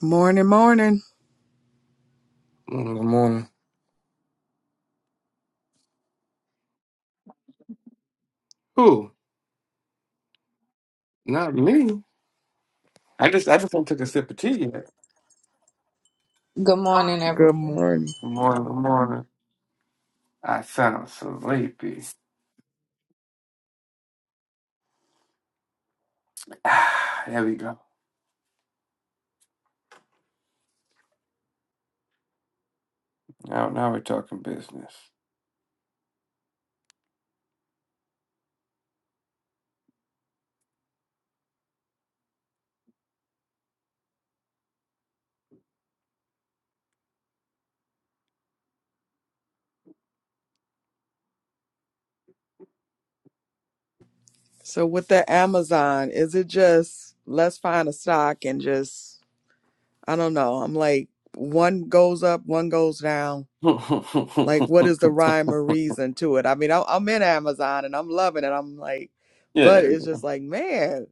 Morning, morning. Mm, Good morning. Who? Not me. I just I just ain't took a sip of tea yet. Good morning, everyone. Good morning. Good morning, good morning. I sound sleepy. Ah, there we go. Now now we're talking business. So with the Amazon, is it just let's find a stock and just I don't know. I'm like one goes up, one goes down. Like what is the rhyme or reason to it? I mean, I- I'm in Amazon and I'm loving it. I'm like, but yeah. it's just like, man,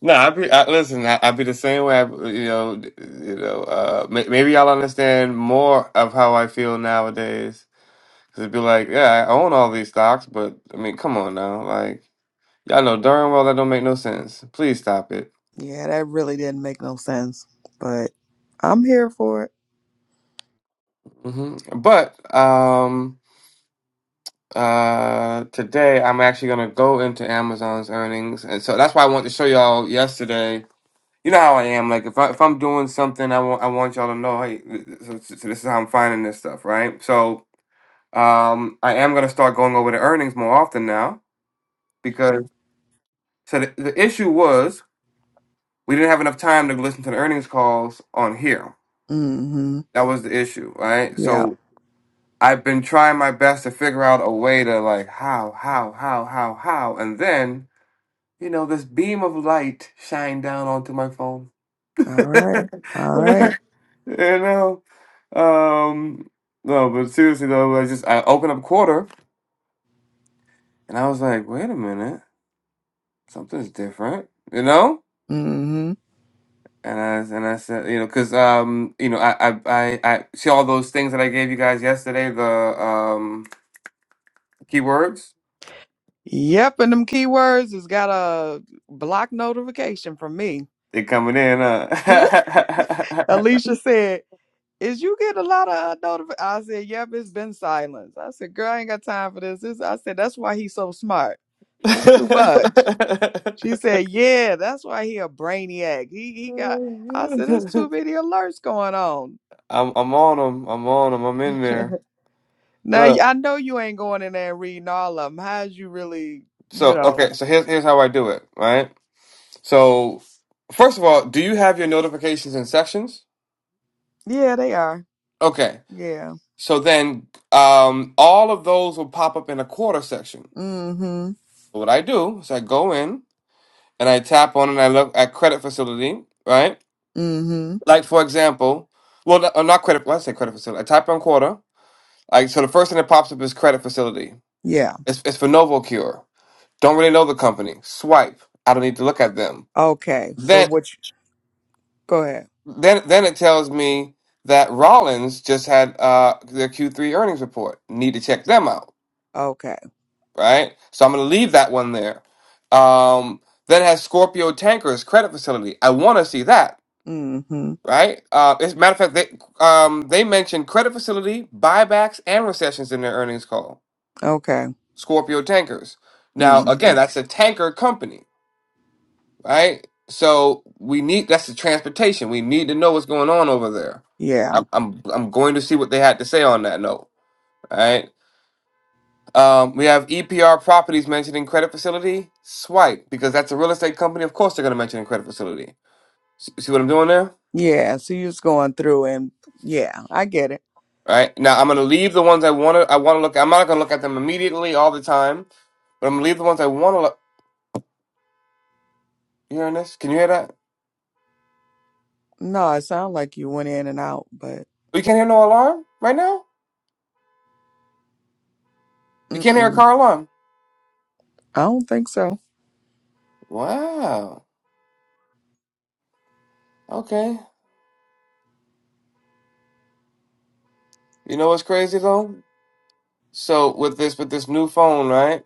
No, I be I, listen. I, I be the same way. I, you know, d- you know. Uh, may, maybe y'all understand more of how I feel nowadays. Cause it'd be like, yeah, I own all these stocks, but I mean, come on now, like y'all know darn well that don't make no sense. Please stop it. yeah, that really didn't make no sense. But I'm here for it. hmm But um, uh, today I'm actually gonna go into Amazon's earnings, and so that's why I wanted to show y'all yesterday. You know how I am. Like if I if I'm doing something, I want I want y'all to know. Hey, th- th- so, so so this is how I'm finding this stuff, right? So. Um, I am going to start going over the earnings more often now because so the, the issue was we didn't have enough time to listen to the earnings calls on here. Mm-hmm. That was the issue, right? Yeah. So I've been trying my best to figure out a way to like how, how, how, how, how, and then you know this beam of light shined down onto my phone. All right. All you right. know, um, no, but seriously though, I just I opened up Quarter and I was like, wait a minute. something's different, you know? Mm-hmm. And I and I said, you know, because um, you know, I, I I I see all those things that I gave you guys yesterday, the um keywords, Yep, and them keywords has got a block notification from me. they coming in, huh? Alicia said, "Is you get a lot of notifications?" I said, "Yep, it's been silence." I said, "Girl, I ain't got time for this." this I said, "That's why he's so smart. This too much." She said, "Yeah, that's why he a brainiac. He he got." I said, "There's too many alerts going on." I'm I'm on them. I'm on them. I'm in there. now y- Look. I know you ain't going in there and reading all of them. How's you really, you So know? okay. So here's here's how I do it. Right. So first of all, do you have your notifications in sections? Yeah, they are. Okay. Yeah. So then um, all of those will pop up in a quarter section. Mm-hmm. So what I do is I go in and I tap on and I look at credit facility, right? Mm-hmm. Like for example, well, no- not credit. Let's say credit facility. I type on quarter. Like so, the first thing that pops up is credit facility. Yeah. It's it's for Novocure. Don't really know the company. Swipe. I don't need to look at them. Okay. So Then what? You, go ahead. then then it tells me that Rollins just had uh, their Q3 earnings report. Need to check them out. Okay. right? So I'm going to leave that one there. Um, then it has Scorpio Tankers credit facility. I want to see that, Mm-hmm. right? Uh, as a matter of fact, they um, they mentioned credit facility, buybacks, and recessions in their earnings call. Okay. Scorpio Tankers. Now, Mm-hmm. again, that's a tanker company, right? So we need that's the transportation. We need to know what's going on over there. Yeah. I'm I'm, I'm going to see what they had to say on that note, right? Um, we have EPR Properties mentioning credit facility. Swipe because that's a real estate company. Of course, they're going to mention a credit facility. S- See what I'm doing there? Yeah. So you was going through and yeah, I get it. All right. Now I'm going to leave the ones I want to. I want to look. I'm not going to look at them immediately all the time, but I'm going to leave the ones I want to look. You hearing this? Can you hear that? No, it sounded like you went in and out, but We can't hear no alarm right now. You can't hear a mm-mm. car alarm. I don't think so. Wow. Okay. You know what's crazy though? So with this with this new phone, right?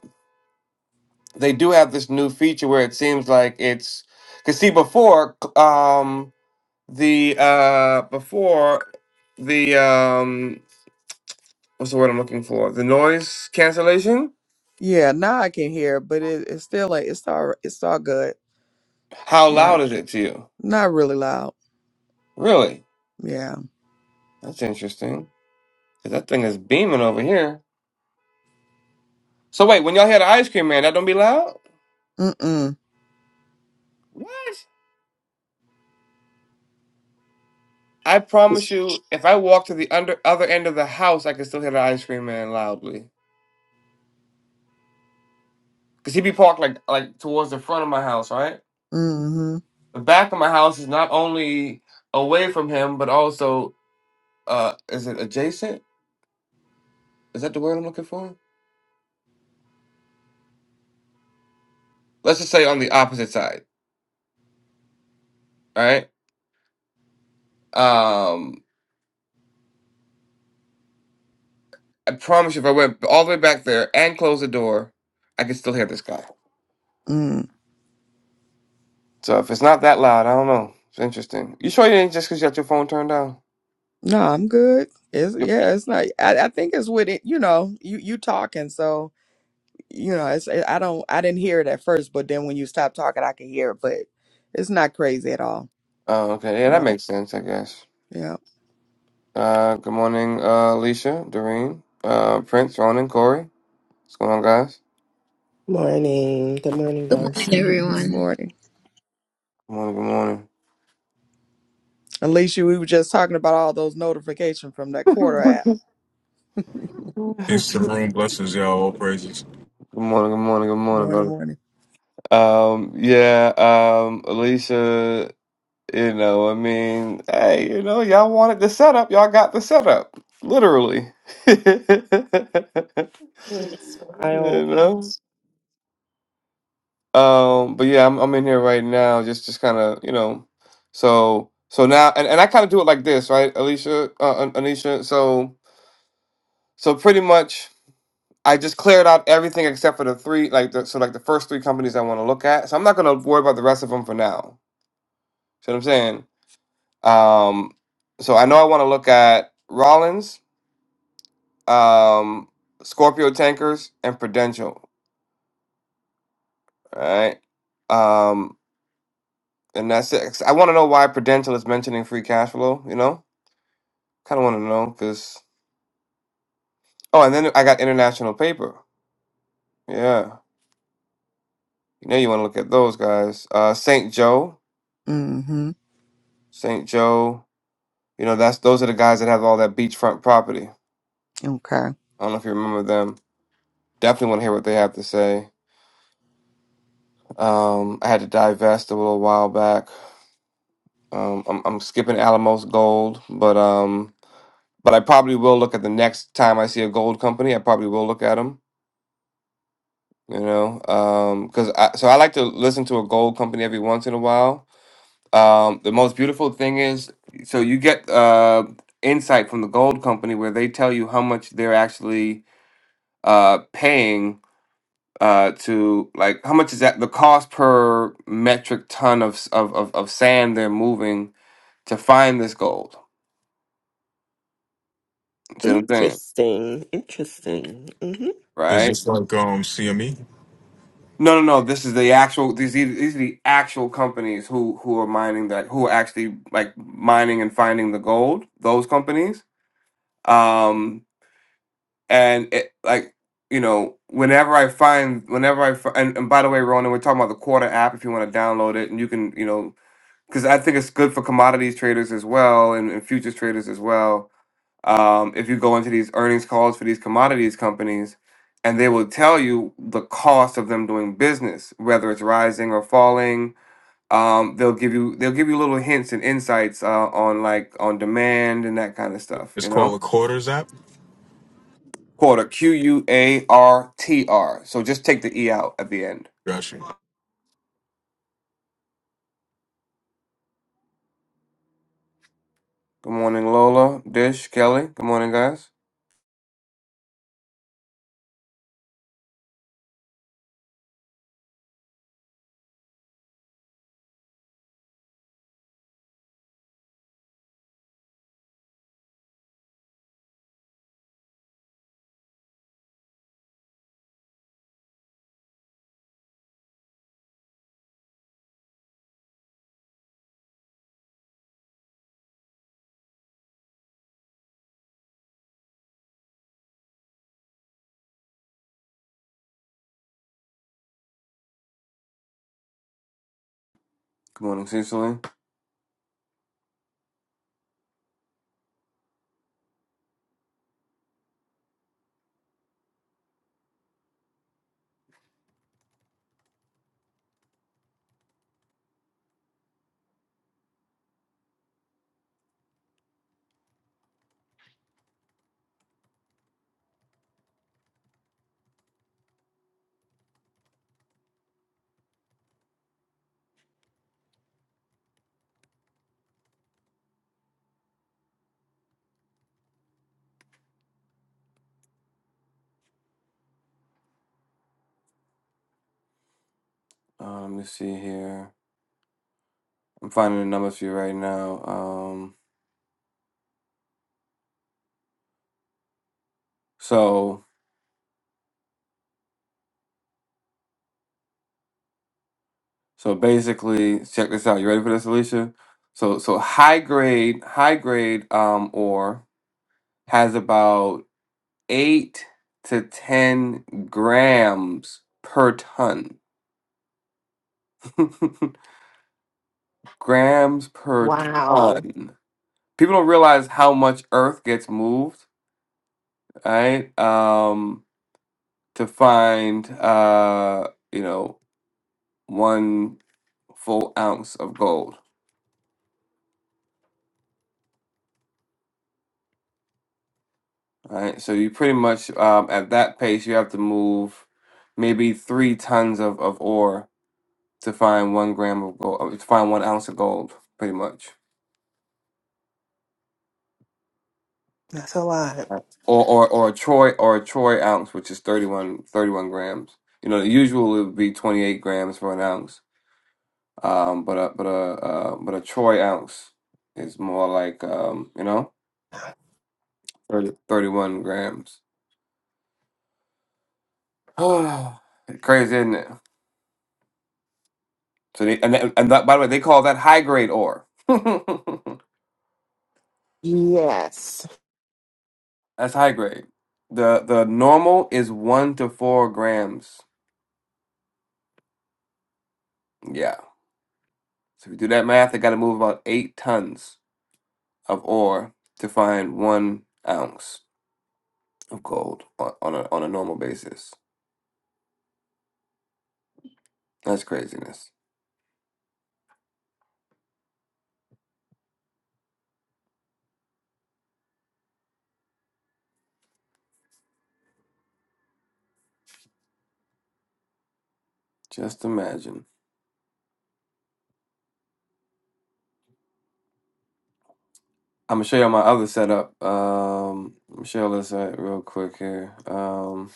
They do have this new feature where it seems like it's because see before um the uh before the um what's the word I'm looking for? The noise cancellation? Yeah. Now I can hear, but it, it's still like it's all it's all good. How Not loud is it to you? not really loud. Really? Yeah. That's interesting. 'Cause that thing is beaming over here. So wait, when y'all had the ice cream man, that don't be loud? Mm-mm. What? I promise you, if I walk to the under other end of the house, I can still hear the ice cream man loudly. Cause he be parked like like towards the front of my house, right? Mm-hmm. The back of my house is not only away from him, but also uh is it adjacent? is that the word I'm looking for? Let's just say on the opposite side, all right? Um, I promise you, if I went all the way back there and closed the door, I could still hear this guy. Mm. So if it's not that loud, I don't know. It's interesting. You sure you didn't just because you got your phone turned down? No, I'm good. It's Yep. yeah. It's not. I, I think it's with it. You know, you you talking so. you know, it's, I don't, I didn't hear it at first, but then when you stop talking, I can hear it. But it's not crazy at all. Oh, okay. Yeah, that No. makes sense, I guess. Yeah. Uh, good morning, uh, Alicia, Doreen, uh, Prince, Ronan, Corey. What's going on, guys? Morning. Good morning, Good guys. morning, everyone. morning. Good morning, Alicia, we were just talking about all those notifications from that good quarter morning. app. Good It's the room. Blessings, y'all. All praises. morning, good morning, good morning, Morning, brother. morning. Um, yeah, um, Alicia. You know, I mean, hey, you know, y'all wanted the setup, y'all got the setup, literally. Hmm, You Smile. know? Um, but yeah, I'm I'm in here right now, just just kind of, you know, so so now, and, and I kind of do it like this, right, Alicia, uh, An- Anisha. So so pretty much, I just cleared out everything except for the three, like the, so like the first three companies I want to look at. So I'm not gonna worry about the rest of them for now. See what I'm saying? Um, so I know I want to look at Rollins. um, Scorpio Tankers, and Prudential. All right. Um, and that's it. I want to know why Prudential is mentioning free cash flow, you know? Kind of want to know because. Oh, and then I got International Paper. Yeah. You know, you want to look at those guys. Uh, St. Joe. Mm-hmm. St. Joe. You know, that's those are the guys that have all that beachfront property. Okay. I don't know if you remember them. Definitely want to hear what they have to say. Um, I had to divest a little while back. Um, I'm, I'm skipping Alamos Gold, but um, but I probably will look at the next time I see a gold company. I probably will look at them, you know, because I, so I like to listen to a gold company every once in a while. Um, the most beautiful thing is, so you get uh, insight from the gold company where they tell you how much they're actually uh, paying uh, to, like, how much is that the cost per metric ton of s- of of, of sand they're moving to find this gold. You See what I'm saying? Interesting. Interesting. hmm Is Right? this like um CME? No, no, no. This is the actual. These these are the actual companies who who are mining that who are actually like mining and finding the gold. Those companies. Um, and it like you know whenever I find whenever I fi- and, and by the way, Ronan, we're talking about the Quarter app. If you want to download it, and you can you know because I think it's good for commodities traders as well and, and futures traders as well um, if you go into these earnings calls for these commodities companies, and they will tell you the cost of them doing business, whether it's rising or falling. Um, they'll give you they'll give you little hints and insights uh, on like on demand and that kind of stuff. It's You called know, a quarters app. quarter Q U A R T R. So just take the e out at the end. Got you. Good morning, Lola, Dish, Kelly. Good morning, guys. Good morning, Cecily. Um, let me see here. I'm finding the numbers for you right now. Um, so So basically, check this out. You ready for this, Alicia? So so high grade, high grade um ore has about eight to ten grams per ton. grams per Wow. ton. People don't realize how much earth gets moved, right? Um, to find uh, you know, one full ounce of gold. All right, so you pretty much um, at that pace, you have to move maybe three tons of, of ore to find one gram of gold, uh, to find one ounce of gold, pretty much. That's a lot. Right. Or, or or a troy or a troy ounce, which is 31 31 grams. You know, the usual would be twenty eight grams for an ounce. Um, but a but a uh, but a troy ounce is more like um, you know, 30, 31 grams. Crazy, isn't it? So they and that, and that, by the way, they call that high grade ore. Yes. That's high grade. The the normal is one to four grams. Yeah. So if you do that math, they got to move about eight tons of ore to find one ounce of gold on, on a on a normal basis. That's craziness. Just imagine. I'm gonna show you my other setup. Um, let me show you this uh, real quick here. Um.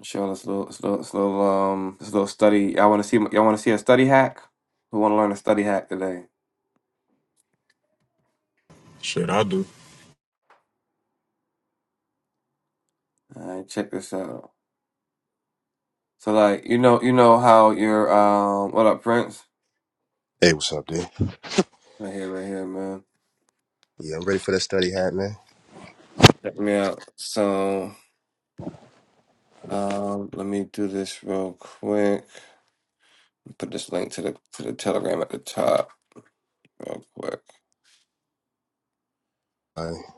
Showing this little, this little, this little, um, this little study. Y'all want to see? Y'all want to see a study hack? Who want to learn a study hack today? Shit, I do. All right, check this out. So, like, you know, you know how your, um, what up, Prince? Hey, what's up, dude? Right here, right here, man. Yeah, I'm ready for that study hat, man. Check me out. So, um, let me do this real quick. Put this link to the to the Telegram at the top, real quick. All right.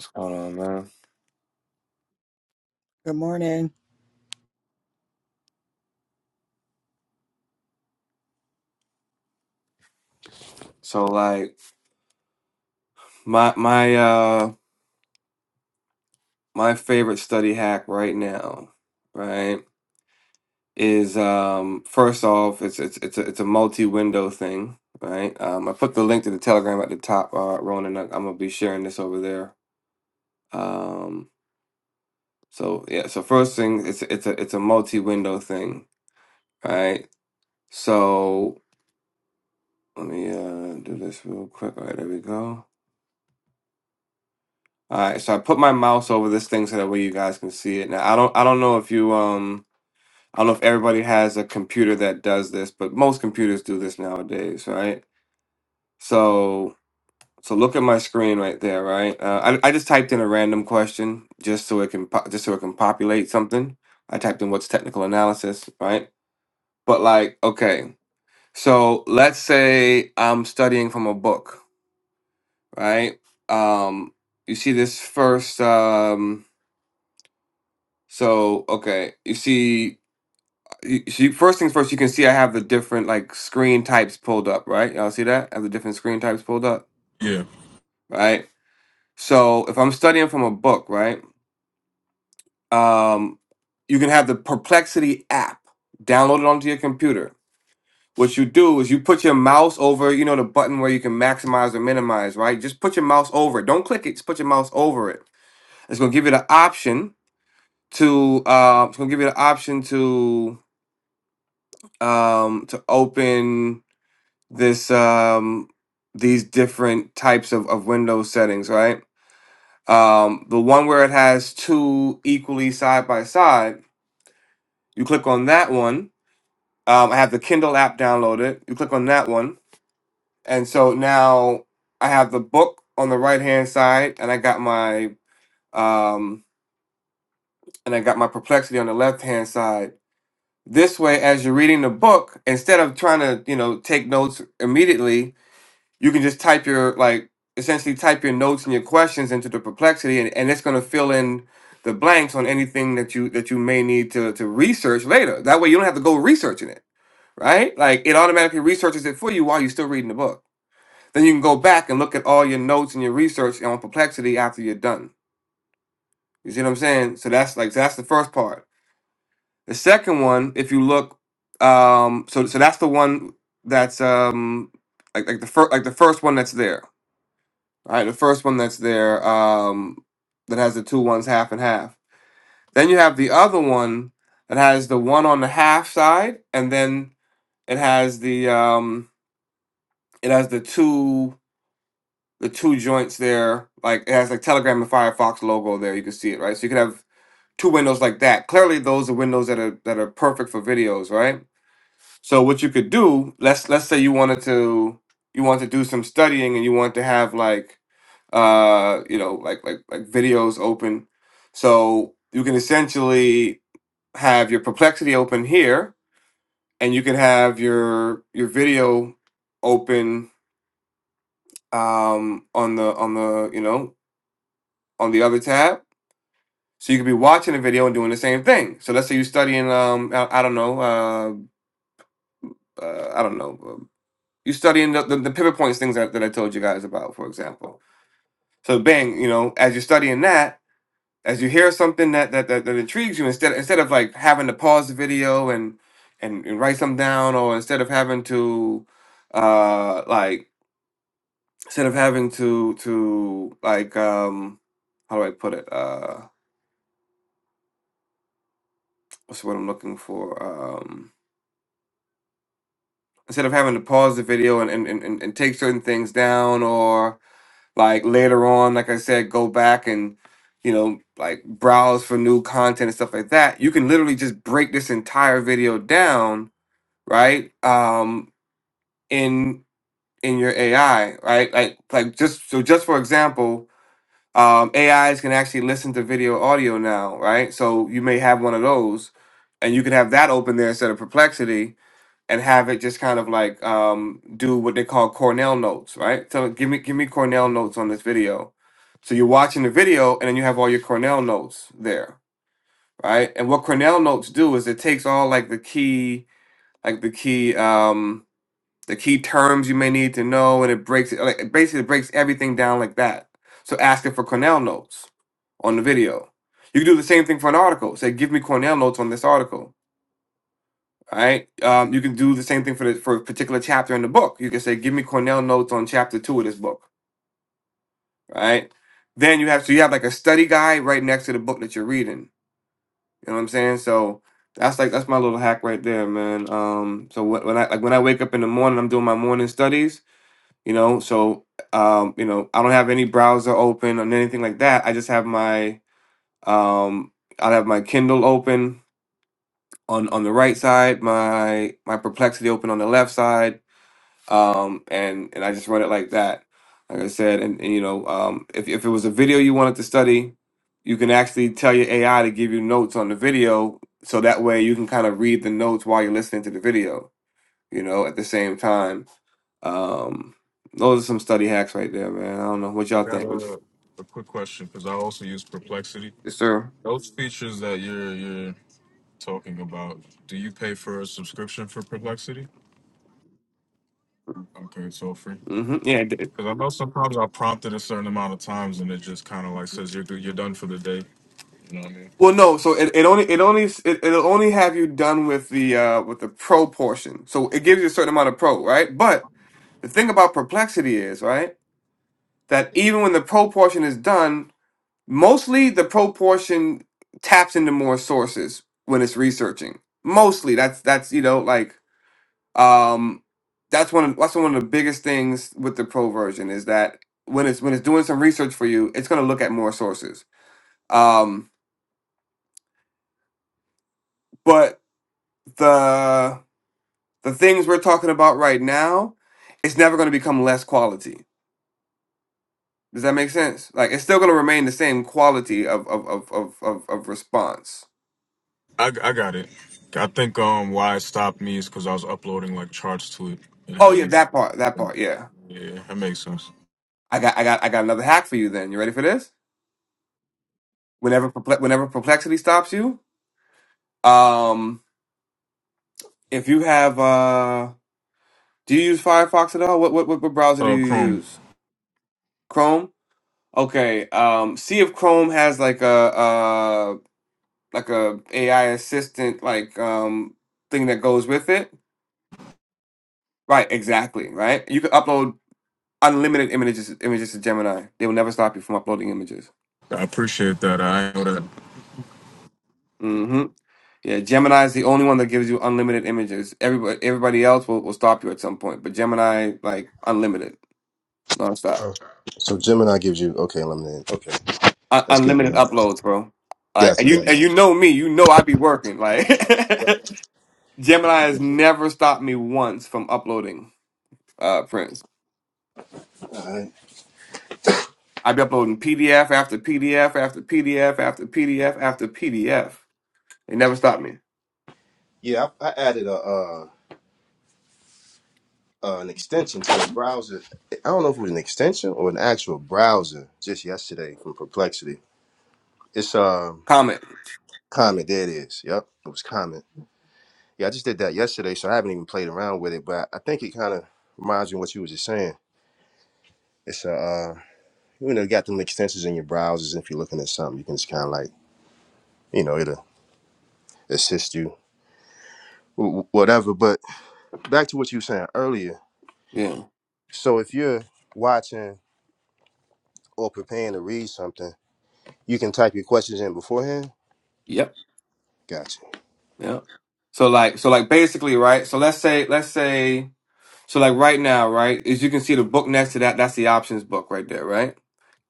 What's going on, man? Good morning. So, like, my my uh my favorite study hack right now, right? is um first off it's it's it's a, it's a multi-window thing right um i put the link to the telegram at the top uh ronan I- i'm gonna be sharing this over there um so yeah so first thing it's it's a it's a multi-window thing right so let me uh do this real quick all right there we go all right so i put my mouse over this thing so that way you guys can see it now i don't i don't know if you um i don't know if everybody has a computer that does this but most computers do this nowadays right so So look at my screen right there, right? Uh, I I just typed in a random question just so it can po- just so it can populate something. I typed in what's technical analysis, right? But like, okay, so let's say I'm studying from a book, right? Um, you see this first. Um, so okay, you see, you, see, first things first, you can see I have the different like screen types pulled up, right? Y'all see that? I have the different screen types pulled up, Yeah. right? So if I'm studying from a book, right? um, you can have the Perplexity app downloaded onto your computer. What you do is you put your mouse over, you know, the button where you can maximize or minimize, right? Just put your mouse over it. Don't click it. Just put your mouse over it. It's gonna give you the option to. Uh, it's gonna give you the option to um, to open this um, these different types of of window settings, right? Um, the one where it has two equally side by side, you click on that one Um, I have the Kindle app downloaded. You click on that one, and so now I have the book on the right hand side, and I got my um, and I got my Perplexity on the left hand side. This way, as you're reading the book, instead of trying to you know take notes immediately, you can just type your like essentially type your notes and your questions into the Perplexity, and, and it's going to fill in the blanks on anything that you that you may need to to research later. That way, you don't have to go researching it right? Like it automatically researches it for you while you're still reading the book. Then you can go back and look at all your notes and your research on perplexity after you're done. You see what I'm saying? So that's like so that's the first part. The second one, if you look, um, so so that's the one that's um like like the first like the first one that's there. All right, the first one that's there um that has the two ones half and half. Then you have the other one that has the one on the half side, and then it has the um it has the two the two joints there, like it has like Telegram and Firefox logo there. You can see it, right? So you could have two windows like that. Clearly, those are windows that are that are perfect for videos, right? So what you could do, let's let's say you wanted to you want to do some studying and you want to have like uh you know like like like videos open. So you can essentially have your perplexity open here and you can have your your video open um on the on the you know on the other tab. So you could be watching a video and doing the same thing. So let's say you're studying, um, I, I don't know, uh, uh, I don't know, um, you're studying the, the, the pivot points things that, that I told you guys about, for example. So bang, you know, as you're studying that, as you hear something that that, that, that intrigues you, instead instead of like having to pause the video and and, and write something down, or instead of having to uh like instead of having to to like um how do I put it uh what's what I'm looking for Um, instead of having to pause the video and, and, and, and and take certain things down or like later on like i said go back and you know like browse for new content and stuff like that you can literally just break this entire video down right um in in your ai right like like just so just for example um ais can actually listen to video audio now right so you may have one of those and you can have that open there instead of perplexity and have it just kind of like um, do what they call Cornell notes, right? So give me give me Cornell notes on this video. So you're watching the video, and then you have all your Cornell notes there, right? And what Cornell notes do is it takes all like the key like the key um, the key terms you may need to know, and it breaks it like it basically breaks everything down like that. So ask it for Cornell notes on the video. You can do the same thing for an article. Say, give me Cornell notes on this article all right. Um, you can do the same thing for the, for a particular chapter in the book. You can say, "Give me Cornell notes on chapter two of this book." Right. Then you have so you have like a study guide right next to the book that you're reading. You know what I'm saying? So that's like that's my little hack right there, man. Um, so wh- when I like when I wake up in the morning, I'm doing my morning studies. You know, so um, you know, I don't have any browser open and anything like that. I just have my um, I'll have my Kindle open on on the right side, my my Perplexity open on the left side um, and and I just run it like that, like I said. And, and you know, um, if if it was a video you wanted to study, you can actually tell your AI to give you notes on the video, so that way you can kind of read the notes while you're listening to the video. You know, at the same time. Um, those are some study hacks right there, man. I don't know what I y'all got think. a, a quick question because I also use Perplexity. Yes, sir. Those features that you're you're talking about, do you pay for a subscription for Perplexity? Okay, it's all free. hmm Yeah. It did. Because I know sometimes I prompt it a certain amount of times and it just kind of like says you're do- you're done for the day. You know what I mean? Well, no. So it, it only it only it, it'll only have you done with the uh with the pro portion. So it gives you a certain amount of pro, right? But The thing about perplexity is, right, that even when the pro portion is done, mostly the pro portion taps into more sources when it's researching. Mostly, that's that's you know like um that's one of, that's one of the biggest things with the pro version is that when it's when it's doing some research for you, it's going to look at more sources. Um, but the the things we're talking about right now, it's never going to become less quality Does that make sense? Like it's still gonna remain the same quality of of of of of, of response. I, I got it. I think um why it stopped me is because I was uploading like charts to it and Oh yeah, having that part, that part, yeah. Yeah, that makes sense. I got I got I got another hack for you then. You ready for this? Whenever perple- whenever perplexity stops you, um if you have uh do you use Firefox at all? What what what, what browser do Oh, you Chrome, use? Chrome? Okay. Um see if Chrome has like a uh like a AI assistant like um thing that goes with it. Right, exactly, right? You can upload Unlimited images images to Gemini. They will never stop you from uploading images. I appreciate that. I know that. hmm Yeah, Gemini is the only one that gives you unlimited images. Everybody everybody else will, will stop you at some point, but Gemini like unlimited, nonstop, Uh, so Gemini gives you okay, lemonade. Okay, Un- that's good to unlimited know. uploads, bro. Like Gotcha, and you and gotcha. you know me, you know I be working. Like Right. Gemini has never stopped me once from uploading uh prints. All right. I be uploading PDF after PDF after PDF after PDF after PDF. They never stopped me. Yeah, I, I added a uh, uh, an extension to the browser. I don't know if it was an extension or an actual browser just yesterday from Perplexity. It's um Comment. Comet. There it is. Yep, it was Comet. Yeah, I just did that yesterday, so I haven't even played around with it. But I think it kind of reminds me of what you was just saying. It's a uh, you know, you got them extensions in your browsers. If you're looking at something, you can just kind of like you know it'll assist you wh- whatever but back to what you were saying earlier Yeah. so if you're watching or preparing to read something you can type your questions in beforehand Yep. gotcha Yeah. So like so like basically, right? So let's say let's say so like right now, right? As you can see the book next to that, that's the options book right there, right?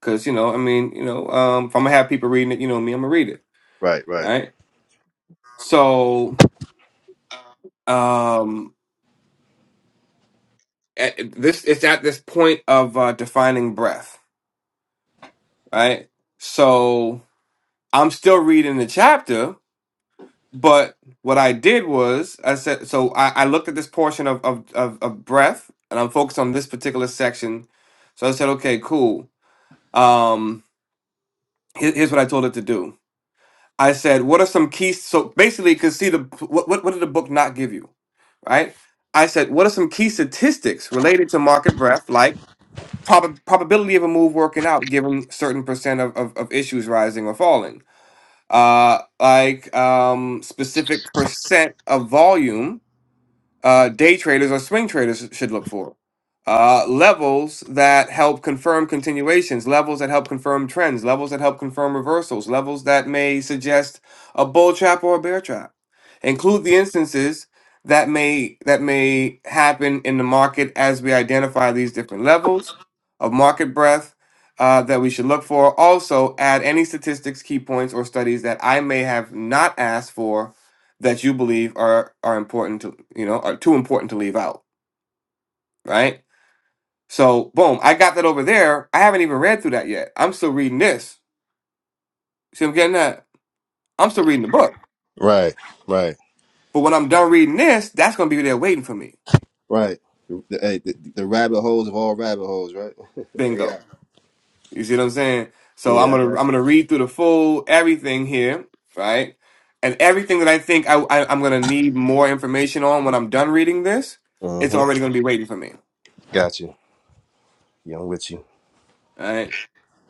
Cuz you know, I mean, you know, um if I'm going to have people reading it, you know me, I'm going to read it, right right right? So um at, this it's at this point of uh defining breath, right? So I'm still reading the chapter, But what I did was I said so I, I looked at this portion of, of of of breath and I'm focused on this particular section. So I said, okay, cool. Um here- here's what I told it to do. I said, what are some key so basically because see the what, what what did the book not give you? Right? I said, what are some key statistics related to market breadth, like prob- probability of a move working out given certain percent of, of, of issues rising or falling? Uh like um specific percent of volume uh, day traders or swing traders should look for. Uh, levels that help confirm continuations, levels that help confirm trends, levels that help confirm reversals, levels that may suggest a bull trap or a bear trap. Include the instances that may that may happen in the market as we identify these different levels of market breadth uh, that we should look for. Also, add any statistics, key points, or studies that I may have not asked for that you believe are are important to you know are too important to leave out right so boom i got that over there i haven't even read through that yet i'm still reading this see i'm getting that i'm still reading the book right right but when i'm done reading this that's gonna be there waiting for me right the, hey, the, the rabbit holes of all rabbit holes right bingo yeah you see what i'm saying so i'm yeah i gonna got i'm gonna read through the full everything here right and everything that i think I, I i'm gonna need more information on when i'm done reading this you it's uh-huh already gonna be waiting for me got you yeah i'm with you all right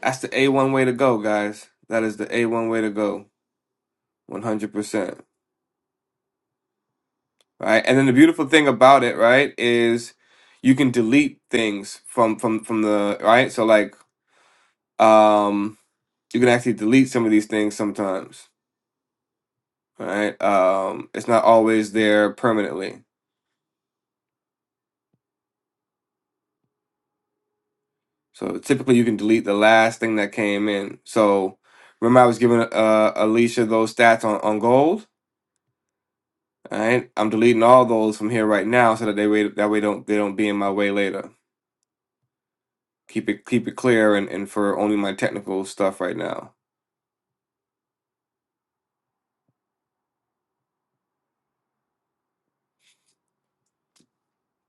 that's the a1 way to go guys that is the a1 way to go 100%. Right? And then the beautiful thing about it, right, is you can delete things from from from the, right? So like um you can actually delete some of these things sometimes, right? Um it's not always there permanently. So typically you can delete the last thing that came in. So remember I was giving uh Alicia those stats on on gold, All right? I'm deleting all those from here right now so that they wait that way don't they don't be in my way later. Keep it keep it clear and, and for only my technical stuff right now.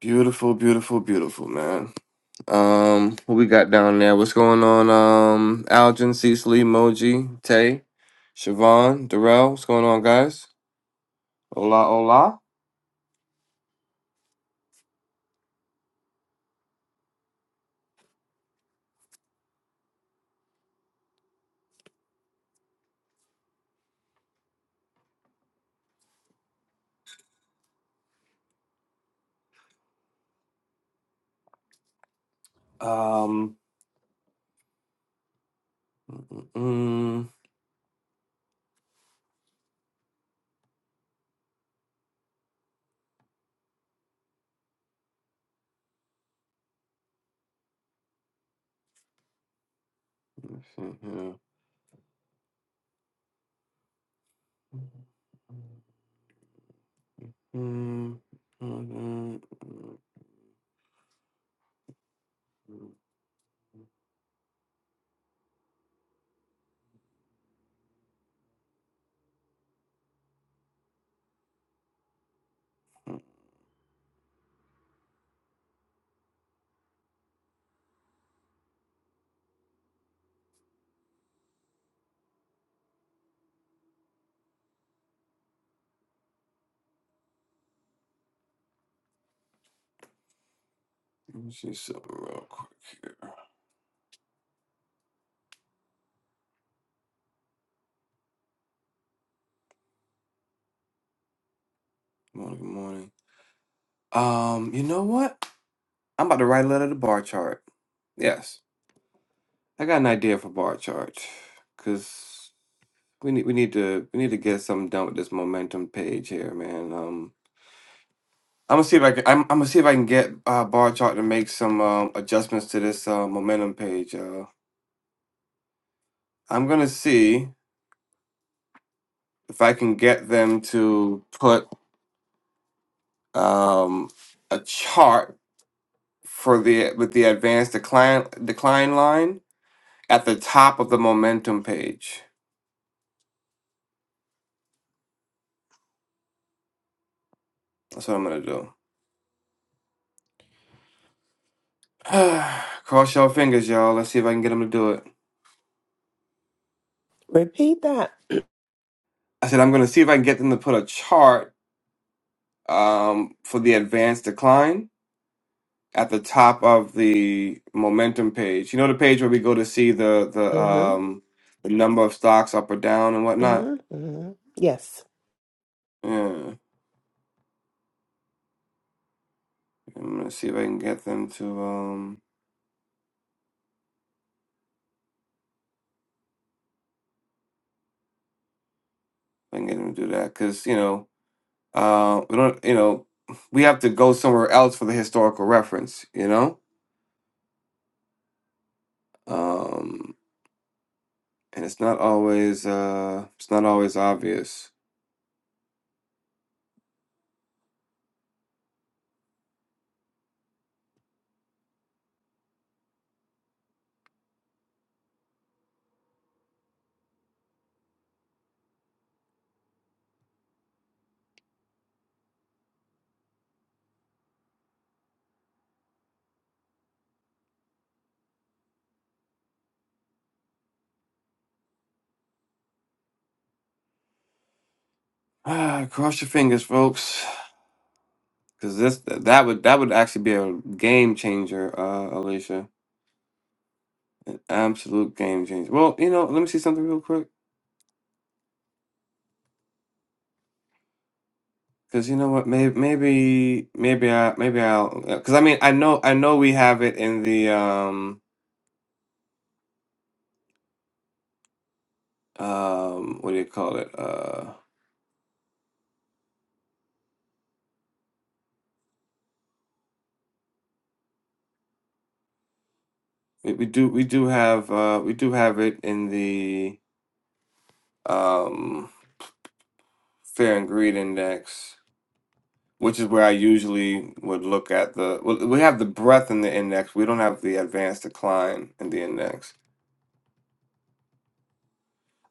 Beautiful, beautiful, beautiful, man. Um, who we got down there? What's going on? Um, Algin, Cecily, Moji, Tay, Siobhan, Darrell. What's going on, guys? Hola, hola. Um, mm, let me see here. Mm, mm, mm, mm. Let me see something real quick here. Morning, good morning. Um, you know what? I'm about to write a letter to bar chart. Yes. I got an idea for bar chart because we need we need to we need to get something done with this momentum page here, man. Um, I'm gonna see if I can I'm, I'm gonna see if I can get uh, bar chart to make some um, adjustments to this uh, momentum page. Uh, I'm gonna see if I can get them to put um, a chart for the with the advanced decline decline line at the top of the momentum page. That's what I'm gonna do. Cross your fingers, y'all. Let's see if I can get them to do it. Repeat that. I said I'm going to see if I can get them to put a chart um, for the advanced decline at the top of the momentum page. You know the page where we go to see the the hmm um, the number of stocks up or down and whatnot. hmm hmm Yes. Yeah, I'm going to see if I can get them to um, if I can get them to do that because you know uh, we don't you know we have to go somewhere else for the historical reference. You know. Um, and it's not always uh it's not always obvious. cross your fingers, folks. Because this that would that would actually be a game changer, uh, Alicia. An absolute game changer. Well, you know, let me see something real quick. Because you know what, maybe maybe maybe I maybe I'll because I mean I know I know we have it in the um um what do you call it uh we, we do we do have uh we do have it in the um fair and greed index which is where I usually would look at the. well, We have the breadth in the index. We don't have the advanced decline in the index.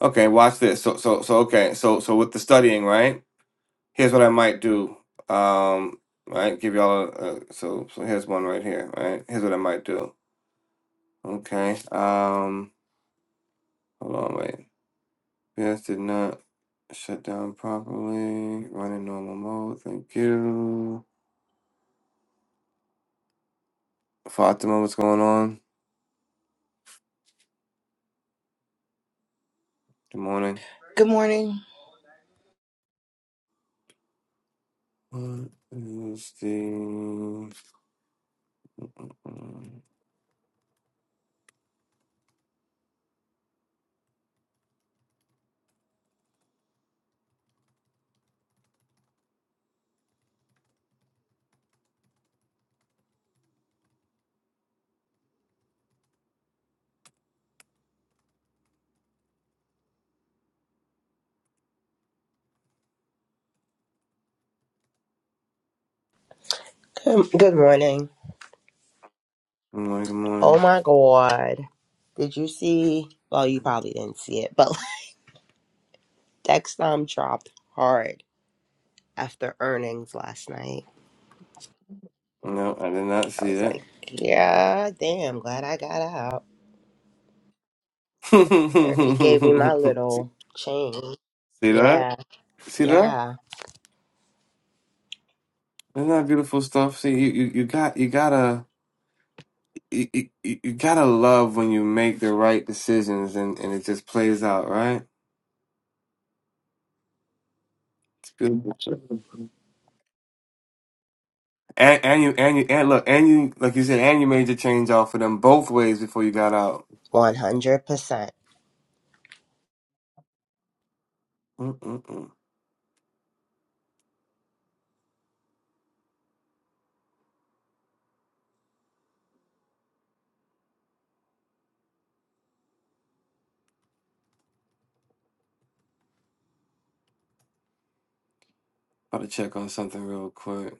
Okay, watch this. So so so okay. So so with the studying, right? Here's what I might do. Um, right. Give y'all. A, a, so so here's one right here. Right. Here's what I might do. Okay. Um. Hold on. Wait. Yes. Did not shut down properly. Running normal mode. Thank you. Fatima, what's going on? Good morning. Good morning. What is the Good Um, Good morning. morning, good Oh morning. my god. Did you see? Well, you probably didn't see it, but Dexcom dropped hard after earnings last night. No, I did not I see was that. like, yeah, damn, glad I got out. They already gave me my see little change. that? Yeah, See that? yeah. Isn't that beautiful stuff? See, you, you, you got you gotta you, you, you gotta love when you make the right decisions and, and it just plays out, right? It's beautiful. And and you and you and look and you like you said and you made your change off of them both ways before you got out. 100%. Mm-mm-mm. About to check on something real quick.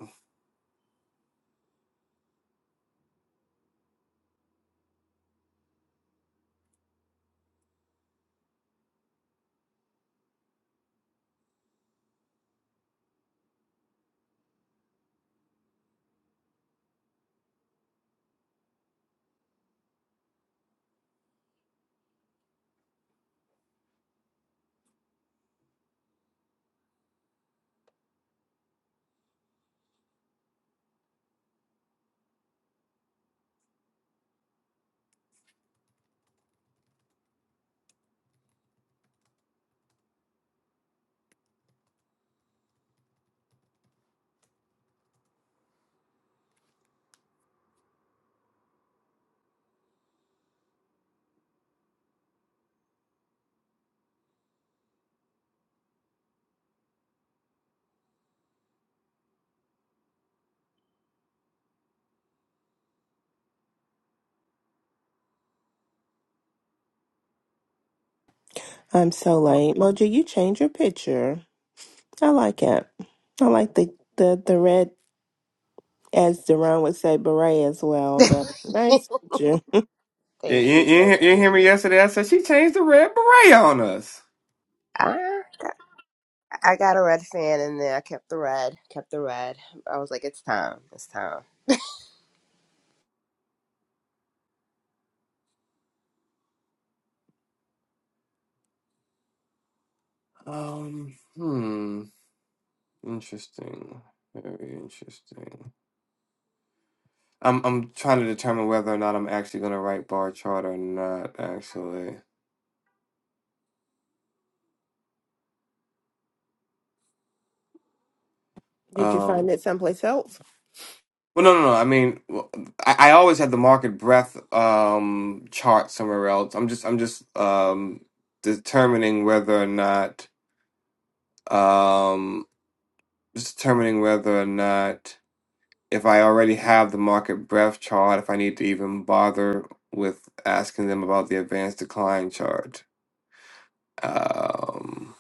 I'm so late. Mojo, you change your picture. I like it. I like the the, the red, as Deron would say, beret as well. But nice picture. You, Thank you, you. you hear Thank you you. hear me yesterday? I said she changed the red beret on us. I I got a red fan in there. I kept the red. Kept the red. I was like, it's time. It's time. Um, hmm, interesting. Very interesting. I'm I'm trying to determine whether or not I'm actually gonna write bar chart or not. Actually, Did you um, find it someplace else? well, no, no, no. I mean, well, I, I always had the market breadth um chart somewhere else. I'm just I'm just um determining whether or not um just determining whether or not. if I already have the market breadth chart, if I need to even bother with asking them about the advanced decline chart. Um,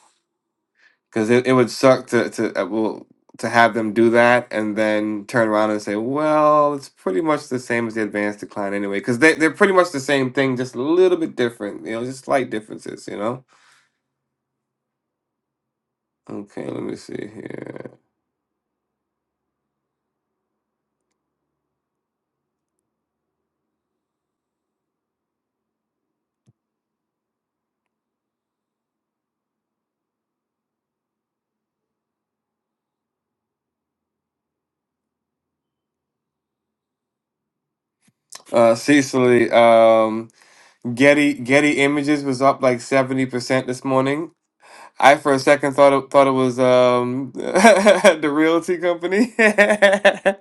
because it, it would suck to to uh, well to have them do that and then turn around and say, well, it's pretty much the same as the advanced decline anyway, because they they're pretty much the same thing, just a little bit different, you know, just slight differences, you know. Okay, let me see here. Uh, Cecily, um, Getty Getty Images was up like seventy percent this morning. I for a second thought it, thought it was um the realty company. I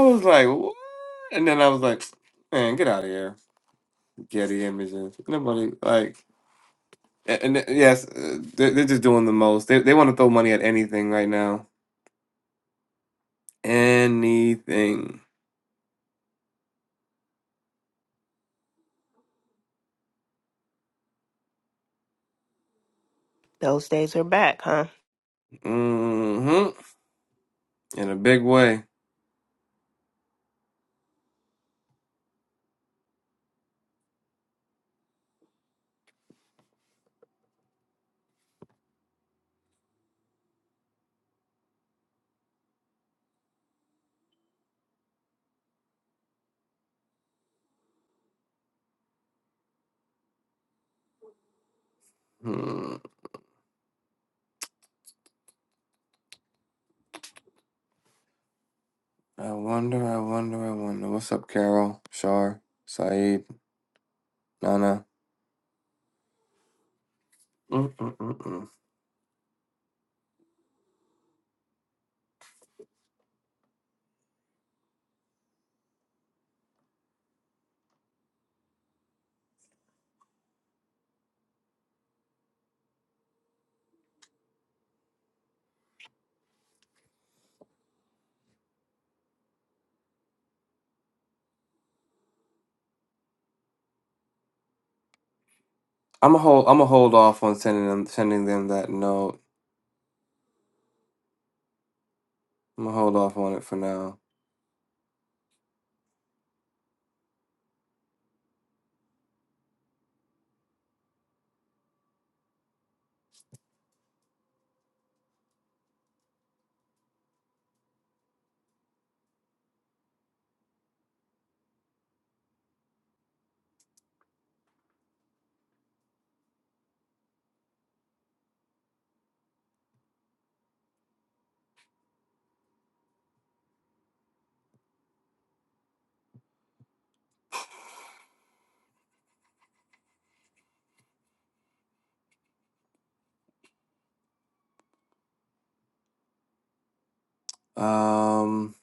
was like, what? And then I was like, man, get out of here, Getty Images. Nobody like, like, a- and, th- yes, uh, they're, they're just doing the most. They they want to throw money at anything right now, anything, Those days are back, huh? hmm in a big way. Hmm. I wonder, I wonder, I wonder. What's up, Carol, Shar, Saeed, Nana? Mm-mm-mm-mm. I'm a hold. I'm a hold off on sending them sending them that note. I'm gonna hold off on it for now. Um,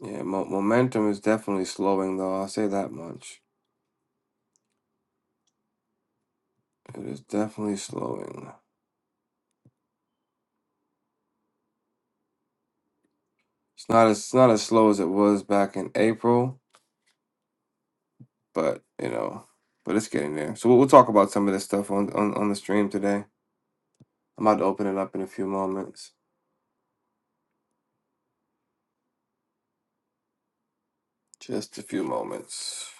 yeah, mo- momentum is definitely slowing, though. I'll say that much. It is definitely slowing. It's not as it's not as slow as it was back in April, but you know, but it's getting there. So we'll, we'll talk about some of this stuff on, on on the stream today. I'm about to open it up in a few moments, just a few moments,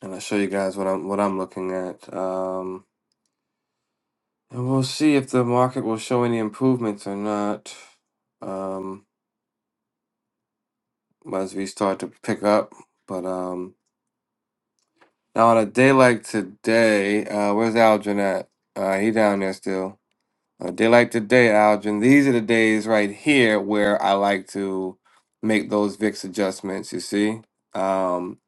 and I'll show you guys what I'm what I'm looking at. Um. And we'll see if the market will show any improvements or not um, as we start to pick up. But um, now on a day like today, uh, where's Algin at? Uh, he down there still. A day like today, Algin. These are the days right here where I like to make those VIX adjustments. You see, um,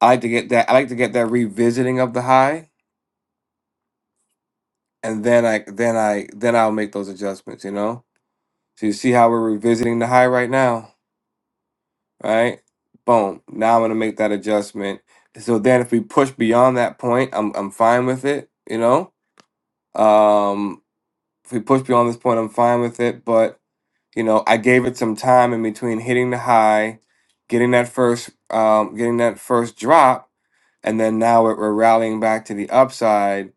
I like to get that. I like to get that revisiting of the high, and then I then I then I'll make those adjustments. You know. So you see how we're revisiting the high right now. right? Boom. Now I'm gonna make that adjustment. So then if we push beyond that point, I'm I'm fine with it, you know? Um if we push beyond this point, I'm fine with it. But, you know, I gave it some time in between hitting the high, getting that first um getting that first drop, and then now we're, we're rallying back to the upside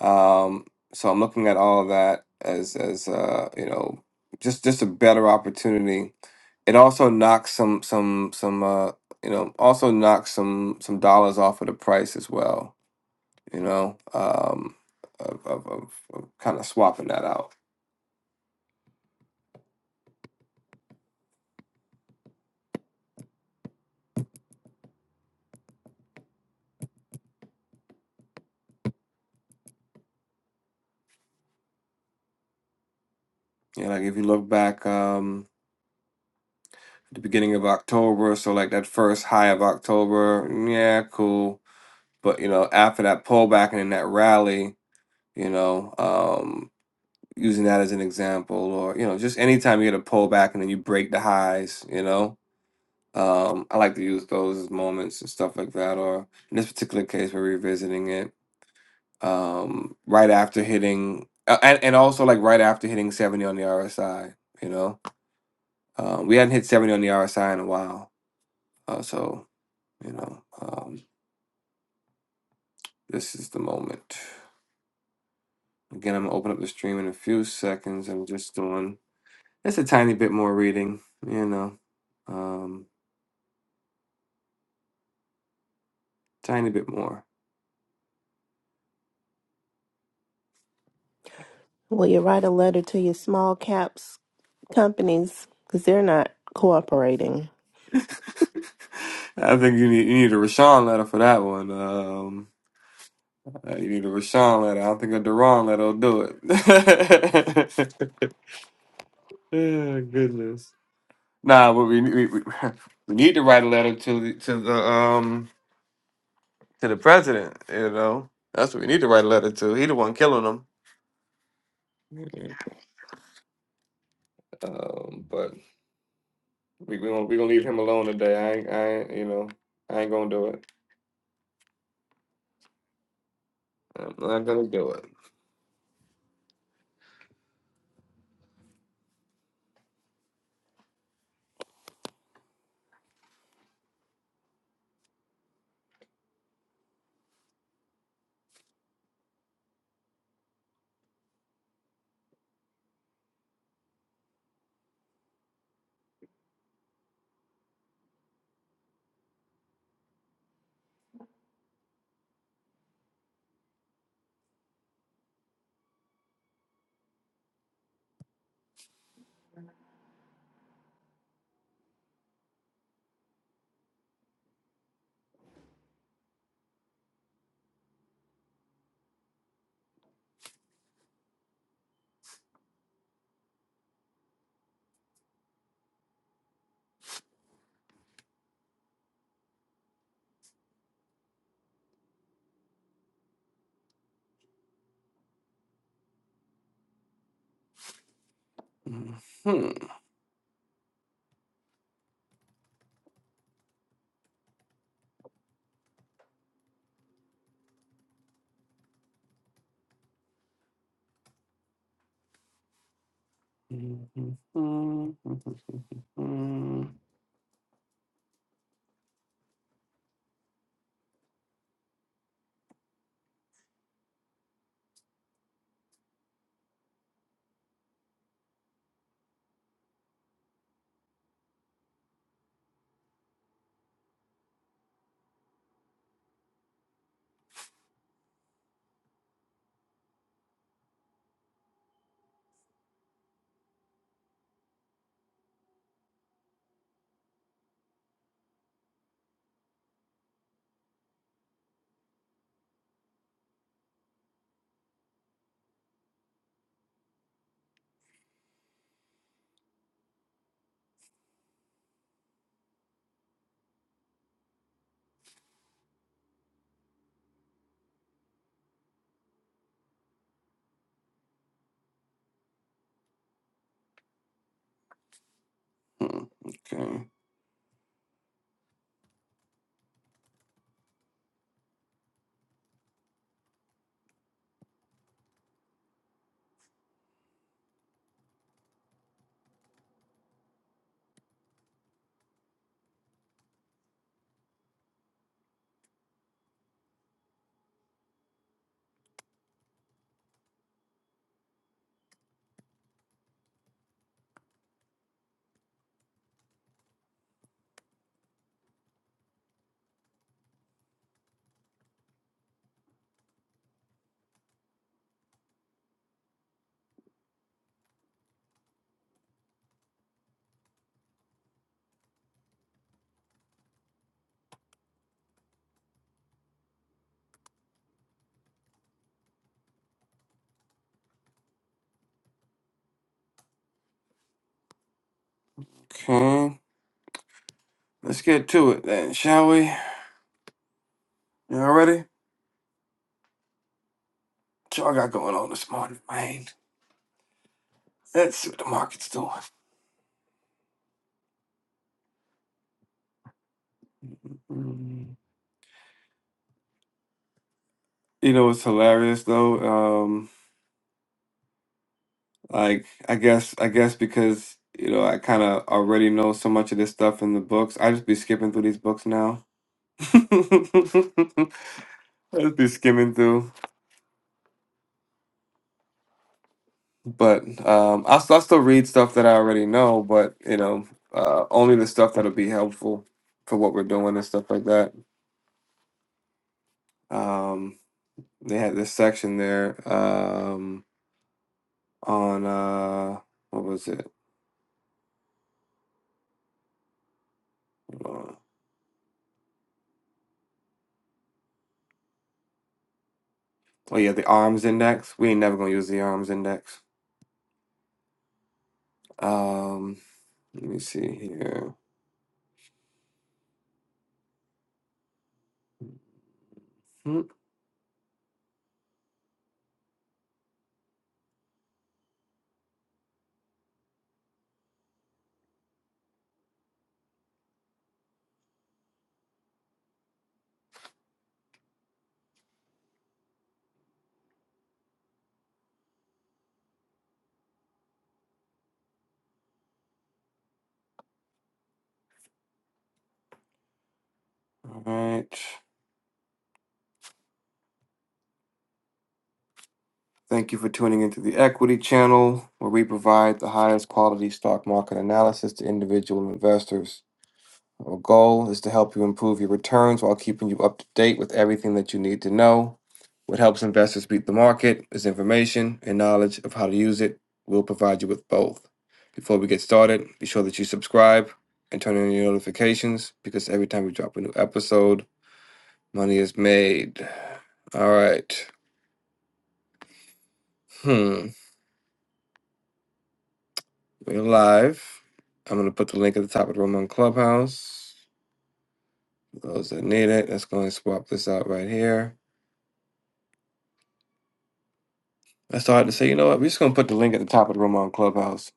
um, so I'm looking at all of that as as uh, you know, just just a better opportunity. It also knocks some some some uh, you know also knocks some some dollars off of the price as well. You know, um, of of, of, of kind of swapping that out. You know, like if you look back. Um, the beginning of October, so like that first high of October, yeah, cool. But you know, after that pullback and then that rally, you know, um. using that as an example, or you know, just anytime you get a pull back and then you break the highs, you know. Um, I like to use those as moments and stuff like that. Or in this particular case, we're revisiting it um, right after hitting, uh, and, and also like right after hitting seventy on the RSI. You know, um, we hadn't hit seventy on the RSI in a while, uh, so you know, um, this is the moment. Again, I'm gonna open up the stream in a few seconds. I'm just doing just a tiny bit more reading. You know. Um, Tiny bit more. Will you write a letter to your small caps? companies because they're not cooperating. I think you need you need a Rashawn letter for that one. Um, uh, you need a Rashawn letter. I don't think a Deron letter will do it. oh, goodness. Nah, but we, we we we need to write a letter to the to the um to the president. You know, that's what we need to write a letter to. He the one killing them. Um, but we we gonna we gonna leave him alone today. I ain't, I ain't, you know I ain't gonna do it. I'm not gonna do it. Hmm. Mm-hmm. Mm-hmm. Mhm. Okay. Okay. Let's get to it then, shall we? Y'all ready? What y'all got going on this morning, man? Let's see what the market's doing. Mm. You know, it's hilarious though. Um, like I guess, I guess because you know I kind of already know so much of this stuff in the books. I just be skipping through these books now. I just be skimming through. But um, I, I still read stuff that I already know, but you know, uh, only the stuff that'll be helpful for what we're doing and stuff like that. Um, they had this section there um, on uh, what was it? Uh, Oh yeah, the arms index. We ain't never gonna use the arms index. Um, let me see here. Hmm. All right. Thank you for tuning into the Equity Channel, where we provide the highest quality stock market analysis to individual investors. Our goal is to help you improve your returns while keeping you up to date with everything that you need to know. What helps investors beat the market is information and knowledge of how to use it. We'll provide you with both. Before we get started, be sure that you subscribe and turn on your notifications because every time we drop a new episode, money is made. All right. Hmm. We're live. I'm going to put the link at the top of the room on Clubhouse. For those that need it, let's go and swap this out right here. I started to say, you know what, we're just gonna put the link at the top of the room on Clubhouse.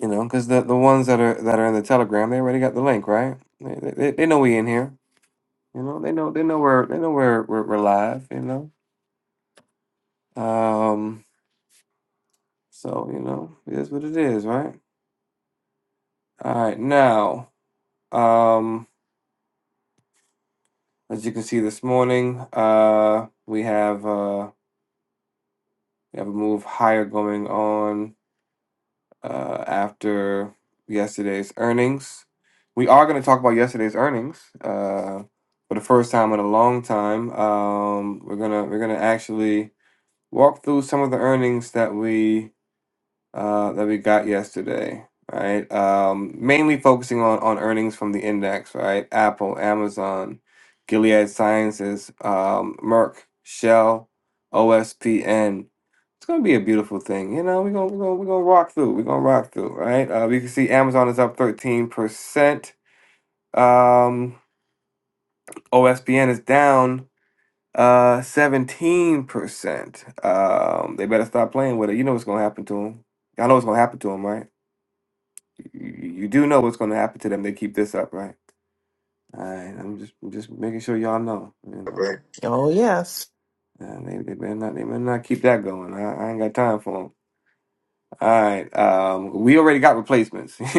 You know, because the the ones that are that are in the Telegram, they already got the link, right? They, they, they know we in here. You know, they know they know we're they know we're we're, we're live. You know, um, so you know, it is what it is, right? All right, now, um, as you can see this morning, uh, we have uh we have a move higher going on. uh, after yesterday's earnings. We are going to talk about yesterday's earnings uh, for the first time in a long time. Um, we're gonna we're gonna actually walk through some of the earnings that we uh, that we got yesterday, right? Um, mainly focusing on on earnings from the index, right? Apple, Amazon, Gilead Sciences, um, Merck, Shell, OSPN. It's gonna be a beautiful thing, you know. We're gonna we're gonna we're gonna rock through. We're gonna rock through, right? Uh, we can see Amazon is up thirteen percent. Um, OSPN is down uh 17%. Um, they better stop playing with it. You know what's gonna happen to them. Y'all know what's gonna happen to them, right? You, you do know what's going to happen to them. They keep this up, right? All right. I'm just I'm just making sure y'all know. You know, Oh, yes. Uh, they they better not they better not keep that going. I, I ain't got time for them. All right. Um, we already got replacements.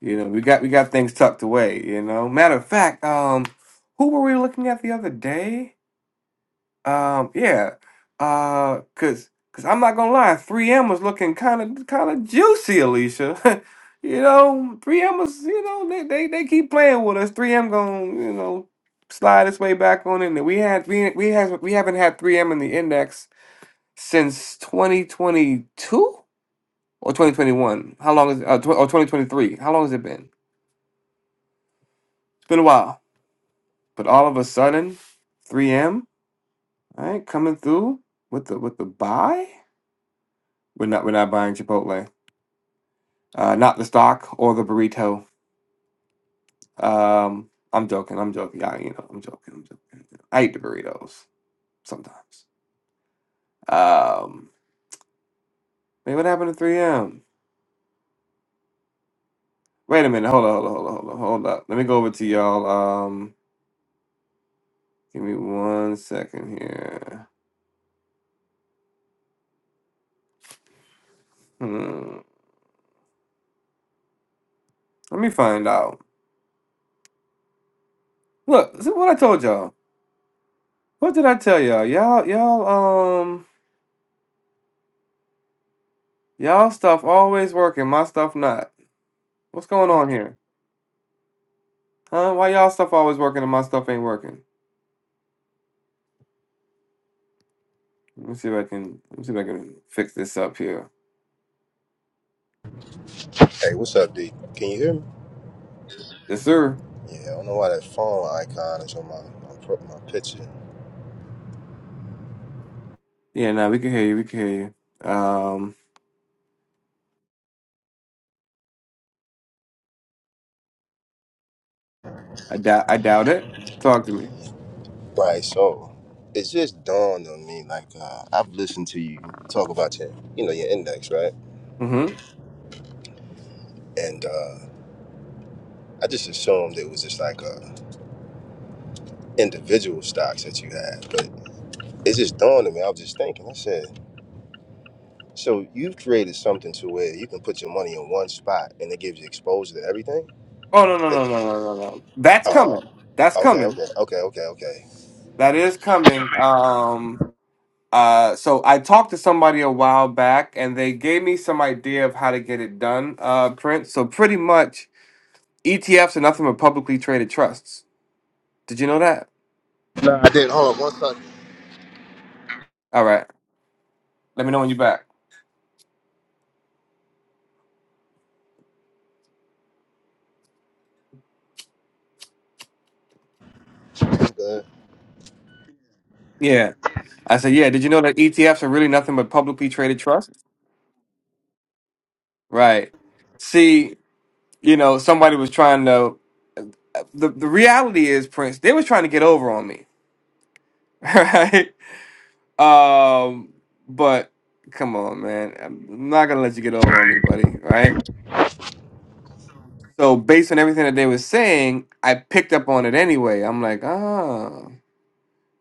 you know, we got we got things tucked away. You know, matter of fact, um, who were we looking at the other day? Um, yeah. Uh, cause, cause I'm not gonna lie, 3M was looking kind of, kind of juicy, Alicia. you know, 3M was, you know, they, they, they keep playing with us. 3M gonna, you know, slide its way back on in there. We had, we, we has, we haven't had 3M in the index since 2022 or 2021. How long is, uh, tw- or 2023? How long has it been? It's been a while. But all of a sudden, 3M, all right, coming through with the, with the buy. We're not we're not buying Chipotle. Uh, not the stock or the burrito. Um, I'm joking. I'm joking. I, you know, I'm joking. I'm joking. I eat the burritos sometimes. Um, man, what happened to 3M? Wait a minute. Hold on. Hold on. Hold on. Hold on. Hold up. Let me go over to y'all. Um, give me one second here. Hmm. Let me find out. Look, see what I told y'all. What did I tell y'all? Y'all, y'all, um, y'all stuff always working. My stuff not. What's going on here? Huh? Why y'all stuff always working and my stuff ain't working? Let me see if I can let me see if I can fix this up here. hey what's up d can you hear me Yes, sir. yeah i don't know why that phone icon is on my my, pro- my picture Yeah, no, we can hear you. We can hear you. Um, I doubt I doubt it. Talk to me. Right. So it just dawned on me, like uh, I've listened to you talk about your, you know, your index, right? Mm-hmm. And uh, I just assumed it was just like uh, individual stocks that you had, but it just dawned on me. I was just thinking. I said, so you've created something to where you can put your money in one spot and it gives you exposure to everything. Oh no no no no It's- no no no. That's Uh, coming. That's okay. coming. Okay. Okay. Okay. Okay. That is coming. Um. Uh. So I talked to somebody a while back, and they gave me some idea of how to get it done. Uh, Prince. So pretty much ETFs are nothing but publicly traded trusts. Did you know that? I did. Hold on one second. All right. Let me know when you're back. I'm good. Yeah. I said, yeah, did you know that ETFs are really nothing but publicly traded trusts? Right. See, you know, somebody was trying to the, the reality is, Prince, they was trying to get over on me. Right? Um, but come on, man. I'm not gonna let you get over on me, buddy. Right? So based on everything that they was saying, I picked up on it anyway. I'm like, ah,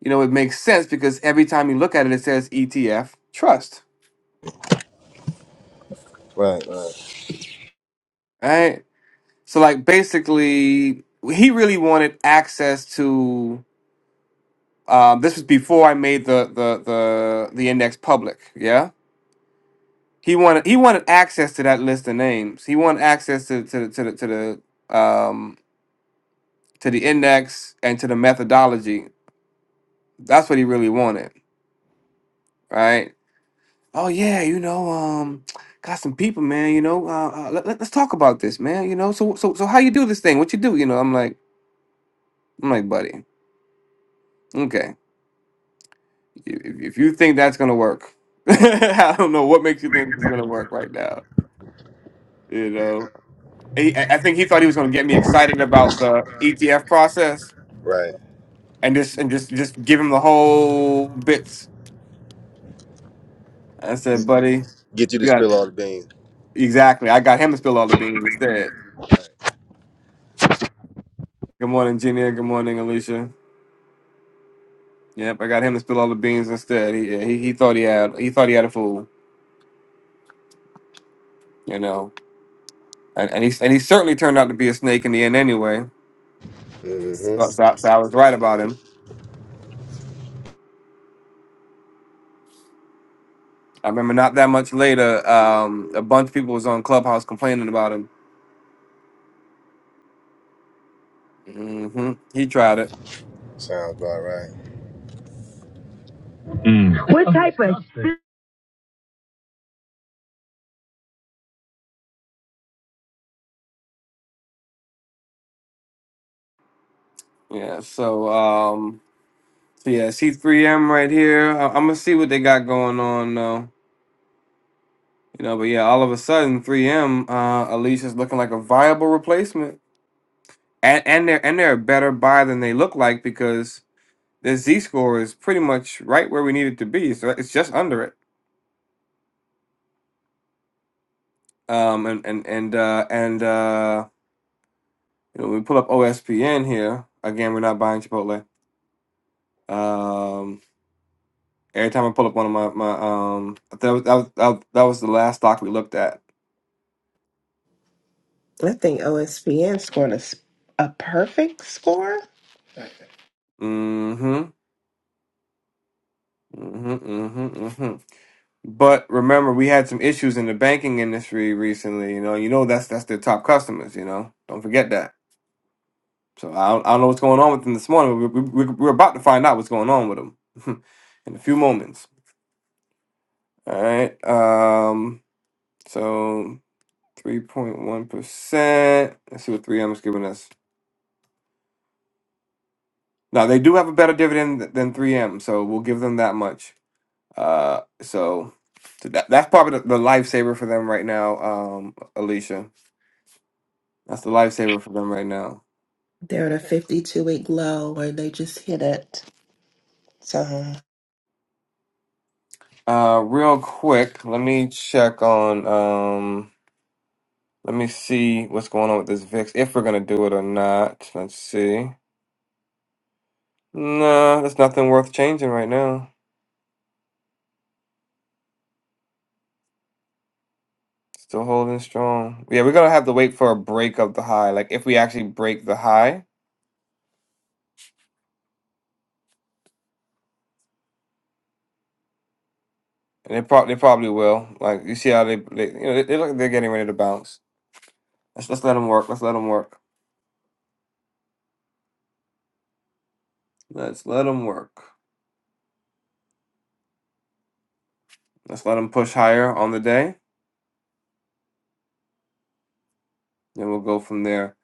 you know, it makes sense because every time you look at it, it says ETF trust. Right. Right. Right? So like basically, he really wanted access to. Um, this was before I made the the the the index public. Yeah, he wanted he wanted access to that list of names. He wanted access to to the to the to the um, to the index and to the methodology. That's what he really wanted, right? Oh yeah, you know, um, got some people, man. You know, uh, uh, let, let- let's talk about this, man. You know, so so so how you do this thing? What you do? You know, I'm like I'm like, buddy, okay. If, if you think that's gonna work, I don't know what makes you think it's gonna work right now. You know, He- I I think he thought he was gonna get me excited about the ETF process Right. and just and just just give him the whole bits. I said, buddy, Get you to you got spill all the beans. exactly. I got him to spill all the beans instead. Right. Good morning, Junior. Good morning, Alicia. Yep, I got him to spill all the beans instead. He yeah, he, he thought he had he thought he had a fool. You know, and and he and he certainly turned out to be a snake in the end anyway. So, Mm-hmm. so, so I was right about him I remember not that much later, um, a bunch of people was on Clubhouse complaining about him. hmm He tried it. Sounds about right. Mm. What type of Yeah. So, um, so yeah, C3M right here. I- I'm gonna see what they got going on though. You know, but yeah, all of a sudden, 3M, uh, Alicia's looking like a viable replacement, and and they're and they're a better buy than they look like because their Z score is pretty much right where we need it to be. So it's just under it. Um, and and and uh, and uh, you know, we pull up OSPN here again. We're not buying Chipotle. Um, every time I pull up one of my my um, that was that was, that was that was the last stock we looked at. I think OSPN scored a, s- a perfect score. Mm-hmm. Mm-hmm. Mm-hmm. Mm-hmm. But remember, we had some issues in the banking industry recently. You know, you know that's that's their top customers. You know, don't forget that. So I don't, I don't know what's going on with them this morning. but We, we, we- we're about to find out what's going on with them in a few moments. All right. Um. So three point one percent. Let's see what three M is giving us. Now they do have a better dividend th- than 3M, so we'll give them that much. Uh, so, so that that's probably the, the lifesaver for them right now, um, Alicia. That's the lifesaver for them right now. They're at a 52 week low where they just hit it. So, Uh, real quick, let me check on. Um, let me see what's going on with this VIX. If we're gonna do it or not, let's see. Nah, there's nothing worth changing right now. Still holding strong. Yeah, we're gonna have to wait for a break of the high. Like if we actually break the high. And they probably they probably will. Like you see how they, they you know they, they look like they're getting ready to bounce. Let's let's let them work. Let's let them work. Let's let them work. Let's let them push higher on the day, and we'll go from there.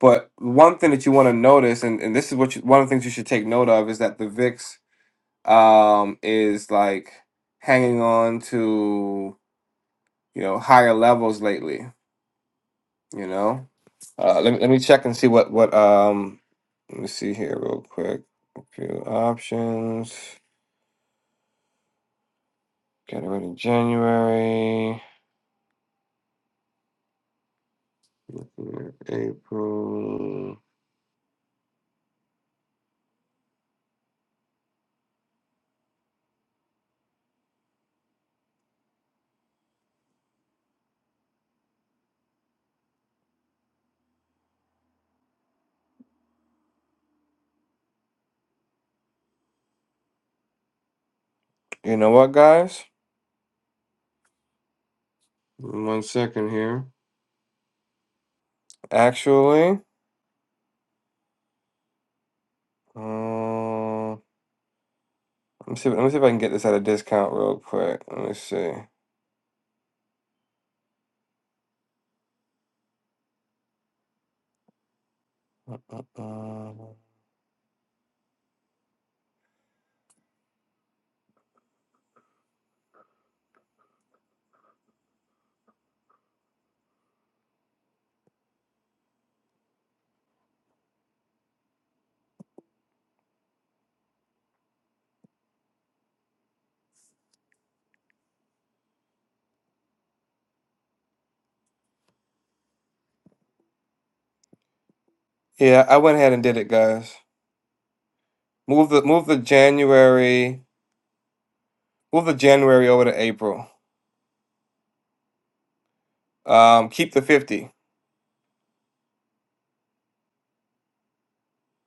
But one thing that you want to notice, and, and this is what you, one of the things you should take note of, is that the VIX um, is like hanging on to you know higher levels lately. You know, uh, let me let me check and see what what um let me see here real quick. A few options. Got it right in January, April. You know what, guys? One second here. Actually, uh, let me see. Let me see if I can get this at a discount real quick. Let me see. Uh, Yeah, I went ahead and did it, guys. Move the move the January, move the January over to April. Um, keep the fifty.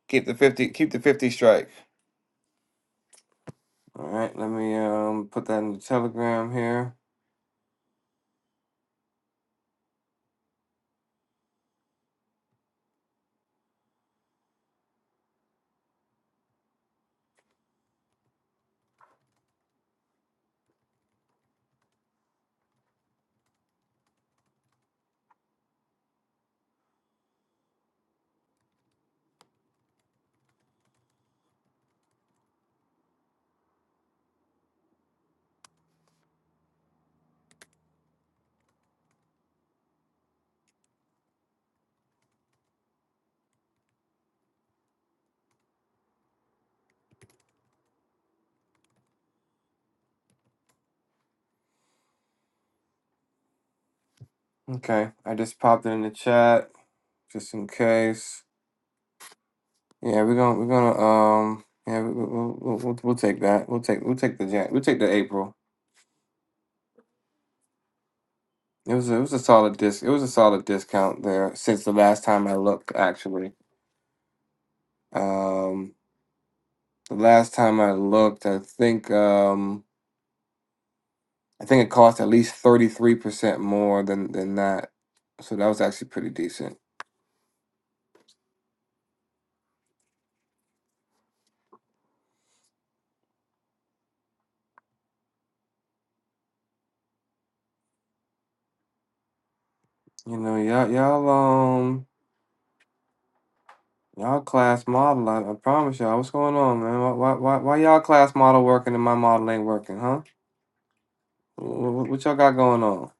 Keep the fifty. Keep the fifty strike. All right, let me um put that in the Telegram here. Okay, I just popped it in the chat. just in case. Yeah, we're gonna we're gonna um yeah we, we, we'll, we'll we'll take that. We'll take we'll take the Jan- we'll take the April. It was a, it was a solid disc. It was a solid discount there since the last time I looked. Actually, um, the last time I looked, I think um I think it cost at least thirty three percent more than than that. So that was actually pretty decent. You know, y'all y'all um. Y'all class model, I, I promise y'all. What's going on, man? Why, why, why, why y'all class model working and my model ain't working, huh? Wh- What y'all got going on?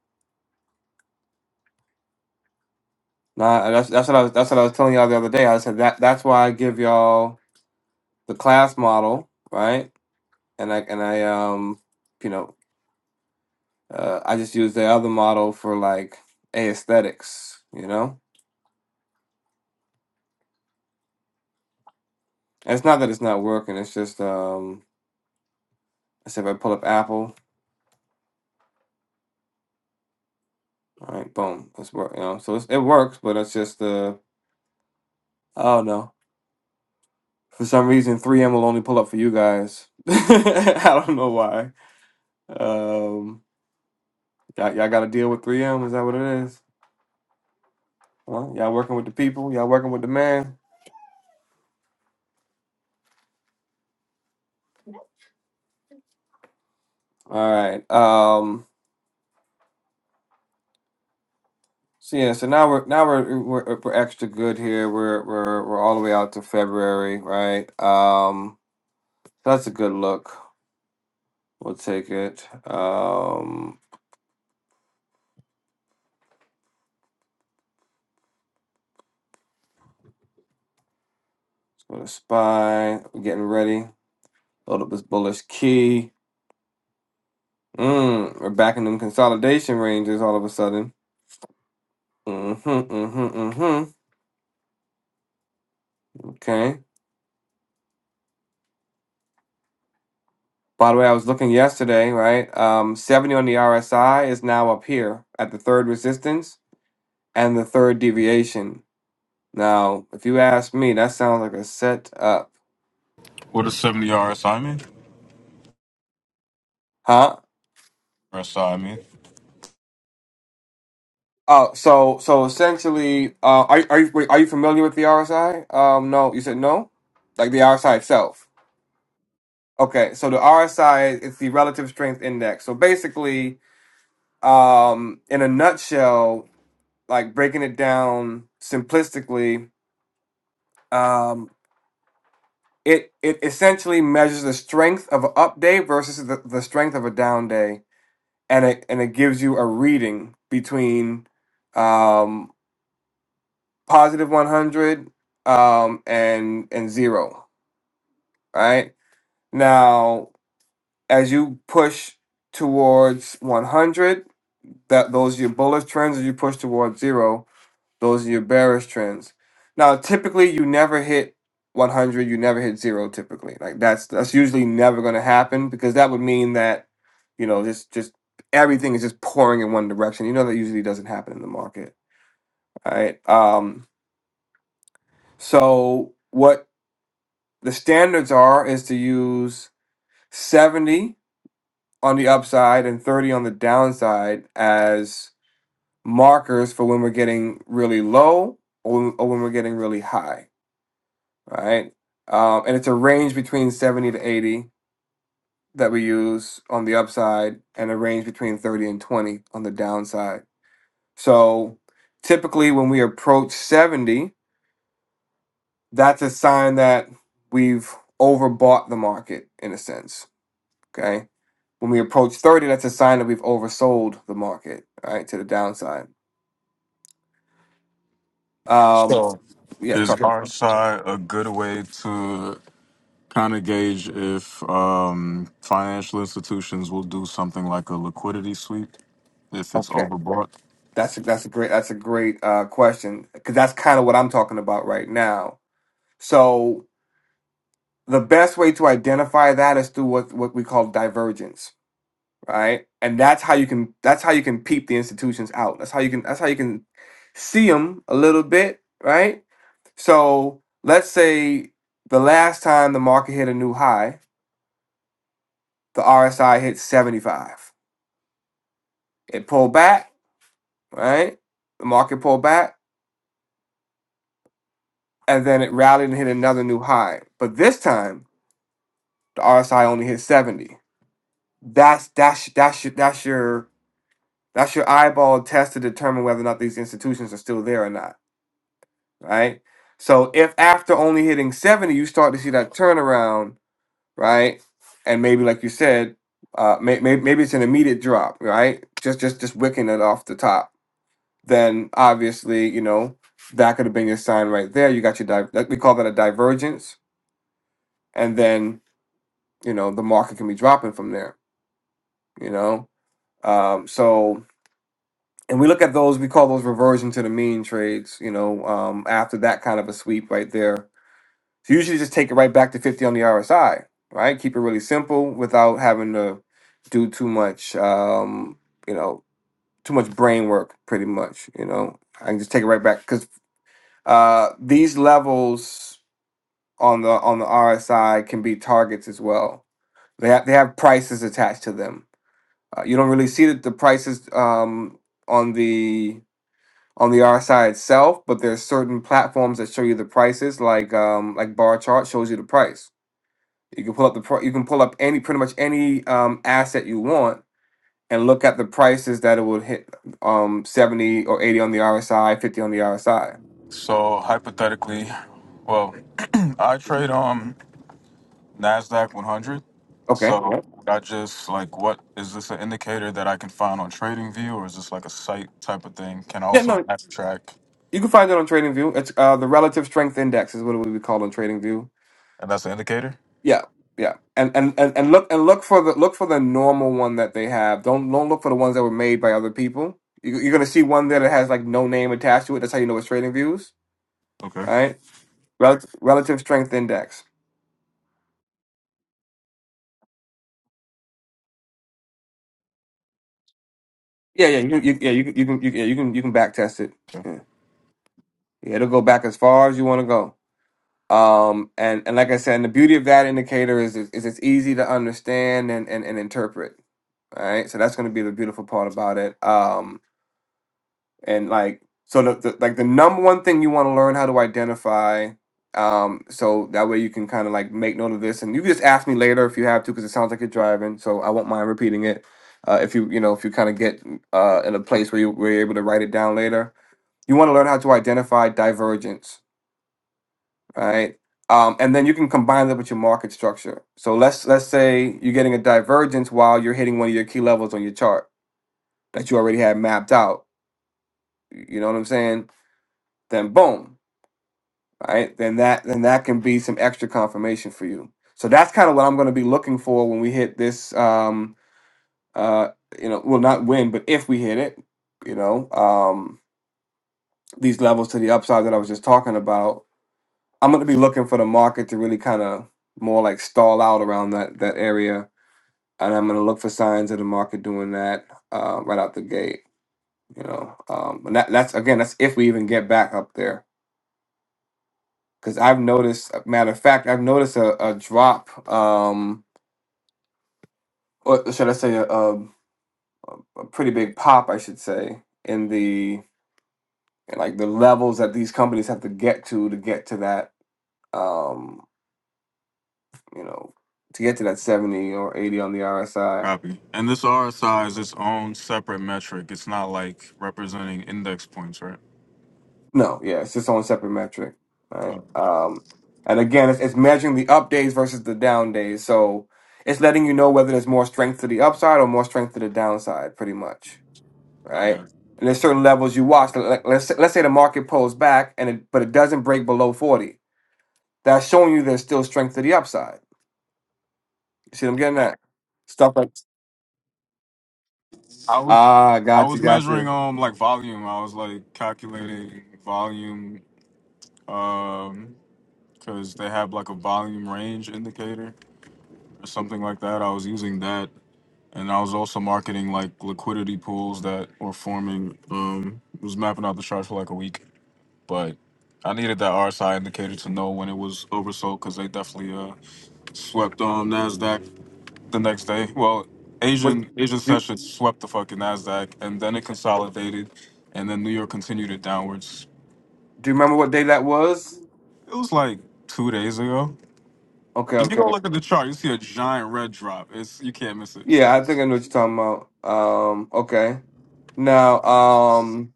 Nah, that's that's what I was that's what I was telling y'all the other day. I said that that's why I give y'all the class model, right? And I and I um you know uh, I just use the other model for like aesthetics, you know. And it's not that it's not working. It's just um I said if I pull up Apple, all right, boom, it's work. You know, so it's, it works, but it's just uh I don't know. For some reason, 3M will only pull up for you guys. I don't know why. Um, Y'all, y'all got to deal with 3M. Is that what it is? Huh? Y'all working with the people. Y'all working with the man. All right. Um. So yeah. So now we're now we're we're, we're extra good here. We're we're we're all the way out to February, right? Um. so That's a good look. We'll take it. Um. Let's go to spy. We're getting ready. Load up this bullish key. Mm, we're back in them consolidation ranges all of a sudden. Mm-hmm, mm-hmm, mm-hmm. Okay. By the way, I was looking yesterday, right? Um, 70 on the RSI is now up here at the third resistance and the third deviation. Now, if you ask me, that sounds like a set up, What is seventy RSI mean? huh? RSI mean. Oh, so so essentially, uh, are are you wait, are you familiar with the RSI? Um, no, you said no, like the RSI itself. Okay, so the RSI is the relative strength index. So basically, um, in a nutshell, like breaking it down simplistically, um, it it essentially measures the strength of an up day versus the, the strength of a down day and it and it gives you a reading between um positive 100 um and and zero right now as you push towards 100 that those are your bullish trends as you push towards zero Those are your bearish trends. Now, typically, you never hit 100. You never hit zero. Typically, like that's that's usually never going to happen because that would mean that you know just just everything is just pouring in one direction. You know that usually doesn't happen in the market. All right. Um, so what the standards are is to use 70 on the upside and 30 on the downside as markers for when we're getting really low or when, or when we're getting really high right? Um, and it's a range between 70 to 80 that we use on the upside and a range between 30 and 20 on the downside. So typically when we approach 70, that's a sign that we've overbought the market in a sense, okay? When we approach 30, that's a sign that we've oversold the market, right, to the downside. Um, So, yeah, is talk, RSI a good way to kind of gauge if um, financial institutions will do something like a liquidity sweep if it's okay. overbought? That's a, that's a great that's a great uh, question because that's kind of what I'm talking about right now. So the best way to identify that is through what what we call divergence right and that's how you can that's how you can peep the institutions out that's how you can that's how you can see them a little bit right so let's say the last time the market hit a new high the rsi hit 75 it pulled back right the market pulled back and then it rallied and hit another new high but this time the rsi only hit 70 that's that's that's your- that's your That's your eyeball test to determine whether or not these institutions are still there or not, right? So if after only hitting 70, you start to see that turnaround, right? And maybe like you said, uh, may, may, maybe it's an immediate drop, right? Just just just wicking it off the top. Then obviously, you know, that could have been your sign right there. You got your di- like, we call that a divergence, and then you know the market can be dropping from there. You know, um, so and we look at those we call those reversion to the mean trades you know um, after that kind of a sweep right there so usually just take it right back to 50 on the rsi right keep it really simple without having to do too much um, you know too much brain work pretty much you know i can just take it right back because uh, these levels on the on the rsi can be targets as well they have, they have prices attached to them uh, you don't really see the, the prices um, on the on the RSI itself, but there's certain platforms that show you the prices, like um, like Bar Chart shows you the price. You can pull up the pro- you can pull up any pretty much any um, asset you want and look at the prices that it will hit um, 70 or 80 on the RSI, 50 on the RSI. So hypothetically, well, I trade on. Nasdaq 100. Okay. So Yeah. I just like, what is this an indicator that I can find on TradingView, or is this like a site type of thing? Can I Yeah, also no, backtrack, you can find it on TradingView. It's uh, the relative strength index is what it would be called on TradingView. and that's an indicator? Yeah, yeah, and and and, and look and look for the look for the normal one that they have. Don't don't look for the ones that were made by other people. You, you're gonna see one there that has like no name attached to it. That's how you know it's trading views, Okay. right? Relative relative strength index. Yeah, yeah, you, you, yeah. You, you can you, can- yeah you can you can back test it. okay. Yeah. yeah, it'll go back as far as you want to go. Um, and and like I said, and the beauty of that indicator is is it's easy to understand and and, and interpret. All right, so that's going to be the beautiful part about it. Um. and like so the, the like the number one thing you want to learn how to identify um so that way you can kind of like make note of this and you can just ask me later if you have to because it sounds like you're driving so i won't mind repeating it uh if you you know if you kind of get uh in a place where you where you're able to write it down later you want to learn how to identify divergence right um and then you can combine that with your market structure so let's let's say you're getting a divergence while you're hitting one of your key levels on your chart that you already had mapped out you know what i'm saying then boom All right? Then that then that can be some extra confirmation for you. So that's kind of what I'm going to be looking for when we hit this. Um, uh, you know, well, not when, but if we hit it, you know, um, these levels to the upside that I was just talking about, I'm going to be looking for the market to really kind of more like stall out around that that area, and I'm going to look for signs of the market doing that uh, right out the gate. You know, um, and that, that's again, that's if we even get back up there because I've noticed. uh, Matter of fact, I've noticed a, a drop, um, or should I say, a, a, a pretty big pop, I should say, in the in like the levels that these companies have to get to to get to that, um, you know, to get to that seventy or eighty on the RSI. Copy. And this RSI is its own separate metric. It's not like representing index points, right? No, yeah, it's its own separate metric, right? Oh, Um, and again, it's, it's measuring the up days versus the down days, so it's letting you know whether there's more strength to the upside or more strength to the downside, pretty much. right? okay. And there's certain levels you watch. Like like, let's let's say the market pulls back and it, but it doesn't break below 40. That's showing you there's still strength to the upside. You see what I'm getting at? Stuff like I was ah, I gotcha, was measuring gotcha. um like volume. I was like calculating volume um because they have like a volume range indicator or something like that. I was using that and I was also marketing like liquidity pools that were forming. Um, was mapping out the chart for like a week, but I needed that RSI indicator to know when it was oversold because they definitely uh, swept um Nasdaq the next day. Well, What Asian Asian do session swept the fucking Nasdaq, and then it consolidated, and then New York continued it downwards. do you remember what day that was? It was like two days ago. Okay, If you go okay. look at the chart, you see a giant red drop. It's you can't miss it. Yeah, I think I know what you're talking about. Um, okay. Now, um,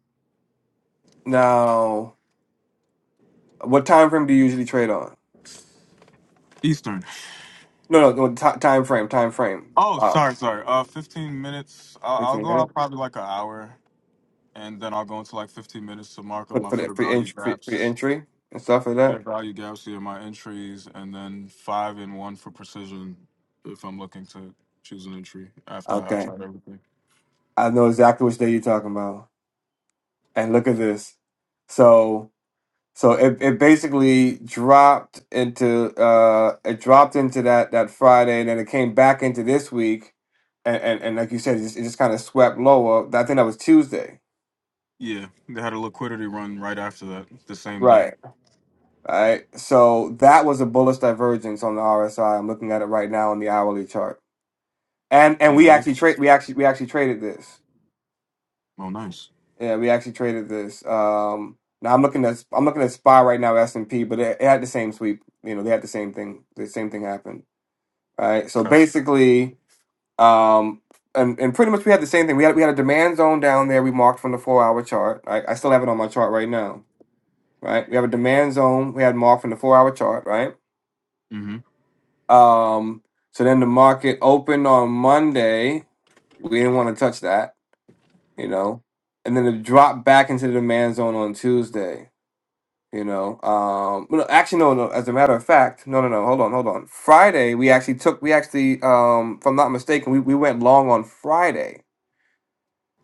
now, what time frame do you usually trade on? Eastern. No, no, no ti time frame, time frame. Oh, Wow, sorry, sorry. Uh, 15 minutes. I'll, I'll 15 go minutes out probably like an hour, and then I'll go into like 15 minutes to mark up for my for the fair for value entry for, for the gaps, entry and stuff like fair that. value gaps here, my entries, and then five and one for precision if I'm looking to choose an entry after I Okay. tried everything. I know exactly which day you're talking about. And look at this. So so it, it basically dropped into uh it dropped into that that Friday and then it came back into this week and and, and like you said it just, it just kind of swept lower. I think that was Tuesday. Yeah, they had a liquidity run right after that, the same day. Right. Right. So that was a bullish divergence on the RSI. I'm looking at it right now on the hourly chart. And and Yeah, we I actually watched. trade we actually we actually traded this. Oh, nice. Yeah, we actually traded this. Um, now I'm looking at I'm looking at SPY right now, S and P, but it, it had the same sweep. You know, they had the same thing. The same thing happened. All Right. So Copy. basically, um, and, and pretty much we had the same thing. We had we had a demand zone down there. We marked from the four hour chart. I, I still have it on my chart right now. Right. We have a demand zone. We had marked from the four hour chart. Right. Mm-hmm. Um. So then the market opened on Monday. We didn't want to touch that. You know, and then it dropped back into the demand zone on Tuesday You know, um, well, no, actually, no, no. As a matter of fact, no, no, no. Hold on, hold on. Friday, we actually took, we actually, um, if I'm not mistaken, we, we went long on Friday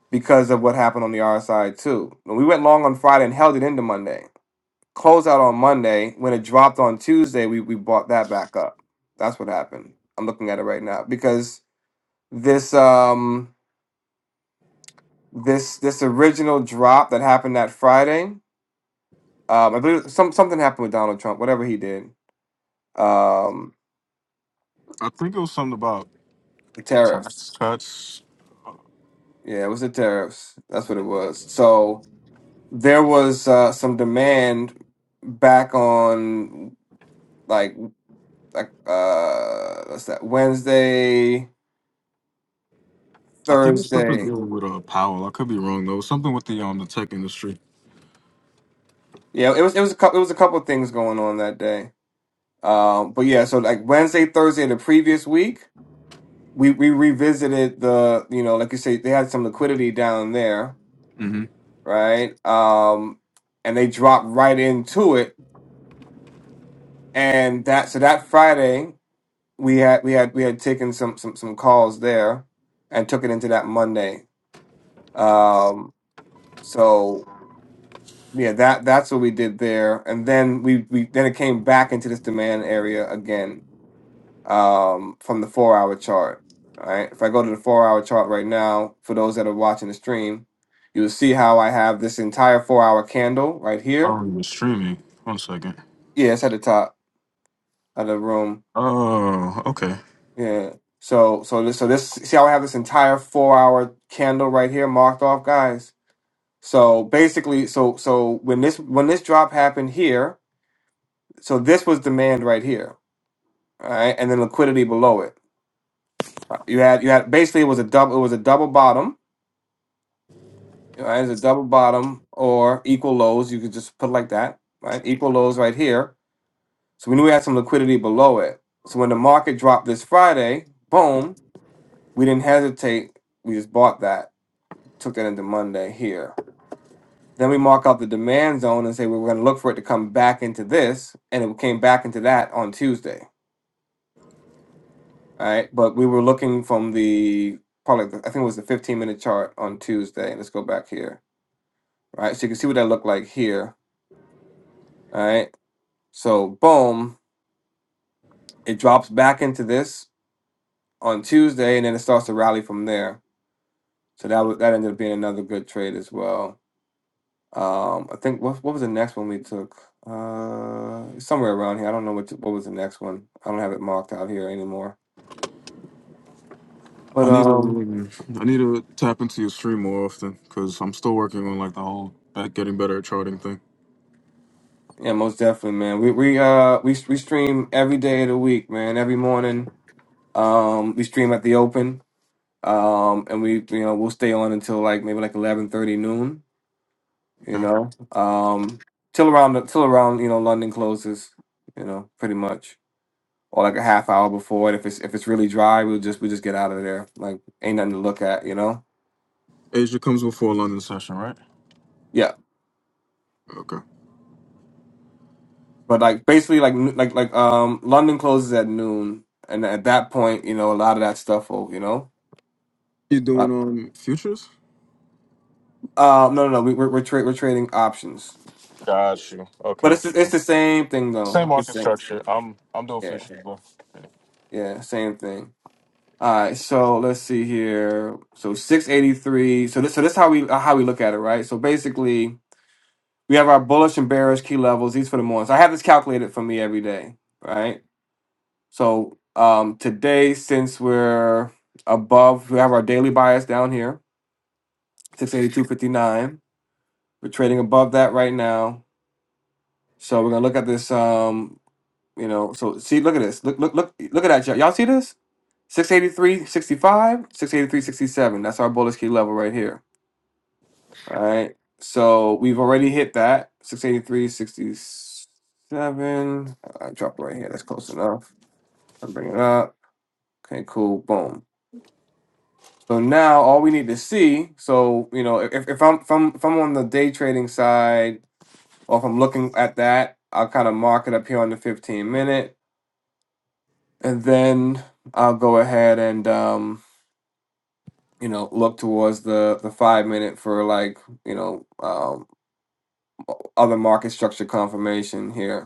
because of what happened on the RSI too. We went long on Friday and held it into Monday. Closed out on Monday. When it dropped on Tuesday, we we bought that back up. That's what happened. I'm looking at it right now because this um this this original drop that happened that Friday, um, I believe some something happened with Donald Trump, whatever he did. Um, I think it was something about The tariffs. tax cuts. Yeah, it was the tariffs. That's what it was. So there was uh, some demand back on like like uh what's that Wednesday, I think it was something Thursday. dealing with uh, Powell. I could be wrong though. It was something with the um the tech industry. Yeah, it was it was a couple it was a couple things going on that day. Um, but yeah, so like Wednesday, Thursday of the previous week, we we revisited the you know like you say they had some liquidity down there, Mm-hmm. right? Um, and they dropped right into it, and that so that Friday. we had we had we had taken some some some calls there and took it into that Monday. Um so yeah that that's what we did there and then we we then it came back into this demand area again um from the 4 hour chart. All right? If I go to the 4 hour chart right now for those that are watching the stream, you'll see how I have this entire 4 hour candle right here. Oh, you're streaming. One second. Yeah, it's at the top of the room Oh, okay. Yeah. So so this so this see how I have this entire four hour candle right here marked off, guys. So basically, so so when this when this drop happened here, so this was demand right here, all right, and then liquidity below it. You had you had basically it was a double it was a double bottom, all right, it was a double bottom or equal lows. You could just put it like that, right? Equal lows right here. So we knew we had some liquidity below it. So when the market dropped this Friday, boom, we didn't hesitate. We just bought that took that into Monday here. Then we mark out the demand zone and say we were going to look for it to come back into this, and it came back into that on Tuesday. All right, but we were looking from the probably the- I think it was the 15 minute chart on Tuesday. Let's go back here. All right, so you can see what that looked like here. All right, so boom, it drops back into this on Tuesday, and then it starts to rally from there. So that was, that ended up being another good trade as well. Um, I think what what was the next one we took? Uh, somewhere around here. I don't know what what was the next one. I don't have it marked out here anymore. But I need to um, um, I need to tap into your stream more often because I'm still working on like the whole that getting better at charting thing. yeah, most definitely, man. We we uh we we stream every day of the week, man. Every morning, um, we stream at the open, um, and we you know we'll stay on until like maybe like eleven thirty noon, you Okay. know, um, till around till around you know London closes, you know, pretty much. or like a half hour before. And if it's if it's really dry, we'll just we just get out of there. Like ain't nothing to look at, you know. Asia comes before London session, right? Yeah, Okay. but like basically like n- like like um London closes at noon, and at that point, you know, a lot of that stuff will you know. You Uh, doing um futures? um, no, no, no. We, we're we're, tra- we're trading options, Got you. but Okay. it's the- it's the same thing Same though. It's market the same, structure. I'm I'm doing yeah, futures, bro. yeah, same thing. All right, so let's see here. So six eighty three. So this so this how we how we look at it, right? So basically, We have our bullish and bearish key levels. These for the mornings. I have this calculated for me every day, right? So um, today, since we're above, we have our daily bias down here, 682.59. We're trading above that right now. So we're gonna look at this. Um, you know, so see, look at this. Look, look, look, look at that. Y'all Y'all see this? 683.65, 683.67. That's our bullish key level right here. All right. So we've already hit that. six eighty three sixty seven. 67. I dropped it right here. That's close enough. I'll bring it up. Okay, cool. Boom. So now all we need to see, so you know, if, if I'm if I'm if I'm on the day trading side or if I'm looking at that, I'll kind of mark it up here on the 15 minute. And then I'll go ahead and um, you know, look towards the the five minute for like, you know, um other market structure confirmation here.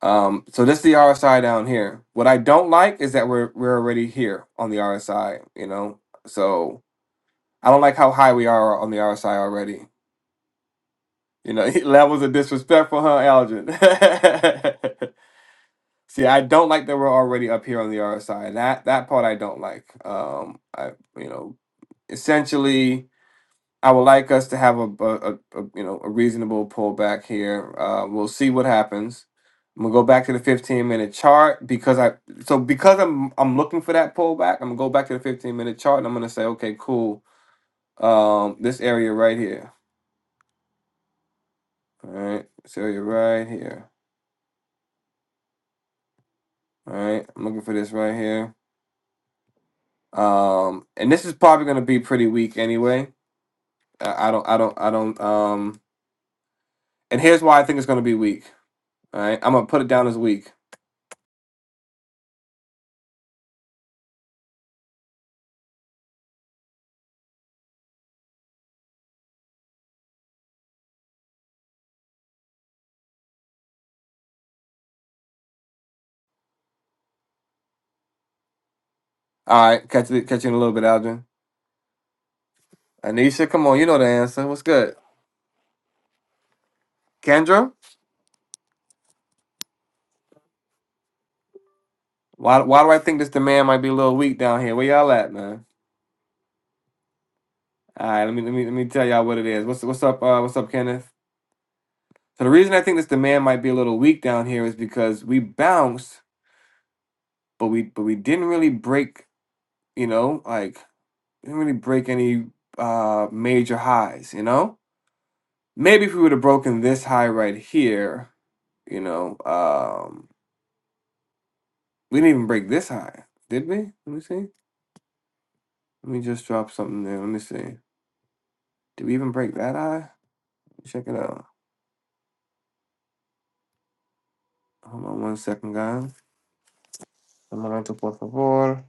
Um, so this is the RSI down here. What I don't like is that we're we're already here on the RSI, you know. So I don't like how high we are on the RSI already. You know, levels of disrespectful, huh, Algin? See, I don't like that we're already up here on the RSI. That that part I don't like. Um, I you know, essentially I would like us to have a, a, a- a, you know a reasonable pullback here. Uh, we'll see what happens. I'm gonna go back to the 15 minute chart because I so because I'm I'm looking for that pullback. I'm gonna go back to the 15 minute chart and I'm gonna say okay, cool. Um, this area right here, all right, this area right here, all right. I'm looking for this right here. Um, and this is probably gonna be pretty weak anyway. I, I don't I don't I don't um. And here's why I think it's gonna be weak. All right, I'm gonna put it down as weak All right, catch you, catch you in a little bit, Algin. Anisha, come on, you know the answer. What's good, Kendra? Why why do I think this demand might be a little weak down here? Where y'all at, man? All right, let me let me let me tell y'all what it is. What's what's up? Uh, what's up, Kenneth? So the reason I think this demand might be a little weak down here is because we bounced, but we but we didn't really break. You know, like didn't really break any uh major highs. You know, maybe if we would have broken this high right here, you know, um, we didn't even break this high, did we? Let me see. Let me just drop something there. Let me see. Did we even break that eye? Check it out. Hold on one second, guys. Un momento, por favor.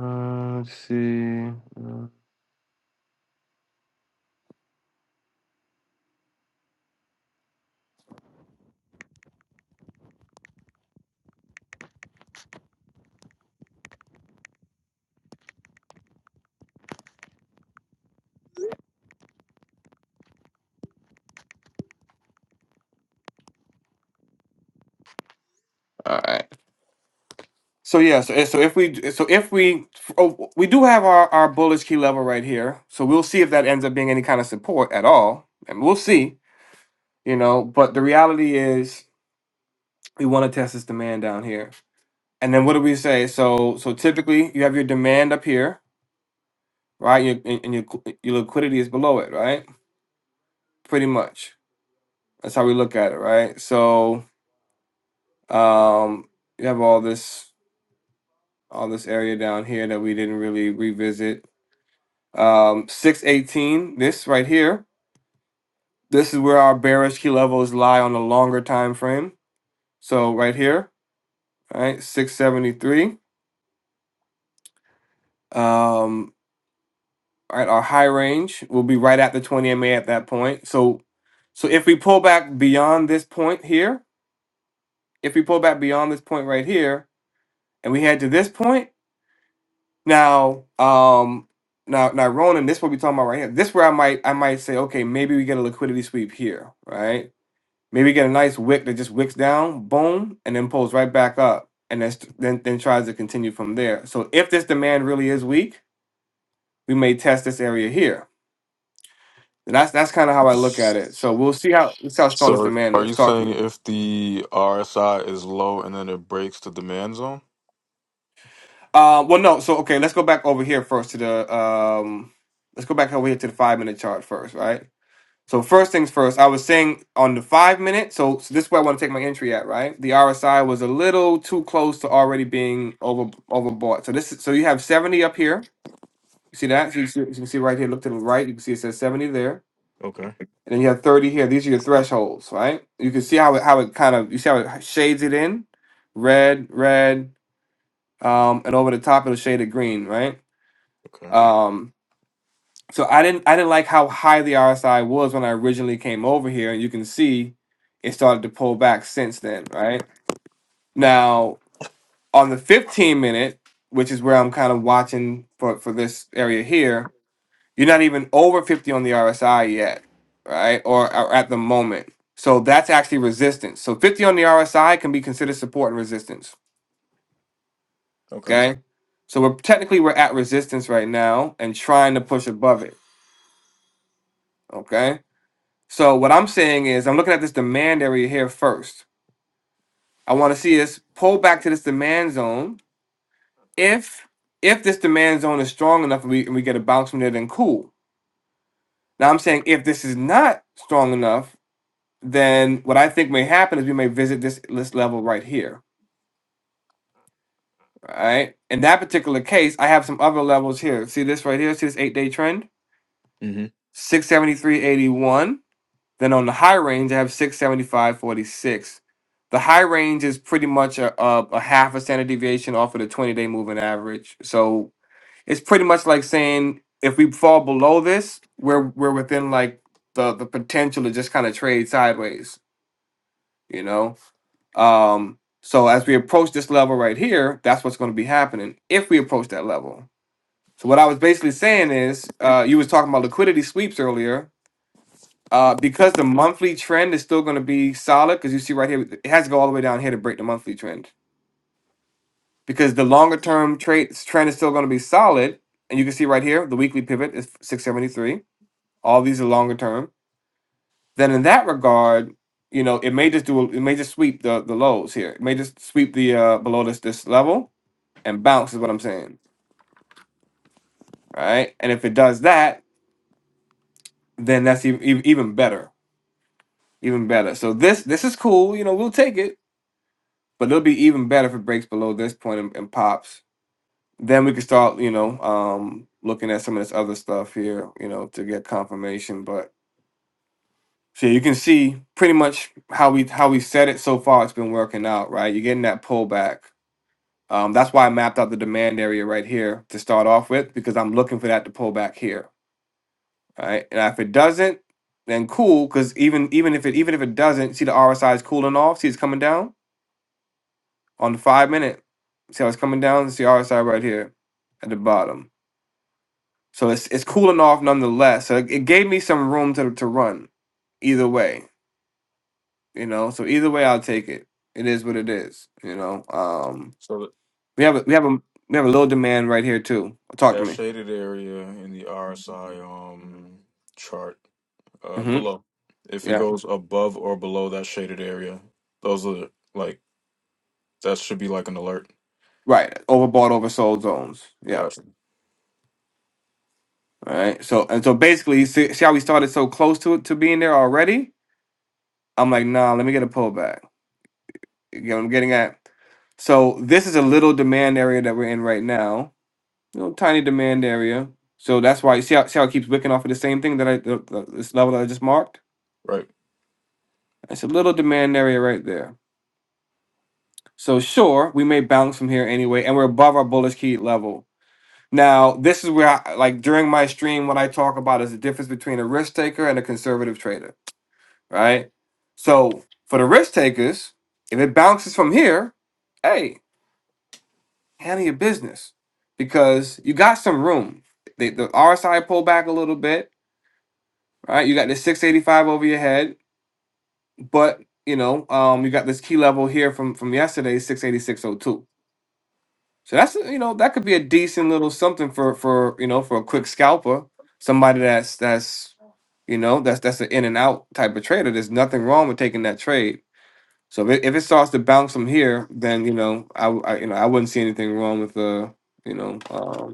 Uh, let's see. Uh, All right. So yeah, so, so if we so if we oh, we do have our our bullish key level right here, so we'll see if that ends up being any kind of support at all, and we'll see, you know. But the reality is, we want to test this demand down here, and then what do we say? So so typically, you have your demand up here, right? Your, and and your and your liquidity is below it, right? pretty much that's how we look at it right so um you have all this all this area down here that we didn't really revisit um 618 this right here this is where our bearish key levels lie on the longer time frame so right here all right 673 um all right our high range will be right at the 20 ma at that point so so if we pull back beyond this point here if we pull back beyond this point right here and we head to this point Now, um, now, now, Ronan, this what we talking about right here. This where I might, I might say, okay, maybe we get a liquidity sweep here, right? Maybe get a nice wick that just wicks down, boom, and then pulls right back up, and then st- then then tries to continue from there. So if this demand really is weak, we may test this area here. And that's that's kind of how I look at it. So we'll see how let's see how strong this So demand are is. you Talk to saying me. if the RSI is low and then it breaks the demand zone? Uh, well, no. So okay, let's go back over here first to the um, let's go back over here to the five minute chart first, right? So first things first, I was saying on the five minute. So, so this is where I want to take my entry at, right? The RSI was a little too close to already being over overbought. So this, is- so you have seventy up here. You see that? So you, see, you can see right here. Look to the right. You can see it says seventy there, Okay. and then you have thirty here. These are your thresholds, right? You can see how it how it kind of you see how it shades it in, red, red, um, and over the top it'll shade it green, right? Okay. Um, So I didn't I didn't like how high the RSI was when I originally came over here, and you can see it started to pull back since then, right? Now on the 15 minute, which is where I'm kind of watching for for this area here, you're not even over 50 on the RSI yet, right? Or, or at the moment. So that's actually resistance. So 50 on the RSI can be considered support and resistance. Okay. Okay. So we're technically we're at resistance right now and trying to push above it. Okay. So what I'm saying is I'm looking at this demand area here first. I want to see us pull back to this demand zone. If if this demand zone is strong enough and we, and we get a bounce from there, then cool. Now I'm saying if this is not strong enough, then what I think may happen is we may visit this this level right here. All right. In that particular case, I have some other levels here. See this right here? See this eight day trend? Mm-hmm. 673.81. Then on the high range, I have 675.46. The high range is pretty much a, a, a half a standard deviation off of the 20 day moving average. So it's pretty much like saying if we fall below this, we're we're within like the the potential to just kind of trade sideways, you know. Um, so as we approach this level right here, that's what's going to be happening if we approach that level. So what I was basically saying is, uh, you was talking about liquidity sweeps earlier uh, because the monthly trend is still going to be solid, because you see right here, it has to go all the way down here to break the monthly trend. Because the longer term trade trend is still going to be solid, and you can see right here, the weekly pivot is 673. All these are longer term. Then in that regard, you know, it may just do, a- it may just sweep the the lows here. It may just sweep the uh below this this level and bounce is what I'm saying, right? And if it does that, then that's even even better, even better. So this this is cool. You know, we'll take it But it'll be even better if it breaks below this point and, and pops. Then we can start, you know, um, looking at some of this other stuff here, you know, to get confirmation. But so yeah, you can see pretty much how we how we set it so far. It's been working out, right? You're getting that pullback. Um, that's why I mapped out the demand area right here to start off with because I'm looking for that to pull back here, right? And if it doesn't, then cool. Because even even if it even if it doesn't, see the RSI is cooling off. See it's coming down on the five minute. See how it's coming down? It's the RSI right here at the bottom. So it's it's cooling off nonetheless. So it, it gave me some room to to run either way, you know. So either way, I'll take it. It is what it is, you know. Um, So we have a, we have a we have a little demand right here too. Talk to That me. shaded area in the RSI um chart uh hmm below. If it Yeah. goes above or below that shaded area, those are like that should be like an alert. Right. Overbought, oversold zones. Yeah. Gotcha. All right. So and so basically, you see, see how we started so close to it to being there already. I'm like, nah. Let me get a pullback. You know what I'm getting at? So this is a little demand area that we're in right now. You know, tiny demand area. So that's why you see how, see how it keeps wicking off of the same thing that I the, the- this level that I just marked. Right. It's a little demand area right there. So sure, we may bounce from here anyway, and we're above our bullish key level. Now, this is where I, like during my stream, what I talk about is the difference between a risk taker and a conservative trader, right? So for the risk takers, if it bounces from here, hey, handle your business because you got some room. The, the RSI pulled back a little bit, right? You got this 685 over your head, but you know, um, you got this key level here from from yesterday, 686.02. So that's you know that could be a decent little something for for you know for a quick scalper, somebody that's that's you know that's that's an in and out type of trader. There's nothing wrong with taking that trade. So if it, if it starts to bounce from here, then you know I, w- I- you know I wouldn't see anything wrong with uh you know um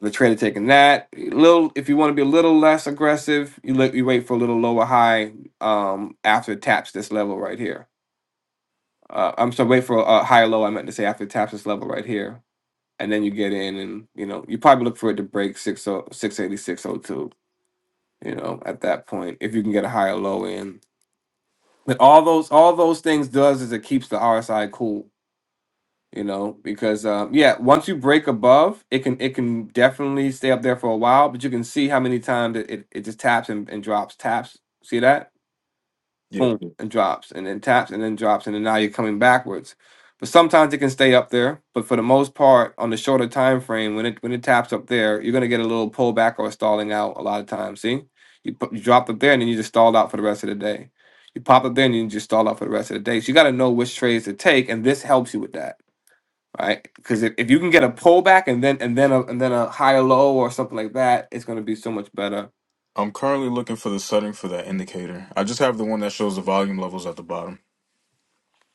the trader taking that A little if you want to be a little less aggressive you look you wait for a little lower high um after it taps this level right here uh, i'm sorry wait for a, a higher low i meant to say after it taps this level right here and then you get in and you know you probably look for it to break six o six eighty six o two. you know at that point if you can get a higher low in but all those all those things does is it keeps the rsi cool you know because um yeah once you break above it can it can definitely stay up there for a while but you can see how many times it, it, it just taps and, and drops taps see that Yeah. boom and drops and then taps and then drops and then now you're coming backwards but sometimes it can stay up there but for the most part on the shorter time frame when it when it taps up there you're going to get a little pullback or stalling out a lot of times see you, put, you dropped up there and then you just stalled out for the rest of the day you pop up there and you just stall out for the rest of the day so you got to know which trades to take and this helps you with that right? Because if, if you can get a pullback and then and then a, and then a higher low or something like that, it's going to be so much better. I'm currently looking for the setting for that indicator. I just have the one that shows the volume levels at the bottom.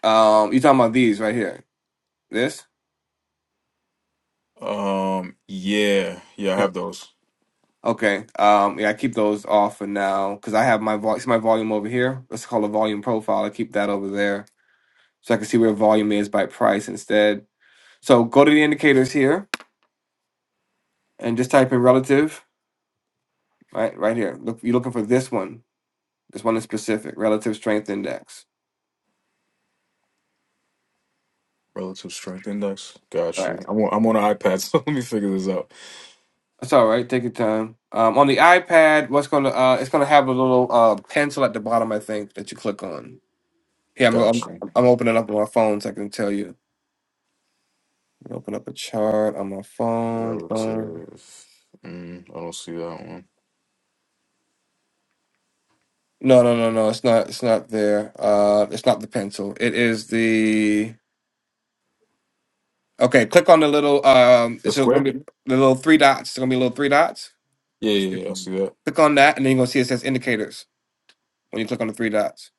Um, you talking about these right here? This? Um yeah, yeah, I Yep. have those. Okay. Um, yeah, I keep those off for now because I have my vol- see my volume over here. Let's call it volume profile. I keep that over there so I can see where volume is by price instead. So go to the indicators here and just type in relative. Right, right here. Look, you're looking for this one. This one is specific relative strength index. Relative strength index. Got Right. you. I'm on, I'm on an iPad, so let me figure this out. That's all right. Take your time. Um, on the iPad, what's gonna uh, it's gonna have a little uh pencil at the bottom, I think, that you click on. Yeah, I'm I'm, Got you. I'm opening up on my phone so I can tell you. Open up a chart on my phone. Um, Relative. Mm, I don't see that one. no, no, no, no. It's not. It's not there. Uh, it's not the pencil. It is the. Okay, click on the little. Um, The it's gonna square? be the little three dots. It's gonna be little three dots. Yeah, yeah, yeah, Click I see that. on that, and then you're gonna see it says indicators. When you click on the three dots,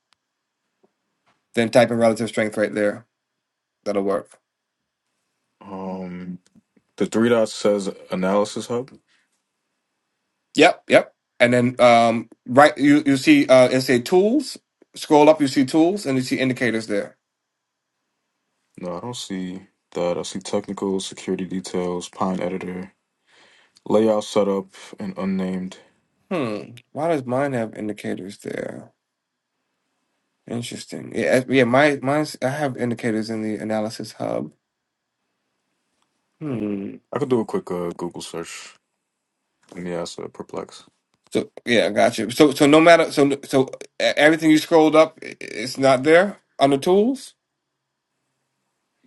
then type in relative strength right there. That'll work. Um, the three dots says analysis hub. Yep, yep. And then um, right, you you see uh, it say tools. Scroll up, you see tools, and you see indicators there. No, I don't see that. I see technical security details, Pine editor, layout setup, and unnamed. Hmm. Why does mine have indicators there? Interesting. Yeah, uh, yeah. My mine's I have indicators in the analysis hub. Hmm. I could do a quick uh, Google search. Let me ask uh, perplex. So yeah, gotcha. So so no matter so so uh, everything you scrolled up, i- i- it's not there under tools.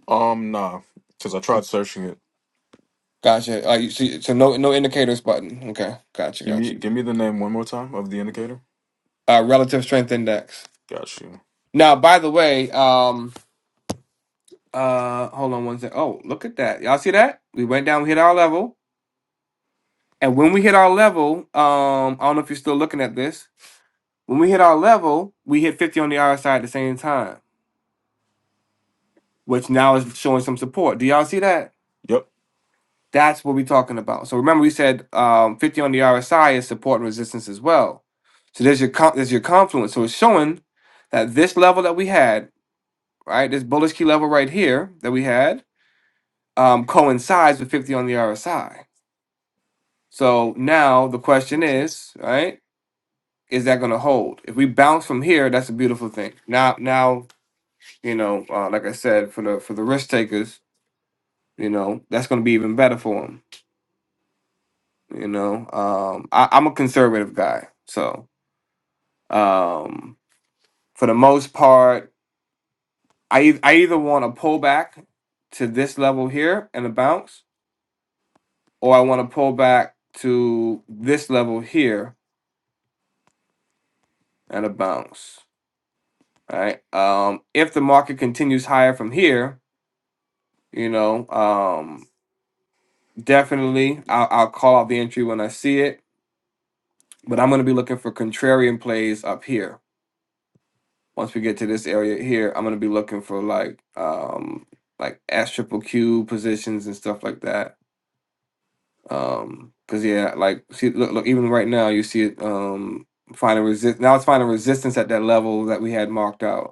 Um, nah, because I Oh, tried searching it. Gotcha. Uh, you see, so no no indicators button. Okay, gotcha, Give me, gotcha. give me the name one more time of the indicator. Uh, relative strength index. Got you. Now, by the way, um. Uh, hold on one sec. Oh, look at that. Y'all see that? We went down, we hit our level. And when we hit our level, um, I don't know if you're still looking at this. When we hit our level, we hit 50 on the RSI at the same time, which now is showing some support. Do y'all see that? Yep, That's what we're talking about. So remember, we said um, 50 on the RSI is support and resistance as well. So there's your con- there's your confluence. So it's showing that this level that we had, right, this bullish key level right here that we had, um, coincides with 50 on the RSI. So now the question is, right? Is that going to hold? If we bounce from here, that's a beautiful thing. Now, now you know, uh, like I said, for the for the risk takers, you know, that's going to be even better for them. You know, um, I, I'm a conservative guy, so um, for the most part, I eith- I either want to pull back to this level here and a bounce, or I want to pull back to this level here and a bounce. Right. Um, if the market continues higher from here, you know, um, definitely I'll, I'll call out the entry when I see it. But I'm going to be looking for contrarian plays up here. Once we get to this area here, I'm going to be looking for like um, like S triple Q positions and stuff like that. Um, cause yeah, like see, look, look, even right now you see it um finding resist. Now it's finding resistance at that level that we had marked out.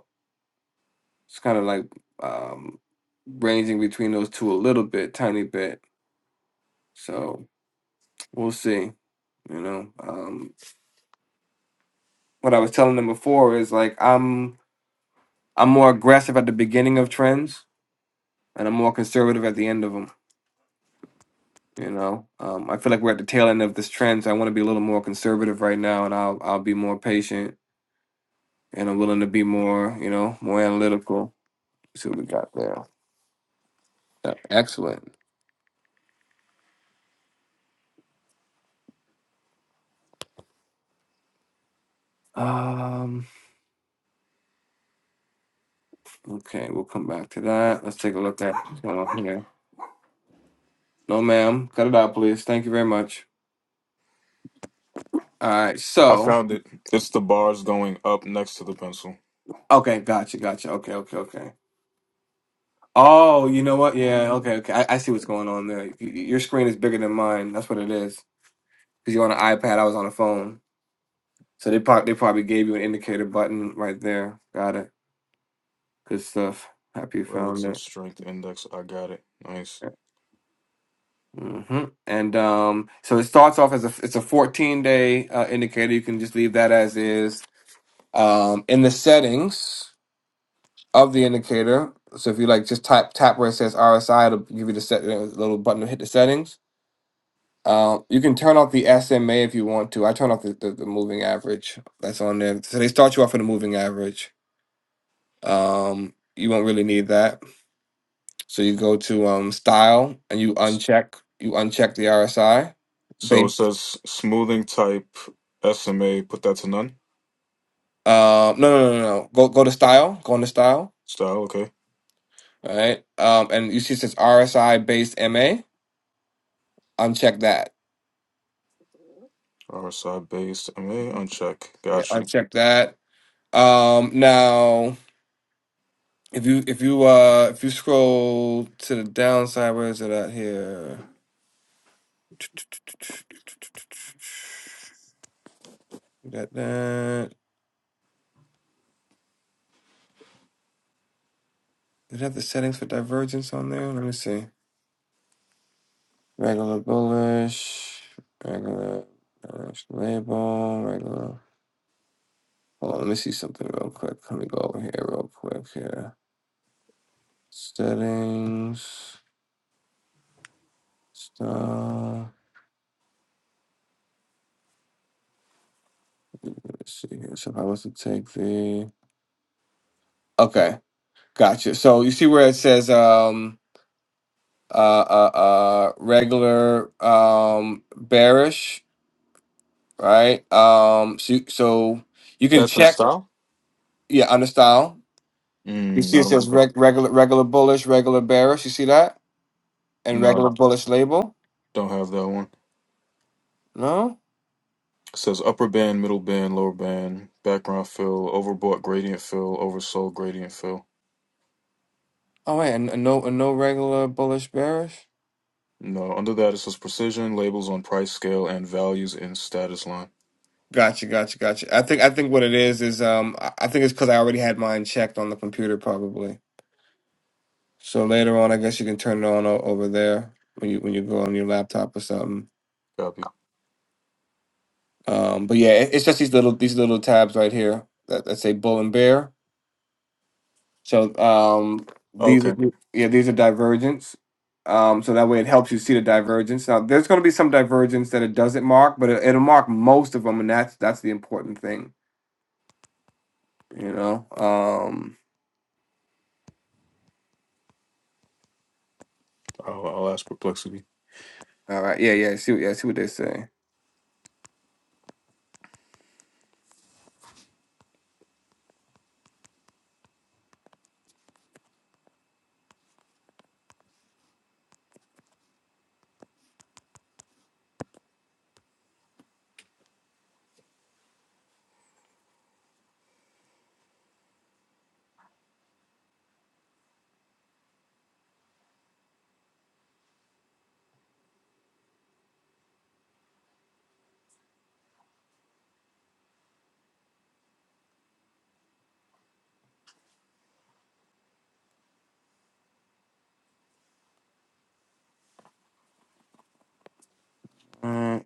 It's kind of like um, ranging between those two a little bit, tiny bit. So we'll see. You know, um, what I was telling them before is like I'm I'm more aggressive at the beginning of trends, and I'm more conservative at the end of them. You know, um, I feel like we're at the tail end of this trend, so I want to be a little more conservative right now, and I'll I'll be more patient, and I'm willing to be more, you know, more analytical. Let's see what we got there. Yeah, excellent. Um, Okay, we'll come back to that. Let's take a look at what's going on here. No, ma'am. Cut it out, please. Thank you very much. All right. I So, found it. It's the bars going up next to the pencil. okay, gotcha, gotcha. Okay, okay, okay. Oh, you know what? Yeah, okay, okay. I, I see what's going on there. Y- y- Your screen is bigger than mine. That's what it is. Because you're on an iPad, I was on a phone. So they probably they probably gave you an indicator button right there. Got it. Good stuff. Happy you found Relative it. strength index. I got it. Nice. Mm-hmm. And um, so it starts off as a it's a 14 day uh, indicator. You can just leave that as is Um, in the settings of the indicator, so if you like just type tap where it says RSI, it'll give you the set uh, little button to hit the settings. Um, you can turn off the SMA if you want to. I turn off the, the, the moving average that's on there. So they start you off with a moving average. Um, you won't really need that. So you go to um, style and you uncheck you uncheck the RSI. So it Ba- says smoothing type SMA, put that to none. um, no, no, no, no. no. Go go to style. Go into style. Style, okay. All Right. Um, and you see it says RSI based MA. Uncheck that RSI based MA, uncheck. Yeah, Got you. uncheck that. Um, now if you if you uh if you scroll to the downside, where is it at here? We Got that. Did it have the settings for divergence on there? Let me see. Regular bullish, regular bullish label, regular. Hold on, let me see something real quick. Let me go over here real quick here. Settings, stuff. Let's see here. So if I was to take the Okay. Gotcha. So you see where it says um uh uh, uh regular um bearish, right? Um so so you can That's in check style? yeah on the style. You Mm, see no, I it don't says think that. reg, regular regular bullish, regular bearish. You see that? And No, regular bullish label? don't have that one. No? It says upper band, middle band, lower band, background fill, overbought gradient fill, oversold gradient fill. Oh wait, and and no and no regular bullish bearish? No, under that it says precision, labels on price scale, and values in status line. Gotcha, gotcha, gotcha. I think I think what it is is um I I think it's because I already had mine checked on the computer probably. So later on, I guess you can turn it on o- over there when you when you go on your laptop or something. Copy. Um, but yeah, it- it's just these little these little tabs right here that, that say Bull and Bear. So um, these are- Okay. yeah these are divergence. Um, so that way it helps you see the divergence. Now there's going to be some divergence that it doesn't mark, but it, it'll mark most of them, and that's that's the important thing, you know. Um, I'll, I'll ask perplexity. all right, yeah, yeah. I See what yeah, I see what they say. Uh,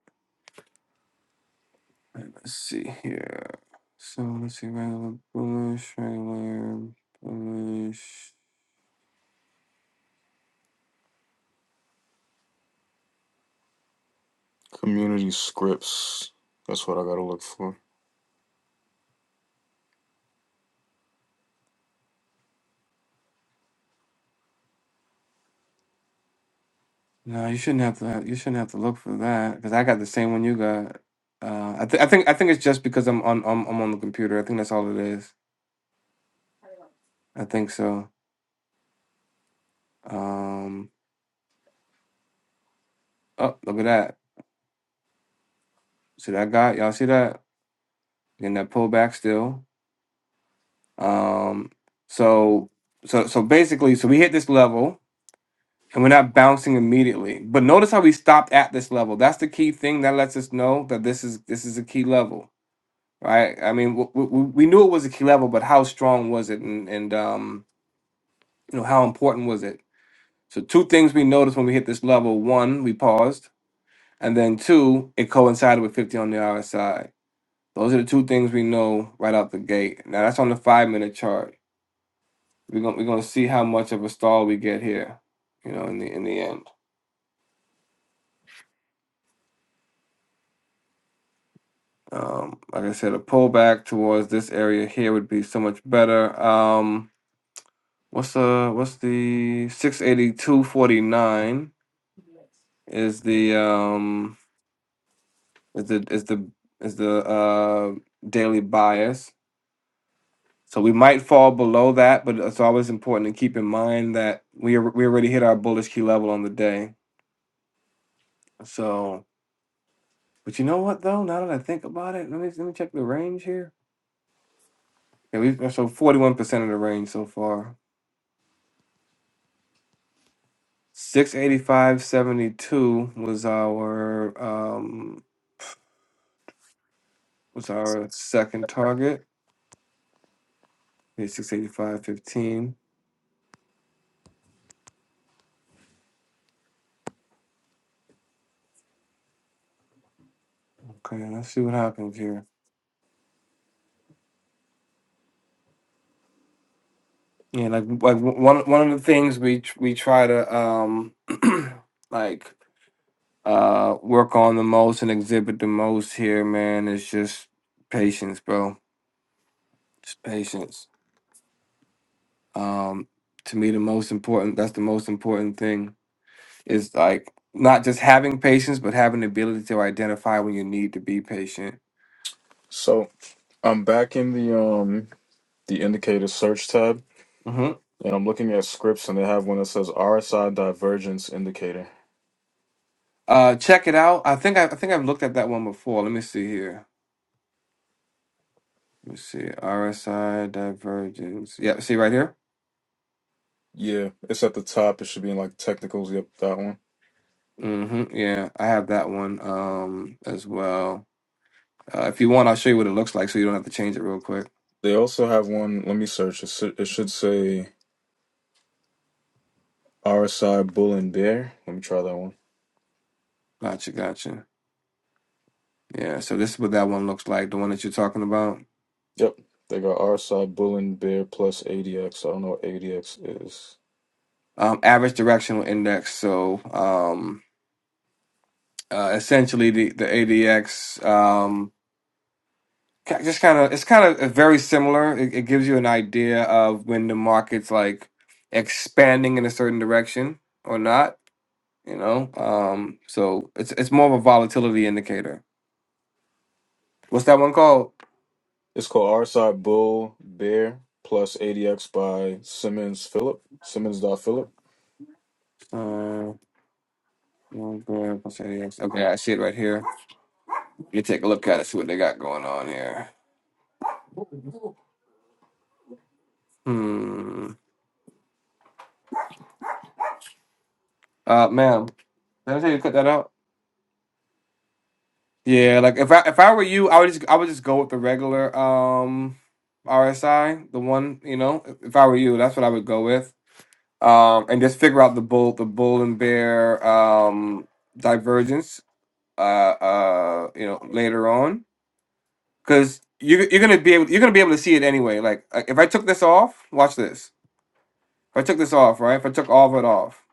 let's see here. So let's see, regular bullish, regular bullish. Community scripts. That's what I gotta look for. No, you shouldn't have to. You shouldn't have to look for that because I got the same one you got. Uh, I, th- I think I think it's just because I'm on I'm, I'm on the computer. I think that's all it is. I think so. Um, oh, look at that. See that guy? Y'all see that? Getting that pullback still. Um, so so so basically, so we hit this level. and we're not bouncing immediately. But notice how we stopped at this level. That's the key thing that lets us know that this is this is a key level, right? I mean, w- w- we knew it was a key level, but how strong was it, and and um, you know how important was it? So two things we noticed when we hit this level: one, we paused, and then two, it coincided with fifty on the RSI. Those are the two things we know right out the gate. Now that's on the five minute chart. We're gonna we're gonna see how much of a stall we get here, you know, in the in the end. Um, like I said, a pullback towards this area here would be so much better. Um, what's the what's the six eighty two forty nine is the um is the is the is the uh daily bias. So we might fall below that, but it's always important to keep in mind that we ar- we already hit our bullish key level on the day. So, but you know what though? Now that I think about it, let me let me check the range here. Yeah, we've so forty one percent of the range so far. 685.72 was our um was our second target. We 685.15. Okay, let's see what happens here. Yeah, like like w- one one of the things we tr- we try to um like uh work on the most and exhibit the most here, man, is just patience, bro. Just patience. Um to me the most important that's the most important thing It's like not just having patience, but having the ability to identify when you need to be patient. So I'm back in the um the indicator search tab hmm and I'm looking at scripts and they have one that says RSI divergence indicator. Uh, check it out. I think I, I think I've looked at that one before. Let me see here. Let me see. RSI divergence. Yeah, see right here. Yeah, it's at the top. It should be in like technicals. Yep, that one. hmm Yeah, I have that one um as well. Uh, if you want, I'll show you what it looks like, so you don't have to change it real quick. They also have one. Let me search. It, s- it should say RSI bull and bear. Let me try that one. Gotcha, gotcha. Yeah, so this is what that one looks like, the one that you're talking about. Yep, they got RSI bull and bear plus ADX. I don't know what ADX is. Um, average directional index. So, um, uh, essentially the the ADX um, ki- just kind of it's kind of very similar. It, it gives you an idea of when the market's like expanding in a certain direction or not. You know, um, so it's it's more of a volatility indicator. What's that one called? It's called RSI bull bear plus ADX by Simmons Phillip. Simmons dot Phillip. Uh, oh, God, what's ADX? okay, I see it right here. You take a look at it, see what they got going on here. Hmm. Uh, ma'am, did I tell you to cut that out? Yeah, like if I if I were you, I would just I would just go with the regular um RSI, the one, you know. If if I were you, that's what I would go with. Um and just figure out the bull the bull and bear um divergence uh uh you know later on cuz you you're going to be able you're going to be able to see it anyway. Like uh, if I took this off, watch this. If I took this off, right? If I took all of it off,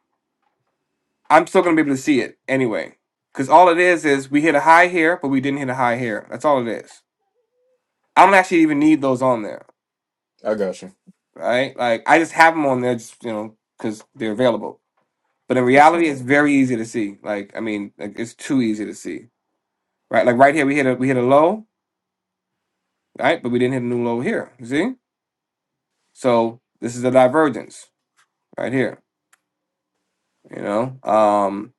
I'm still going to be able to see it anyway. Cuz all it is is we hit a high here, but we didn't hit a high here. That's all it is. I don't actually even need those on there, I got you. right? Like I just have them on there, just you know, because they're available. But in reality, it's very easy to see. Like I mean, like, it's too easy to see, right? Like right here, we hit a we hit a low, right? But we didn't hit a new low here. You see? So this is a divergence right here. You know, um,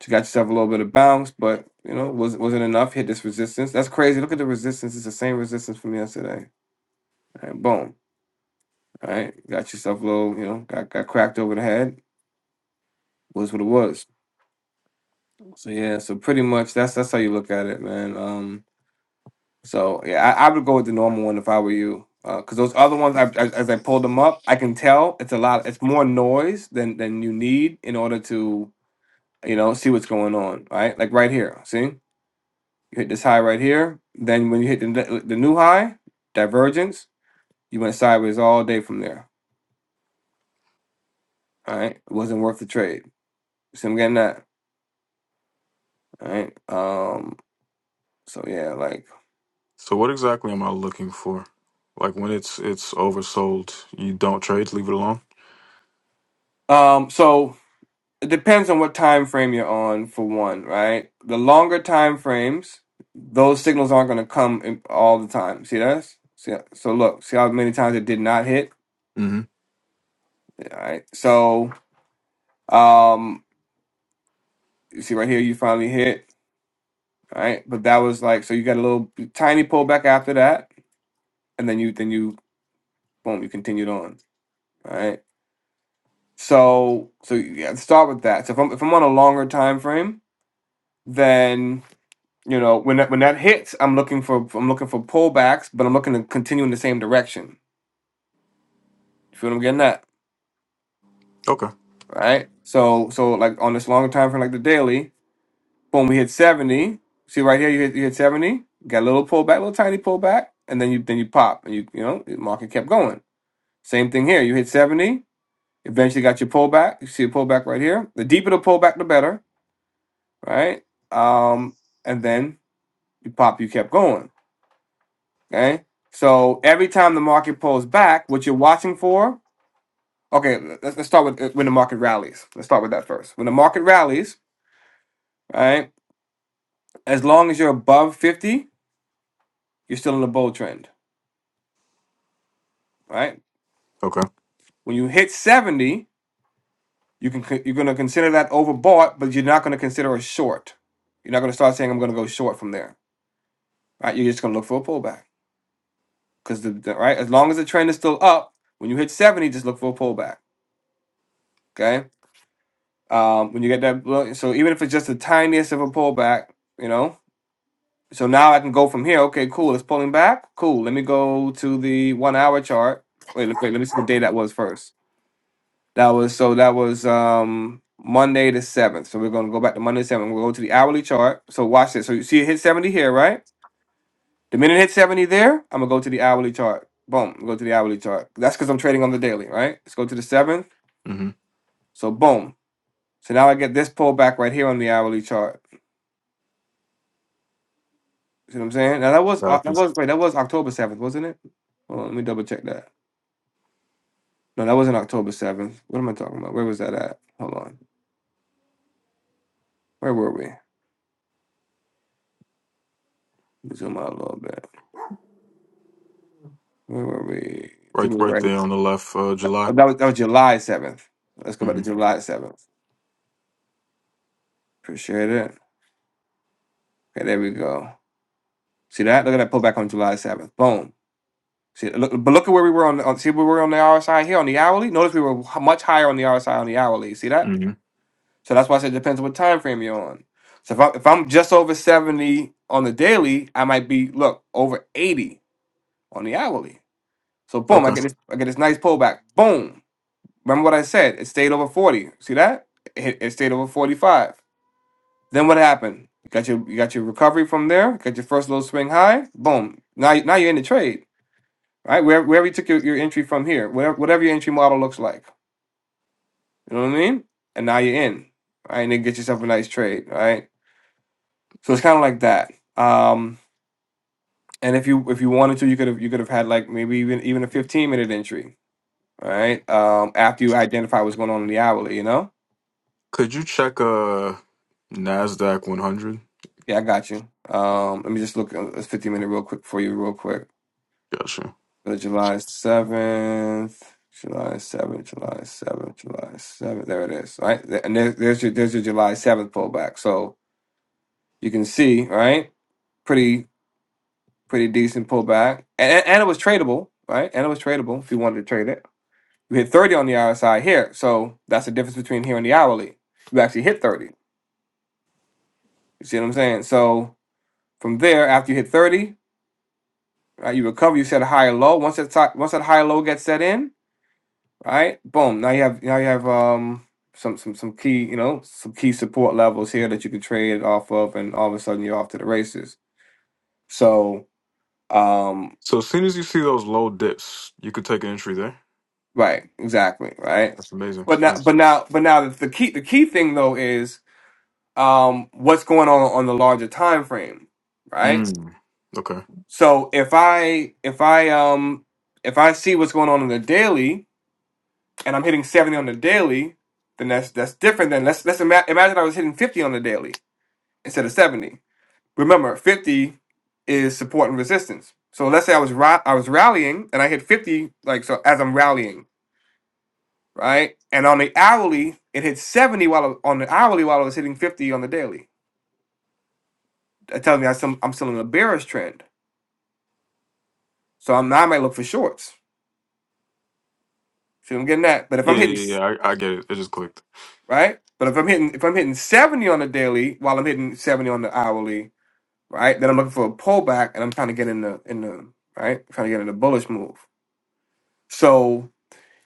so you got yourself a little bit of bounce, but you know, was wasn't enough. Hit this resistance. That's crazy. Look at the resistance. It's the same resistance from yesterday. All right, boom. All right, got yourself a little. You know, got got cracked over the head. Was what it was. So yeah, so pretty much that's that's how you look at it, man. Um, so yeah, I, I would go with the normal one if I were you, because those other ones, I, as, as I pulled them up, I can tell it's a lot. It's more noise than than you need in order to you know see what's going on, right? Like right here, see, you hit this high right here. Then when you hit the ne- the new high, divergence, you went sideways all day from there. All right, it wasn't worth the trade. See, I'm getting that. All right. Um. So yeah, like. So what exactly am I looking for? Like when it's it's oversold, you don't trade, leave it alone. Um. So It depends on what time frame you're on, for one, right? The longer time frames, those signals aren't going to come in all the time. See that? See, so look, see how many times it did not hit, hmm all right? So, um, you see right here, you finally hit, all right? But that was like, so you got a little tiny pullback after that, and then you, then you, boom, you continued on, all right? So, so yeah, start with that. So if I'm if I'm on a longer time frame, You know, when that when that hits, I'm looking for I'm looking for pullbacks, but I'm looking to continue in the same direction. You feel what I'm getting at? Okay. Right? So so like on this longer time frame like the daily, boom, we hit 70. See right here, you hit you hit 70, got a little pullback, little tiny pullback, and then you then you pop and you you know, the market kept going. Same thing here. You hit 70, eventually got your pullback. You see a pullback right here. The deeper the pullback, the better, right? Um, and then you pop, you kept going Okay. So every time the market pulls back, what you're watching for, okay, let's, let's start with uh, when the market rallies. Let's start with that first. When the market rallies, all right, as long as you're above 50, you're still in a bull trend, right? Okay. When you hit 70, you can con- you're going to consider that overbought, but you're not going to consider a short. You're not going to start saying I'm going to go short from there. Right? You're just going to look for a pullback because the the- right as long as the trend is still up, when you hit 70, just look for a pullback. Okay. Um, when you get that, blow- so even if it's just the tiniest of a pullback, you know, so now I can go from here. Okay, cool. It's pulling back. Cool. Let me go to the one hour chart. Wait, let- wait, let me see what day that was first. That was so that was um Monday the seventh. So we're gonna go back to Monday the seventh. We'll go to the hourly chart. So watch this. So you see it hit seventy here, right? The minute it hit seventy there, I'm gonna go to the hourly chart. Boom. Go to the hourly chart. That's because I'm trading on the daily, right? Let's go to the seventh. hmm So boom. So now I get this pullback right here on the hourly chart. See what I'm saying? Now that was Oc- Copy. that was wait that was October seventh, wasn't it? Hold on, let me double check that. No, that wasn't October seventh. What am I talking about? Where was that at? Hold on, where were we? Let me zoom out a little bit. Where were we? I Right, think we were right right. there on the left, uh, That July. that was that was July seventh. Let's go back to hmm July seventh. Appreciate it. Okay, there we go. See that? Look at that pullback on July seventh. Boom. See, look, but look at where we were on, the, on. See where we were on the RSI here on the hourly. Notice we were h- much higher on the RSI on the hourly. See that? hmm So that's why I said it depends what time frame you're on. So if I'm if I'm just over 70 on the daily, I might be look over 80 on the hourly. So boom, I Okay. get this I get this nice pullback. Boom. Remember what I said? It stayed over 40. See that? It, it stayed over 45. Then what happened? You got your you got your recovery from there, got your first little swing high, boom. Now you- now you're in the trade. Right? Where wherever you took your, your entry from here, whatever whatever your entry model looks like. You know what I mean? And now you're in. Right? And then get yourself a nice trade, right? So it's kind of like that. Um, and if you if you wanted to, you could have you could have had like maybe even even a 15 minute entry, all right? Um, after you identify what's going on in the hourly, you know? Could you check uh Nasdaq 100? Yeah, I got you. Um, let me just look at this 15 minute real quick for you, real quick. Gotcha. So July 7th, July 7th, July 7th, July 7th. There it is. All right. Th- And there's, there's your there's your July 7th pullback. So you can see, right? pretty pretty decent pullback. And, and and it was tradable, right? And it was tradable if you wanted to trade it. You hit 30 on the hour side here. So that's the difference between here and the hourly. You actually hit 30. You see what I'm saying? So from there, after you hit 30, right, you recover, you set a higher low. Once that ti- once that higher low gets set in, right, boom. Now you have now you have um some some some key, you know, some key support levels here that you can trade off of and all of a sudden you're off to the races. So um So as soon as you see those low dips, you could take an entry there. right, exactly, right? That's amazing. But now Nice. but now but now the the key the key thing though is um what's going on on the larger time frame right Mm. Okay. so if i if i um if i see what's going on in the daily and i'm hitting 70 on the daily then that's that's different than let's let's ima- imagine i was hitting 50 on the daily instead of 70 remember 50 is support and resistance so let's say i was ra- i was rallying and i hit 50 like so as i'm rallying right and on the hourly it hit 70 while I, on the hourly while i was hitting 50 on the daily that tells me I'm still, I'm still in a bearish trend So I'm now I might look for shorts. See, I'm getting that. But if Yeah, I'm hitting yeah, yeah. I, I get it. It just clicked. right, but if I'm hitting if I'm hitting 70 on the daily while I'm hitting 70 on the hourly, right, then I'm looking for a pullback and I'm trying to get in the in the right, trying to get in the bullish move. So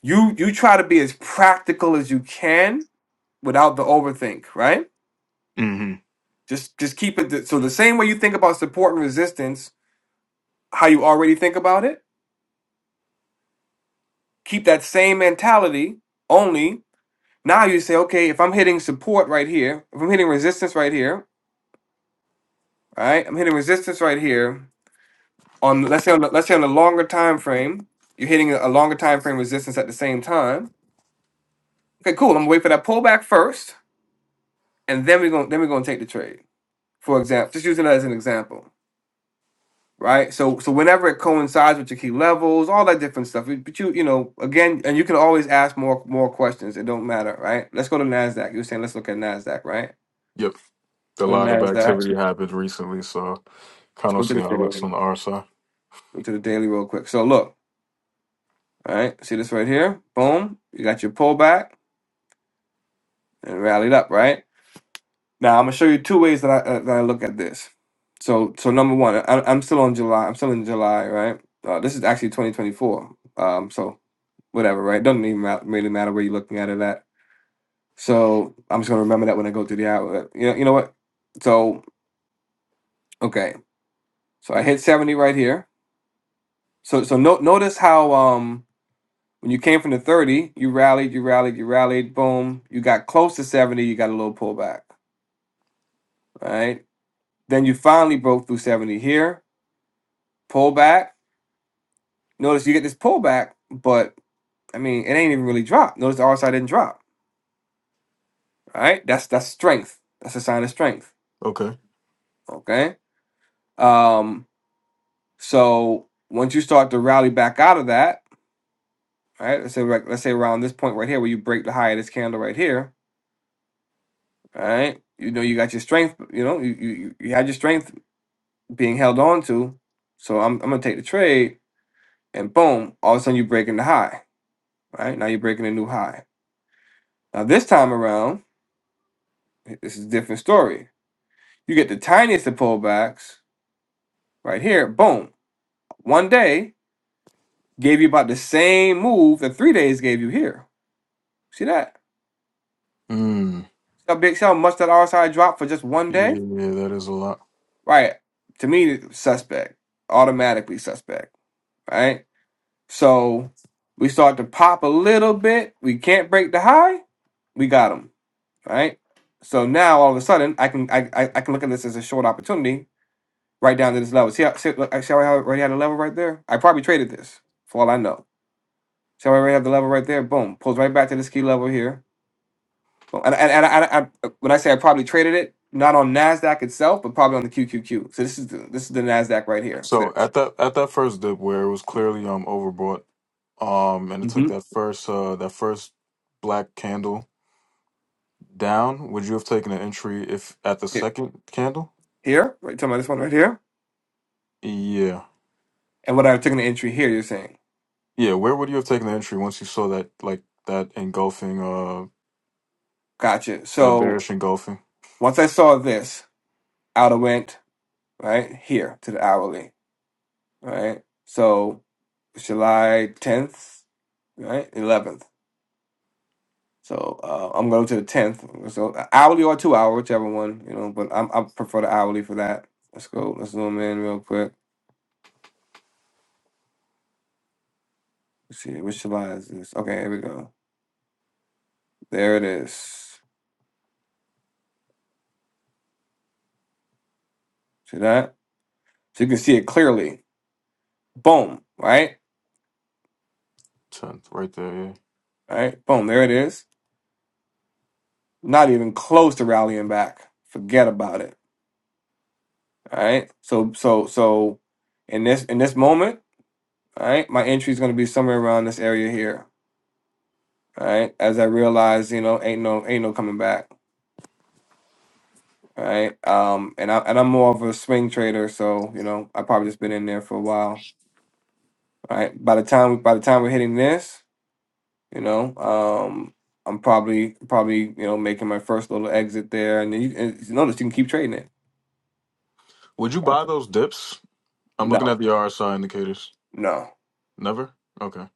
you you try to be as practical as you can without the overthink, right? hmm Just just keep it the, so the same way you think about support and resistance, how you already think about it. Keep that same mentality only Now you say, okay, if I'm hitting support right here, if I'm hitting resistance right here, all right, I'm hitting resistance right here on let's say on the, let's say on the longer time frame, you're hitting a longer time frame resistance at the same time. Okay, cool. I'm gonna wait for that pullback first, and then we're gonna then we're gonna take the trade. For example, just using that as an example, right? So so whenever it coincides with your key levels, all that different stuff. But you you know again, and you can always ask more more questions. It don't matter, right? Let's go to Nasdaq. You were saying let's look at Nasdaq, right? Yep. Let's A go to lot of Nasdaq. activity happened recently, so Let's kind go of to see the how it looks daily. on the RSI. Go to the daily real quick. So look, all right, see this right here? Boom. You got your pullback and rallied up, right? Now I'm gonna show you two ways that I uh, that I look at this. So so number one, I, I'm still on July. I'm still in July, right? Uh, this is actually 2024. Um, so whatever, right? Doesn't even ma- really matter where you're looking at it at. So I'm just gonna remember that when I go through the hour. uh, You know, you know what? So okay, so I hit 70 right here. So so no, notice how um When you came from the 30, you rallied, you rallied, you rallied, boom. You got close to 70, you got a little pullback. All right. Then you finally broke through 70 here, pullback. Notice you get this pullback, but I mean, it ain't even really dropped. Notice the RSI didn't drop. All right. That's that's strength. That's a sign of strength. Okay. Okay. Um, so once you start to rally back out of that, all right, let's say like, let's say around this point right here where you break the high of this candle right here, all right, you know you got your strength, you know, you you, you you had your strength being held on to. So I'm, I'm gonna take the trade, and boom, all of a sudden you're breaking the high. Right now you're breaking a new high. Now this time around, this is a different story. You get the tiniest of pullbacks right here. Boom, one day gave you about the same move that three days gave you here. See that? Mm. See how big? See how much that RSI dropped for just one Yeah, day? yeah, that is a lot. Right. To me, suspect. Automatically suspect. Right. So we start to pop a little bit. We can't break the high. We got them. right? So now all of a sudden I can I, I, I can look at this as a short opportunity right down to this level. See how see, look, see how I already had a level right there? I probably traded this for all I know. So I already have the level right there. Boom, pulls right back to this key level here. Boom. And and, and I, I, I, when I say I probably traded it, not on Nasdaq itself, but probably on the QQQ. So this is the, this is the Nasdaq right here. So This at that at that first dip where it was clearly um overbought, um, and it took hmm that first uh that first black candle down, would you have taken an entry if at the here, second candle? here, right? Talking about this one right here. Yeah. And what I took an entry here, you're saying, Yeah, where would you have taken the entry once you saw that like that engulfing uh gotcha. that So bearish engulfing? once I saw this, out I went right here to the hourly. right? So July 10th, right? 11th. So uh, I'm going to the 10th. So hourly or two hour, whichever one, you know, but I'm, I prefer the hourly for that. Let's go. Let's zoom in real quick. Let's see. Which July is this? Okay, here we go. There it is. See that? So you can see it clearly. Boom, right? Tenth, right there, yeah. All right, boom, there it is. Not even close to rallying back. Forget about it. All right. So, so, so in this, in this moment, All right, my entry is gonna be somewhere around this area here. All right, as I realize, you know, ain't no ain't no coming back. All right, um, and I and I'm more of a swing trader, so you know, I probably just been in there for a while. All right, by the time by the time we're hitting this, you know, um, I'm probably probably you know making my first little exit there, and, then you, and you notice you can keep trading it. Would you buy those dips? I'm looking No, at the RSI indicators. no, Never? Okay.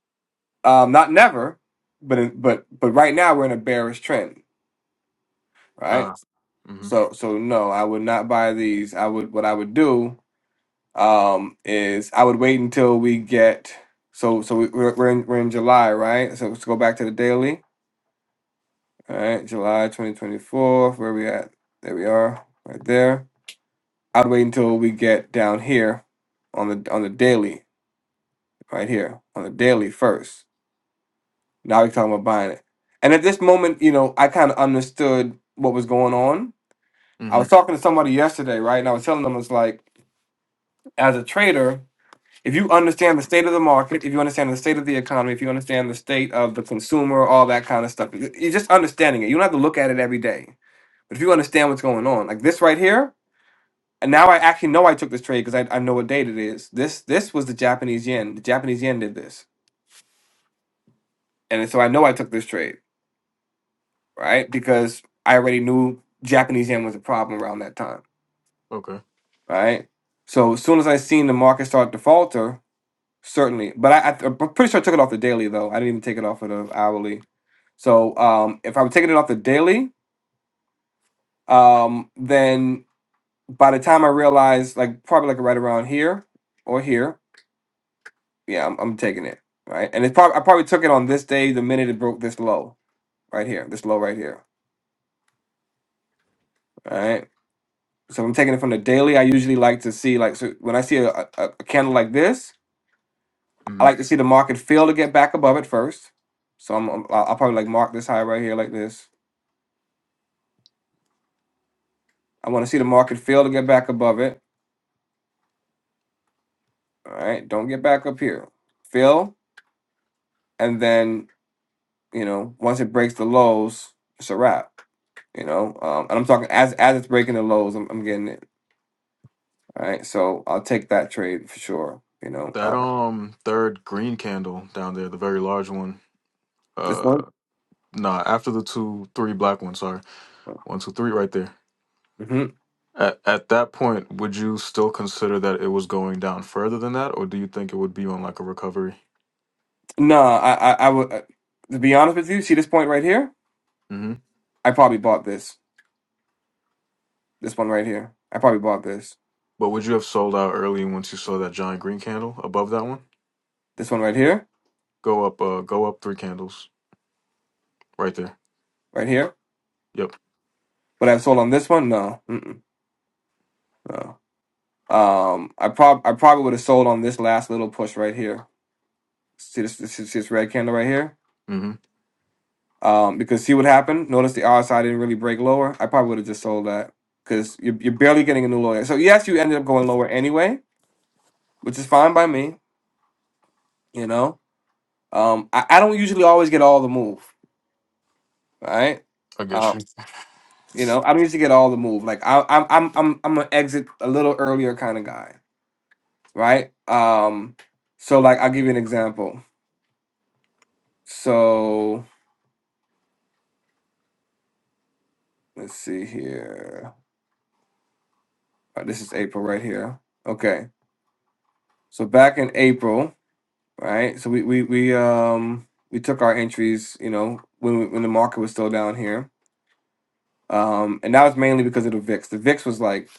um, not never, but in, but but right now we're in a bearish trend, right? Ah. Mm-hmm. So so no, I would not buy these. I would what I would do um is I would wait until we get so so we, we're we're in, we're in July, right? So let's go back to the daily. All right, July 2024, where we at? There we are, right there. I'd wait until we get down here on the on the daily, right here on the daily first. Now we're talking about buying it. And at this moment, you know, I kind of understood what was going on. I Mm-hmm. was talking to somebody yesterday, right? And I was telling them, it's like as a trader, if you understand the state of the market, if you understand the state of the economy, if you understand the state of the consumer, all that kind of stuff, y- you're just understanding it. You don't have to look at it every day. But if you understand what's going on, like this right here, and now I actually know I took this trade because I, I know what date it is. This this was the Japanese yen. The Japanese yen did this, and so I know I took this trade, right? Because I already knew Japanese yen was a problem around that time, Okay. right? So as soon as I seen the market start to falter, Certainly, but I, I, I'm pretty sure I took it off the daily though. I didn't even take it off of the hourly. So um, if I'm taking it off the daily, um, then by the time I realize, like probably like right around here or here, yeah, I'm, I'm taking it right. And it's probably I probably took it on this day the minute it broke this low right here, this low right here. All right. So if I'm taking it from the daily. I usually like to see like so when I see a, a, a candle like this, I Mm-hmm. like to see the market fail to get back above it first. So I'm, I'm I'll I'll probably like mark this high right here like this I want to see the market fail to get back above it. All right, don't get back up here. Fail, and then you know once it breaks the lows, it's a wrap. You know, um, and I'm talking as as it's breaking the lows, I'm, I'm getting it. All right, so I'll take that trade for sure. You know, That uh, um third green candle down there, the very large one. this Uh one. nah, after the two three black ones, sorry. One, two, three right there. hmm At at that point, would you still consider that it was going down further than that, or do you think it would be on like a recovery? No, I I, I would uh, to be honest with you. See this point right here? Mm-hmm. I probably bought this. This one right here. I probably bought this. But would you have sold out early once you saw that giant green candle above that one? This one right here. Go up, uh go up three candles right there. Right here. Yep. But I sold on this one? No. Mm-mm. no. Um, I prob I probably would have sold on this last little push right here. See this, this, this this red candle right here. Mm-hmm. Um, because see what happened. Notice the RSI didn't really break lower. I probably would have just sold that because you're, you're barely getting a new lower. So yes, you ended up going lower anyway, which is fine by me. You know, um, I, I don't usually always get all the move. Right. I get Um, you. you know, I don't usually get all the move. Like I, I'm I'm I'm I'm an exit a little earlier kind of guy. Right. Um. So like I'll give you an example. So. Let's see here. Uh, this is April right here. Okay. So back in April, right? So we we we um we took our entries, you know, when we, when the market was still down here. Um and that was mainly because of the VIX. The VIX was like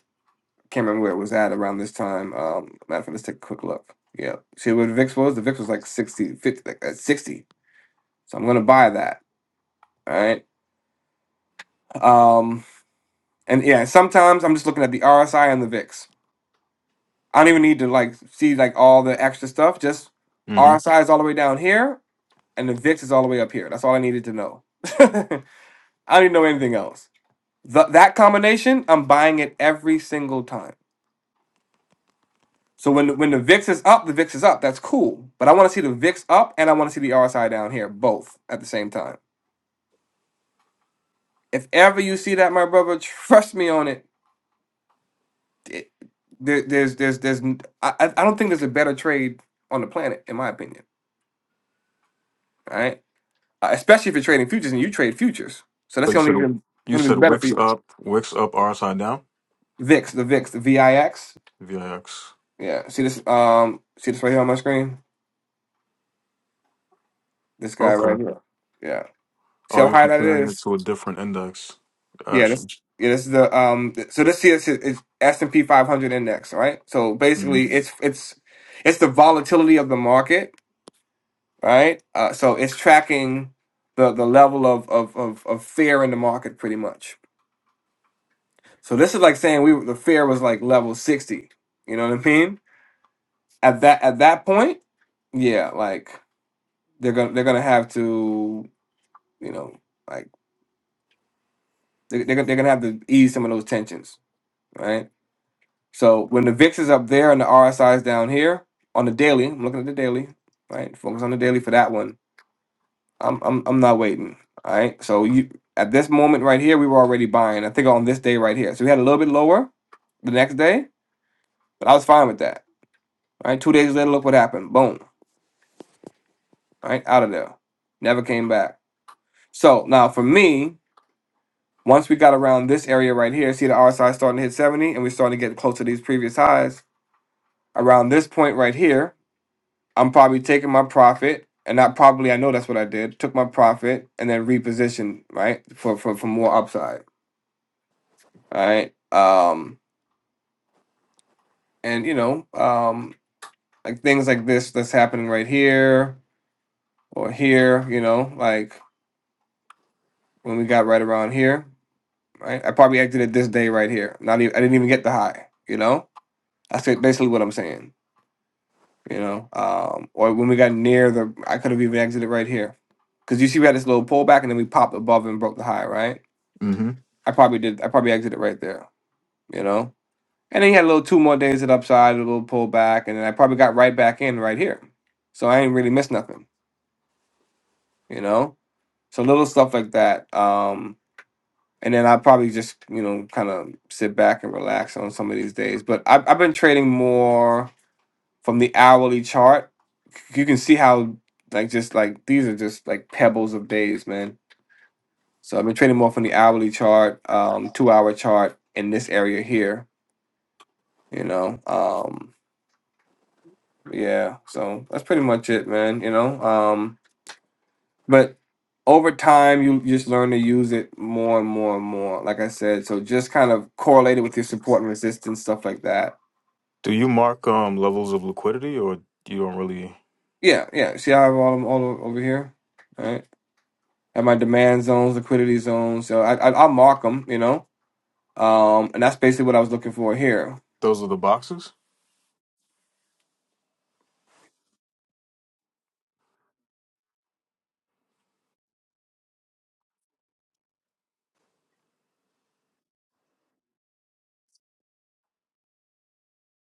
can't remember where it was at around this time. Um matter of fact, let's take a quick look. Yeah. See where the VIX was? The VIX was like 60 50 like at 60. So I'm going to buy that, all right? Um and yeah, sometimes I'm just looking at the RSI and the VIX. I don't even need to like see like all the extra stuff. Just Mm-hmm. RSI is all the way down here, and the VIX is all the way up here. That's all I needed to know. I don't even know anything else. Th- that combination, I'm buying it every single time. So when when the VIX is up, the VIX is up. That's cool. But I want to see the VIX up, and I want to see the RSI down here, both at the same time. If ever you see that, my brother, trust me on it. It- there, there's there's there's n- I, I I don't think there's a better trade on the planet, in my opinion. All right uh, especially if you're trading futures and you trade futures. So that's So you going to said even you going to be said better for Wix you. up, Wix up, RSI down? VIX, the VIX, the VIX. VIX. Yeah, see this um see this right here on my screen. This guy Okay. right here. Yeah, see Oh, how you're high that comparing it is. to a different index. Yeah, Gotcha. this yeah this is the um th- so this here is is S and P 500 index, right? So basically, it's it's it's the volatility of the market, right? Uh, so it's tracking the the level of of of, of fear in the market pretty much. So this is like saying we were- the fair was like level sixty. You know what I mean? At that at that point, yeah, like they're gonna they're gonna have to you know like they, they're gonna- they're gonna have to ease some of those tensions, right? So when the VIX is up there and the RSI is down here on the daily, I'm looking at the daily, right? Focus on the daily for that one. I'm I'm I'm not waiting. All right. So you at this moment right here, we were already buying. I think on this day right here, so we had a little bit lower the next day, but I was fine with that. All right, two days later, look what happened. Boom. right? Out of there. Never came back. So now for me, once we got around this area right here, see the RSI starting to hit 70 and we're starting to get close to these previous highs. Around this point right here, I'm probably taking my profit and not probably, I know that's what I did, took my profit and then repositioned, right? For, for, for more upside. All right. Um, and you know, um, like things like this that's happening right here or here, you know, like when we got right around here. Right? I probably exited this day right here. Not even I didn't even get the high. You know, that's it- basically what I'm saying. You know, um, or when we got near the, I could have even exited right here, because you see we had this little pullback and then we popped above and broke the high. Right? Mm-hmm. I probably did. I probably exited right there. You know, and then you had a little two more days at upside, a little pullback, and then I probably got right back in right here. So I ain't really missed nothing. You know, so little stuff like that. Um, and then I probably just you know kind of sit back and relax on some of these days. But I've, I've been trading more from the hourly chart. You can see how like just like these are just like pebbles of days, man. So I've been trading more from the hourly chart, um, two hour chart in this area here. You know, um, yeah. So that's pretty much it, man. You know, um, But over time, you just learn to use it more and more and more. Like I said, so just kind of correlate it with your support and resistance, stuff like that. Do you mark um levels of liquidity, or you don't really? Yeah, yeah. See, I have all them all o- over here. All right. I have my demand zones, liquidity zones. So I, I I'll mark them, you know. Um, and that's basically what I was looking for here. Those are the boxes.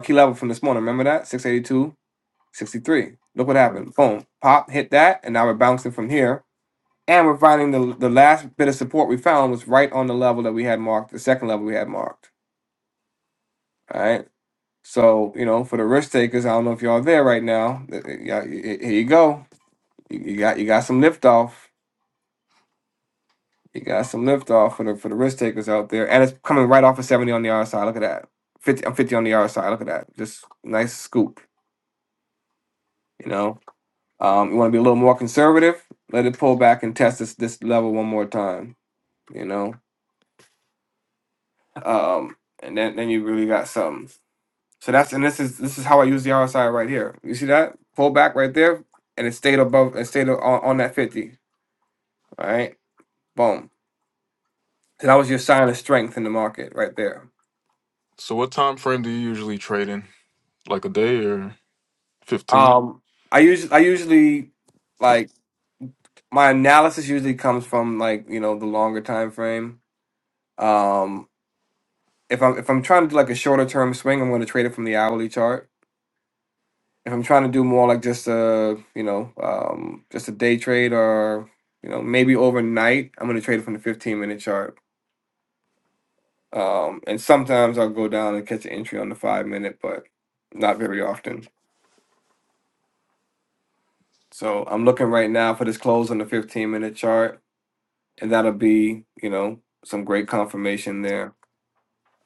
Key level from this morning. Remember that six eighty two, sixty three. Look what Right. happened. Boom, pop, hit that, and now we're bouncing from here. And we're finding the the last bit of support we found was right on the level that we had marked, the second level we had marked. All right. So, you know, for the risk takers, I don't know if y'all there right now. Uh, uh, yeah, y- y- Here you go. You you got you got some lift off. You got some lift off for the for the risk takers out there. And it's coming right off of 70 on the RSI. Look at that. 50 I'm 50 on the RSI. Look at that. Just nice scoop, you know. Um, you want to be a little more conservative, let it pull back and test this this level one more time, you know. Um, and then then you really got something. So that's and this is this is how I use the RSI right here. You see that pull back right there, and it stayed above, it stayed on, on that fifty. All right, boom. So that was your sign of strength in the market right there. So, what time frame do you usually trade in? Like a day or 15 Um, I usually I usually like my analysis usually comes from like you know the longer time frame. Um, if I'm if I'm trying to do like a shorter term swing, I'm going to trade it from the hourly chart. If I'm trying to do more like just a you know um, just a day trade or you know maybe overnight, I'm going to trade it from the 15 minute chart Um, and sometimes I'll go down and catch an entry on the five minute, but not very often. So I'm looking right now for this close on the 15 minute chart, and that'll be, you know, some great confirmation there.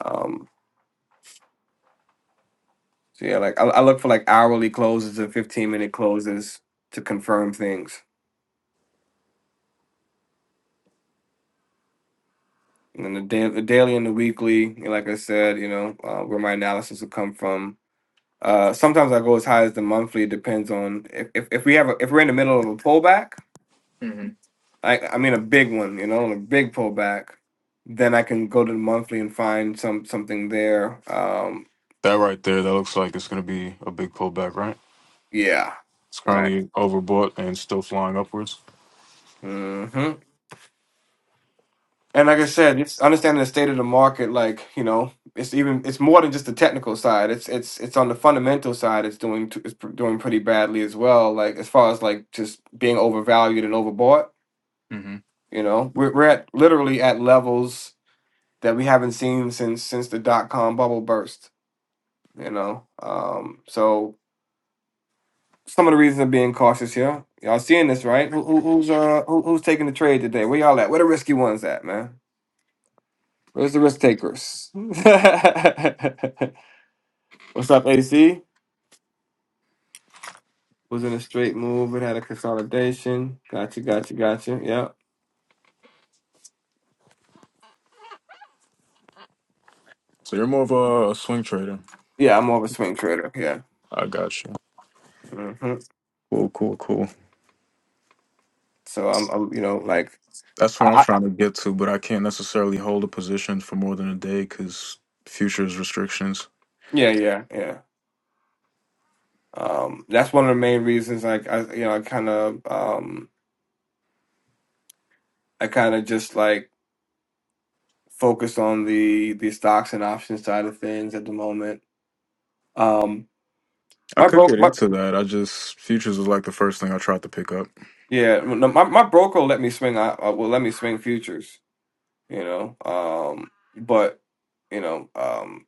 Um, so yeah, like I, I look for like hourly closes and 15 minute closes to confirm things. And then the, da- the daily and the weekly, you know, like I said, you know, uh, where my analysis will come from. Uh, sometimes I go as high as the monthly. It depends on if, if, if we have a, if we're in the middle of a pullback Mm-hmm. I I mean a big one, you know, a big pullback, then I can go to the monthly and find some something there. Um, That right there, that looks like it's going to be a big pullback, right? yeah, It's right. currently overbought and still flying upwards. hmm And like I said, just understanding the state of the market, like you know, it's even it's more than just the technical side. It's it's it's on the fundamental side. It's doing t- it's pr- doing pretty badly as well. Like as far as like just being overvalued and overbought. hmm You know, we're we're at literally at levels that we haven't seen since since the dot com bubble burst you know um so some of the reasons I'm being cautious here. Y'all seeing this, right? Who, who, who's uh who, who's taking the trade today? Where y'all at? Where the risky ones at, man? Where's the risk takers? What's up, AC? Was in a straight move. It had a consolidation. Gotcha, gotcha, gotcha. Yeah, So you're more of a swing trader. yeah. I'm more of a swing trader. Yeah. I got you. hmm Cool, cool, cool. So I'm, I'm, you know, like, That's where I'm I, I, trying to get to, but I can't necessarily hold a position for more than a day because futures restrictions. yeah, yeah, yeah. Um, that's one of the main reasons. Like, I, you know, I kind of, um, I kind of just like focused on the the stocks and options side of things at the moment. Um, I my could broke get my into that. I just futures is like the first thing I tried to pick up. yeah no, my my broker will let me swing I uh, will let me swing futures, you know. Um, but you know, um,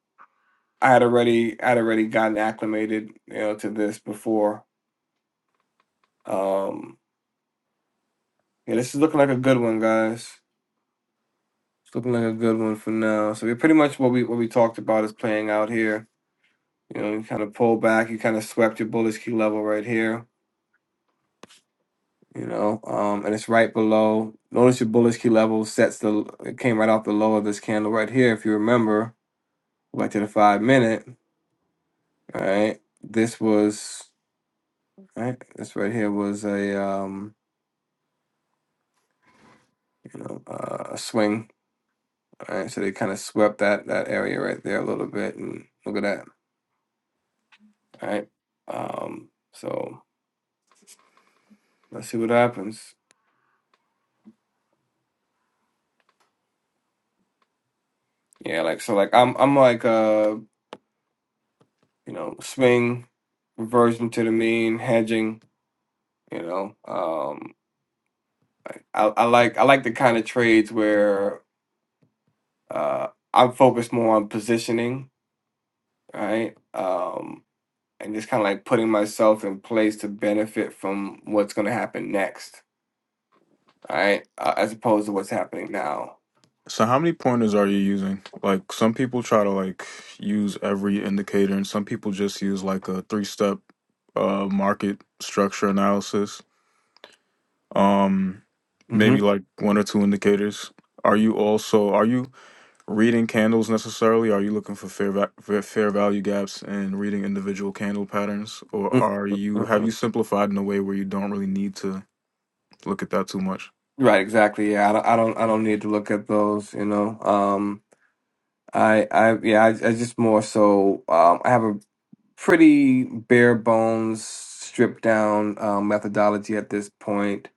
I had already I had already gotten acclimated, you know, to this before. Um, yeah, this is looking like a good one, guys. It's looking like a good one for now. So we pretty much what we what we talked about is playing out here. You know, you kind of pull back, you kind of swept your bullish key level right here you know, um, and it's right below. Notice your bullish key level sets the, it came right off the low of this candle right here. If you remember, back to the five minute, all right, this was, All right, this right here was a, um, you know, uh, a swing, all right, so they kind of swept that, that area right there a little bit, and look at that, all right, um, so let's see what happens. Yeah, like, so like, I'm, I'm like, uh, you know, swing, reversion to the mean, hedging, you know, um. I, I like I like the kind of trades where uh, I'm focused more on positioning, right? Um, and just kind of like putting myself in place to benefit from what's going to happen next, right? Uh, as opposed to what's happening now. So how many pointers are you using? Like some people try to like use every indicator, and some people just use like a three step uh, market structure analysis. Um, hmm maybe like one or two indicators. Are you also are you reading candles necessarily? Are you looking for fair va- fair fair value gaps and reading individual candle patterns, or are you have you simplified in a way where you don't really need to look at that too much? Right, exactly. Yeah, I don't, I don't, I don't need to look at those. You know, um, I, I, yeah, I, I just more so, um, I have a pretty bare bones, stripped down um, methodology at this point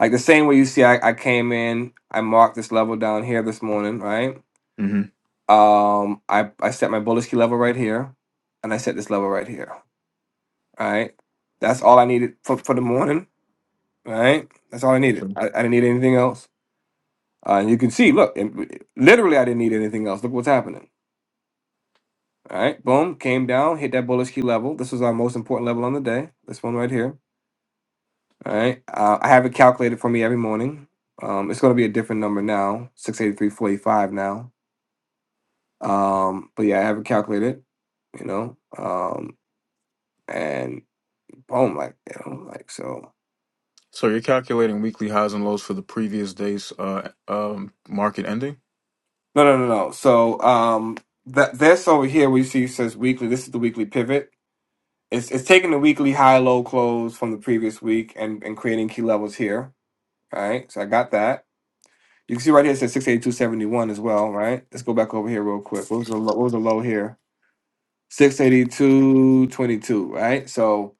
Like the same way you see, I, I came in, I marked this level down here this morning, right? hmm Um, I, I set my bullish key level right here, and I set this level right here, right? That's all I needed for, for the morning, right? That's all I needed. Okay. I, I didn't need anything else. Uh, and you can see, look, it, literally, I didn't need anything else. Look what's happening. All right, boom, came down, hit that bullish key level. This was our most important level on the day. This one right here. All right, uh, I have it calculated for me every morning. Um, it's going to be a different number now, six eighty three forty five now Um, but yeah, I have it calculated, you know. Um, and boom, like you know, like so. So you're calculating weekly highs and lows for the previous day's uh um market ending, No, no, no, no. So um, that this over here we see says weekly. This is the weekly pivot. It's it's taking the weekly high low close from the previous week and and creating key levels here. All right, so I got that. You can see right here it says six eighty two seventy one as well. Right. Let's go back over here real quick. What was the low, what was the low here? Six eighty two twenty two, right so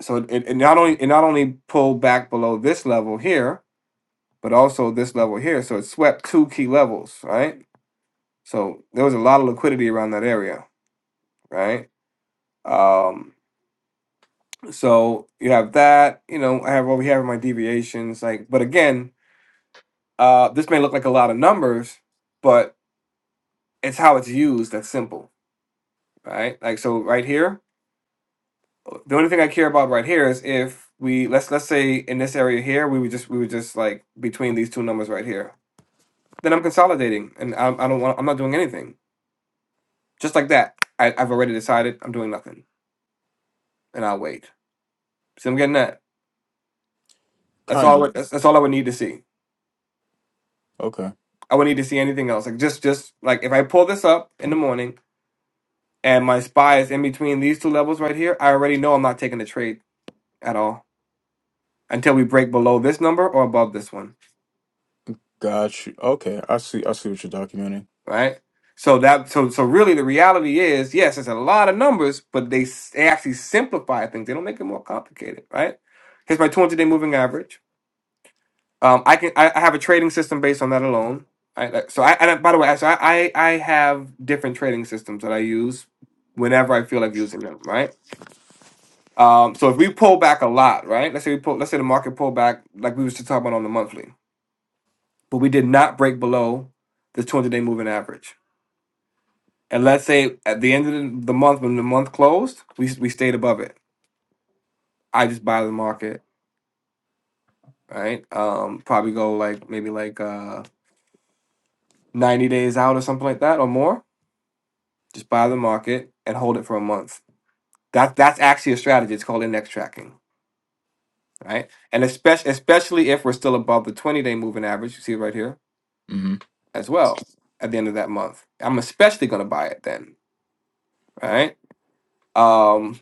so it, it not only it not only pulled back below this level here but also this level here so it swept two key levels right so there was a lot of liquidity around that area right um so you have that you know i have over here my deviations like but again uh this may look like a lot of numbers but it's how it's used that's simple right like so right here the only thing I care about right here is if we let's let's say in this area here we would just we would just like between these two numbers right here. Then I'm consolidating and I, I don't want I'm not doing anything. Just like that, I, I've already decided I'm doing nothing and I'll wait. So I'm getting that. That's all. kind I of. would- That's, that's all I would need to see. Okay, I would need to see anything else. Like just just like if I pull this up in the morning and my spy is in between these two levels right here, I already know I'm not taking the trade at all until we break below this number or above this one. got you. Okay, I see. I see what you're documenting. right? So that so so really the reality is yes, it's a lot of numbers, but they, s- they actually simplify things. They don't make it more complicated, right? Here's my 200 day moving average. Um, I can I, I have a trading system based on that alone. I, like- so I and I- by the way, so I, I I have different trading systems that I use whenever I feel like using them, right? Um, so if we pull back a lot, right? Let's say we pull, let's say the market pulled back like we was just talking about on the monthly, but we did not break below the 200 day moving average And let's say at the end of the the month, when the month closed, we s- we stayed above it. I just buy the market, right? Um, probably go like maybe like uh 90 days out or something like that or more. Just buy the market and hold it for a month. That that's actually a strategy. It's called index tracking, right? And especially especially if we're still above the 20 day moving average, you see it right here Mm-hmm. as well at the end of that month. I'm especially gonna buy it then, right? Um,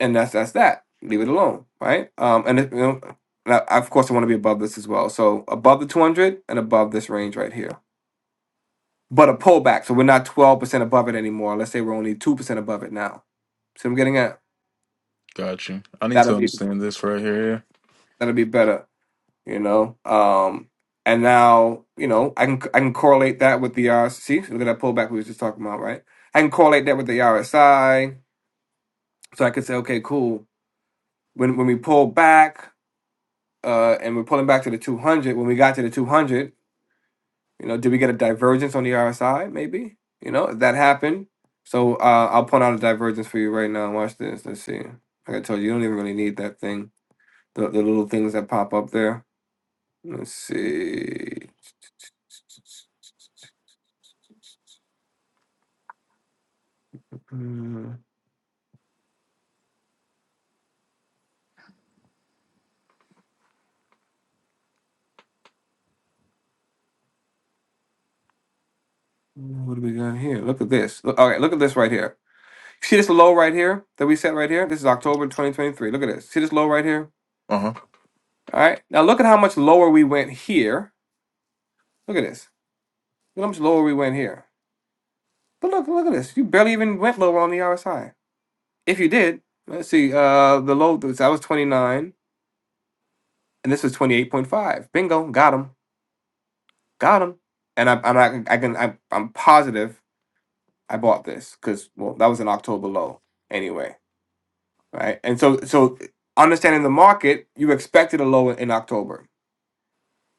and that's that's that. Leave it alone, right? Um, and it, you know, and I, of course, I want to be above this as well. So above the 200 and above this range right here, but a pullback. So we're not 12% above it anymore. Let's say we're only 2% above it now. See what I'm getting at? Got you. I need That'll to be understand this right here. that'll be better, you know. Um, and now you know I can I can correlate that with the RSC. Look at that pullback we were just talking about, right? I can correlate that with the RSI. So I could say, okay, cool. When when we pull back, uh, and we're pulling back to the 200. When we got to the 200, you know, did we get a divergence on the RSI? Maybe, you know, that happened. So uh, I'll point out a divergence for you right now. Watch this. Let's see. Like I told you, you don't even really need that thing. The, the little things that pop up there. Let's see. Hmm, What do we got here? Look at this. Look, all right, look at this right here. See this low right here that we set right here? This is October 2023. Look at this. See this low right here? Uh huh. All right. Now look at how much lower we went here. Look at this. Look how much lower we went here. But look, look at this. You barely even went lower on the RSI. If you did, let's see. Uh, the low so that was twenty nine, and this was twenty eight point five. Bingo, got him, got him. And I, I'm not. I can. I, I'm positive. I bought this because well, that was an October low anyway, right? And so, so understanding the market, you expected a low in October.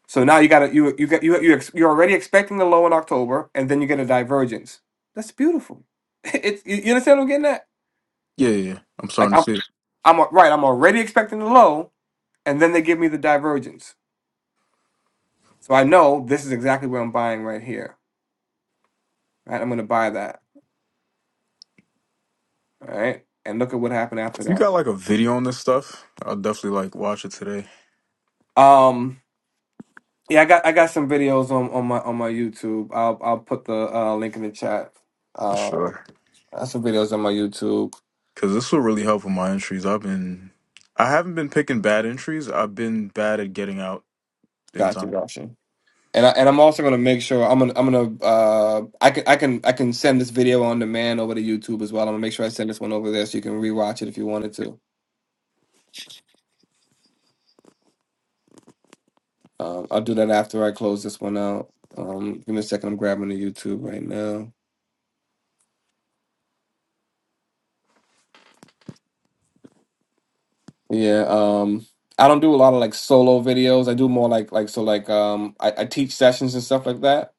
So now you got to you you got you you ex, you're already expecting the low in October, and then you get a divergence. That's beautiful. It's you, you understand what I'm getting at? Yeah, yeah, yeah. I'm Like starting I'm to see it. I'm a- right. I'm already expecting the low, and then they give me the divergence. So I know this is exactly what I'm buying right here. Right, I'm gonna buy that. All right, and look at what happened after If you that. got like a video on this stuff, I'll definitely like watch it today Um, yeah, I got I got some videos on, on my on my YouTube. I'll I'll put the uh, link in the chat. for Uh, sure. I have some videos on my YouTube. Cause this will really help with my entries. I've been, I haven't been picking bad entries. I've been bad at getting out in Gotcha, time. gotcha. And I, and I'm also gonna make sure I'm gonna I'm gonna uh I can I can I can send this video on demand over to YouTube as well. I'm gonna make sure I send this one over there so you can rewatch it if you wanted to. Um, I'll do that after I close this one out. Um, give me a second. I'm grabbing the YouTube right now. Yeah. Um, I don't do a lot of like solo videos. I do more like like so like um I, I teach sessions and stuff like that.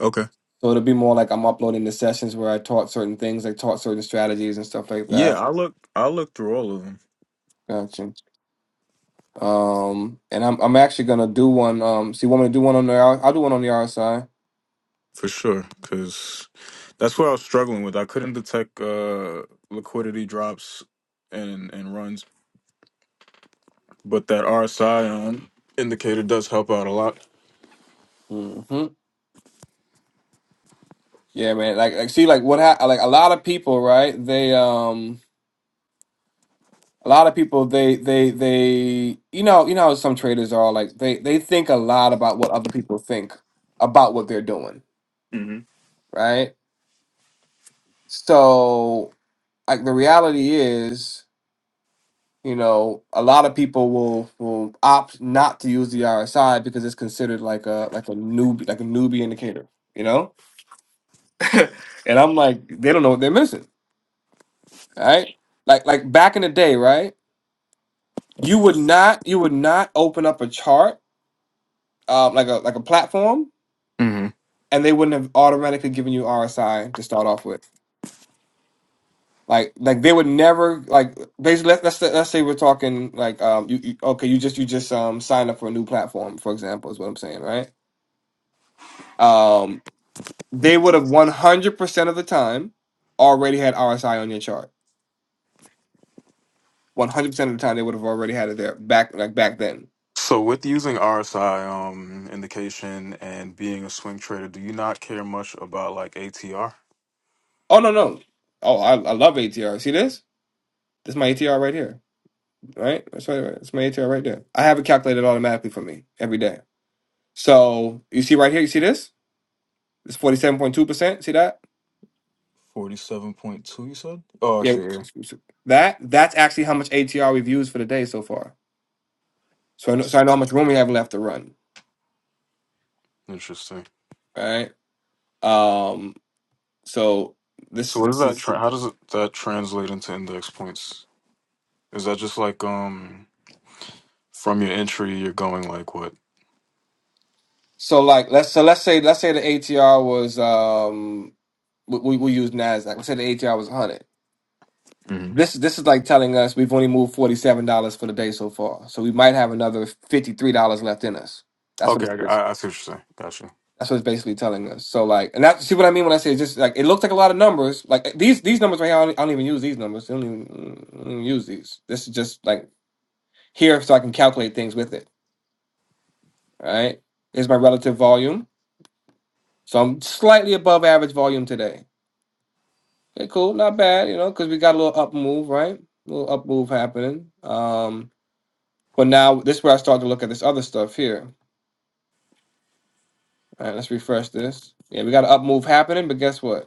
Okay. So it'll be more like I'm uploading the sessions where I taught certain things, like taught certain strategies and stuff like Yeah, that. I look, I look through all of them Gotcha. Um, and I'm I'm actually gonna do one. Um, so you want me to do one on the R- I'll do one on the RSI. for sure. Cause that's what I was struggling with. I couldn't detect uh liquidity drops and and runs, but that RSI um indicator does help out a lot. Mm-hmm. Yeah, man. Like like see like what happened? like a lot of people right? They um. a lot of people they they they you know you know how some traders are like they they think a lot about what other people think about what they're doing hmm right so like the reality is you know a lot of people will will opt not to use the rsi because it's considered like a like a newbie like a newbie indicator you know and i'm like they don't know what they're missing right like like back in the day right you would not you would not open up a chart um, like a like a platform hmm and they wouldn't have automatically given you RSI to start off with. Like, like they would never like basically. Let's let's, say- let's say we're talking like um you, you okay you just you just um signed up for a new platform for example is what I'm saying right um they would have 100 percent of the time already had RSI on your chart 100 percent of the time they would have already had it there back like back then So with using RSI um indication and being a swing trader, do you not care much about like ATR? oh no no oh I, I love ATR see this this is my ATR right here right that's right that's my ATR right there I have it calculated automatically for me every day So you see right here, you see this? It's 47.2%. See that? 47.2, you said? Oh, I Yeah. see. Yeah. That that's actually how much ATR we've used for the day so far. So I know, so I know how much room we have left to run. Interesting. Right. Um, so this So what does this that is tra- how does it, that translate into index points? Is that just like um from your entry you're going like what? so like let's so let's say let's say the ATR was um we, we we use Nasdaq. Let's say the ATR was 100. hmm This this is like telling us we've only moved forty seven dollars for the day so far. So we might have another fifty three dollars left in us. That's what Okay, I, it's. I I see what you're saying. Gotcha. That's what it's basically telling us. So like, and that see what I mean when I say it's just like it looks like a lot of numbers. Like these these numbers right here, I don't, I don't even use these numbers. I don't even, I don't even use these. This is just like here, so I can calculate things with it. All right, here's my relative volume. So I'm slightly above average volume today. Okay, cool, not bad. You know, because we got a little up move, right? A little up move happening. Um, but now this is where I start to look at this other stuff here. All right, let's refresh this. Yeah, we got an up move happening, but guess what?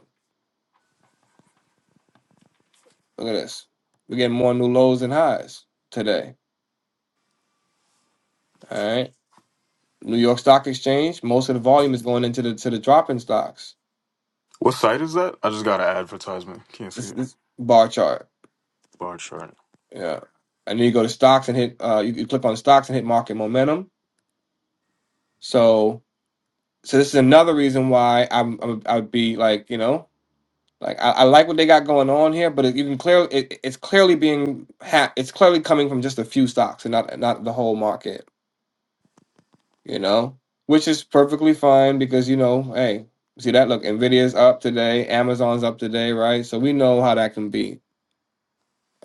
Look at this. We're getting more new lows than highs today. All right. New York Stock Exchange, most of the volume is going into the to the dropping stocks. What site is that? I just got an advertisement. Can't see This it. this bar chart. Bar chart. Yeah. And then you go to stocks and hit uh you, you click on stocks and hit market momentum. So so this is another reason why I'm, I'm I would be like, you know, like I, I like what they got going on here, but it, you can clearly it, it's clearly being ha- it's clearly coming from just a few stocks and not not the whole market. you know, which is perfectly fine because you know, hey, see that look, Nvidia's up today, Amazon's up today, right? So we know how that can be.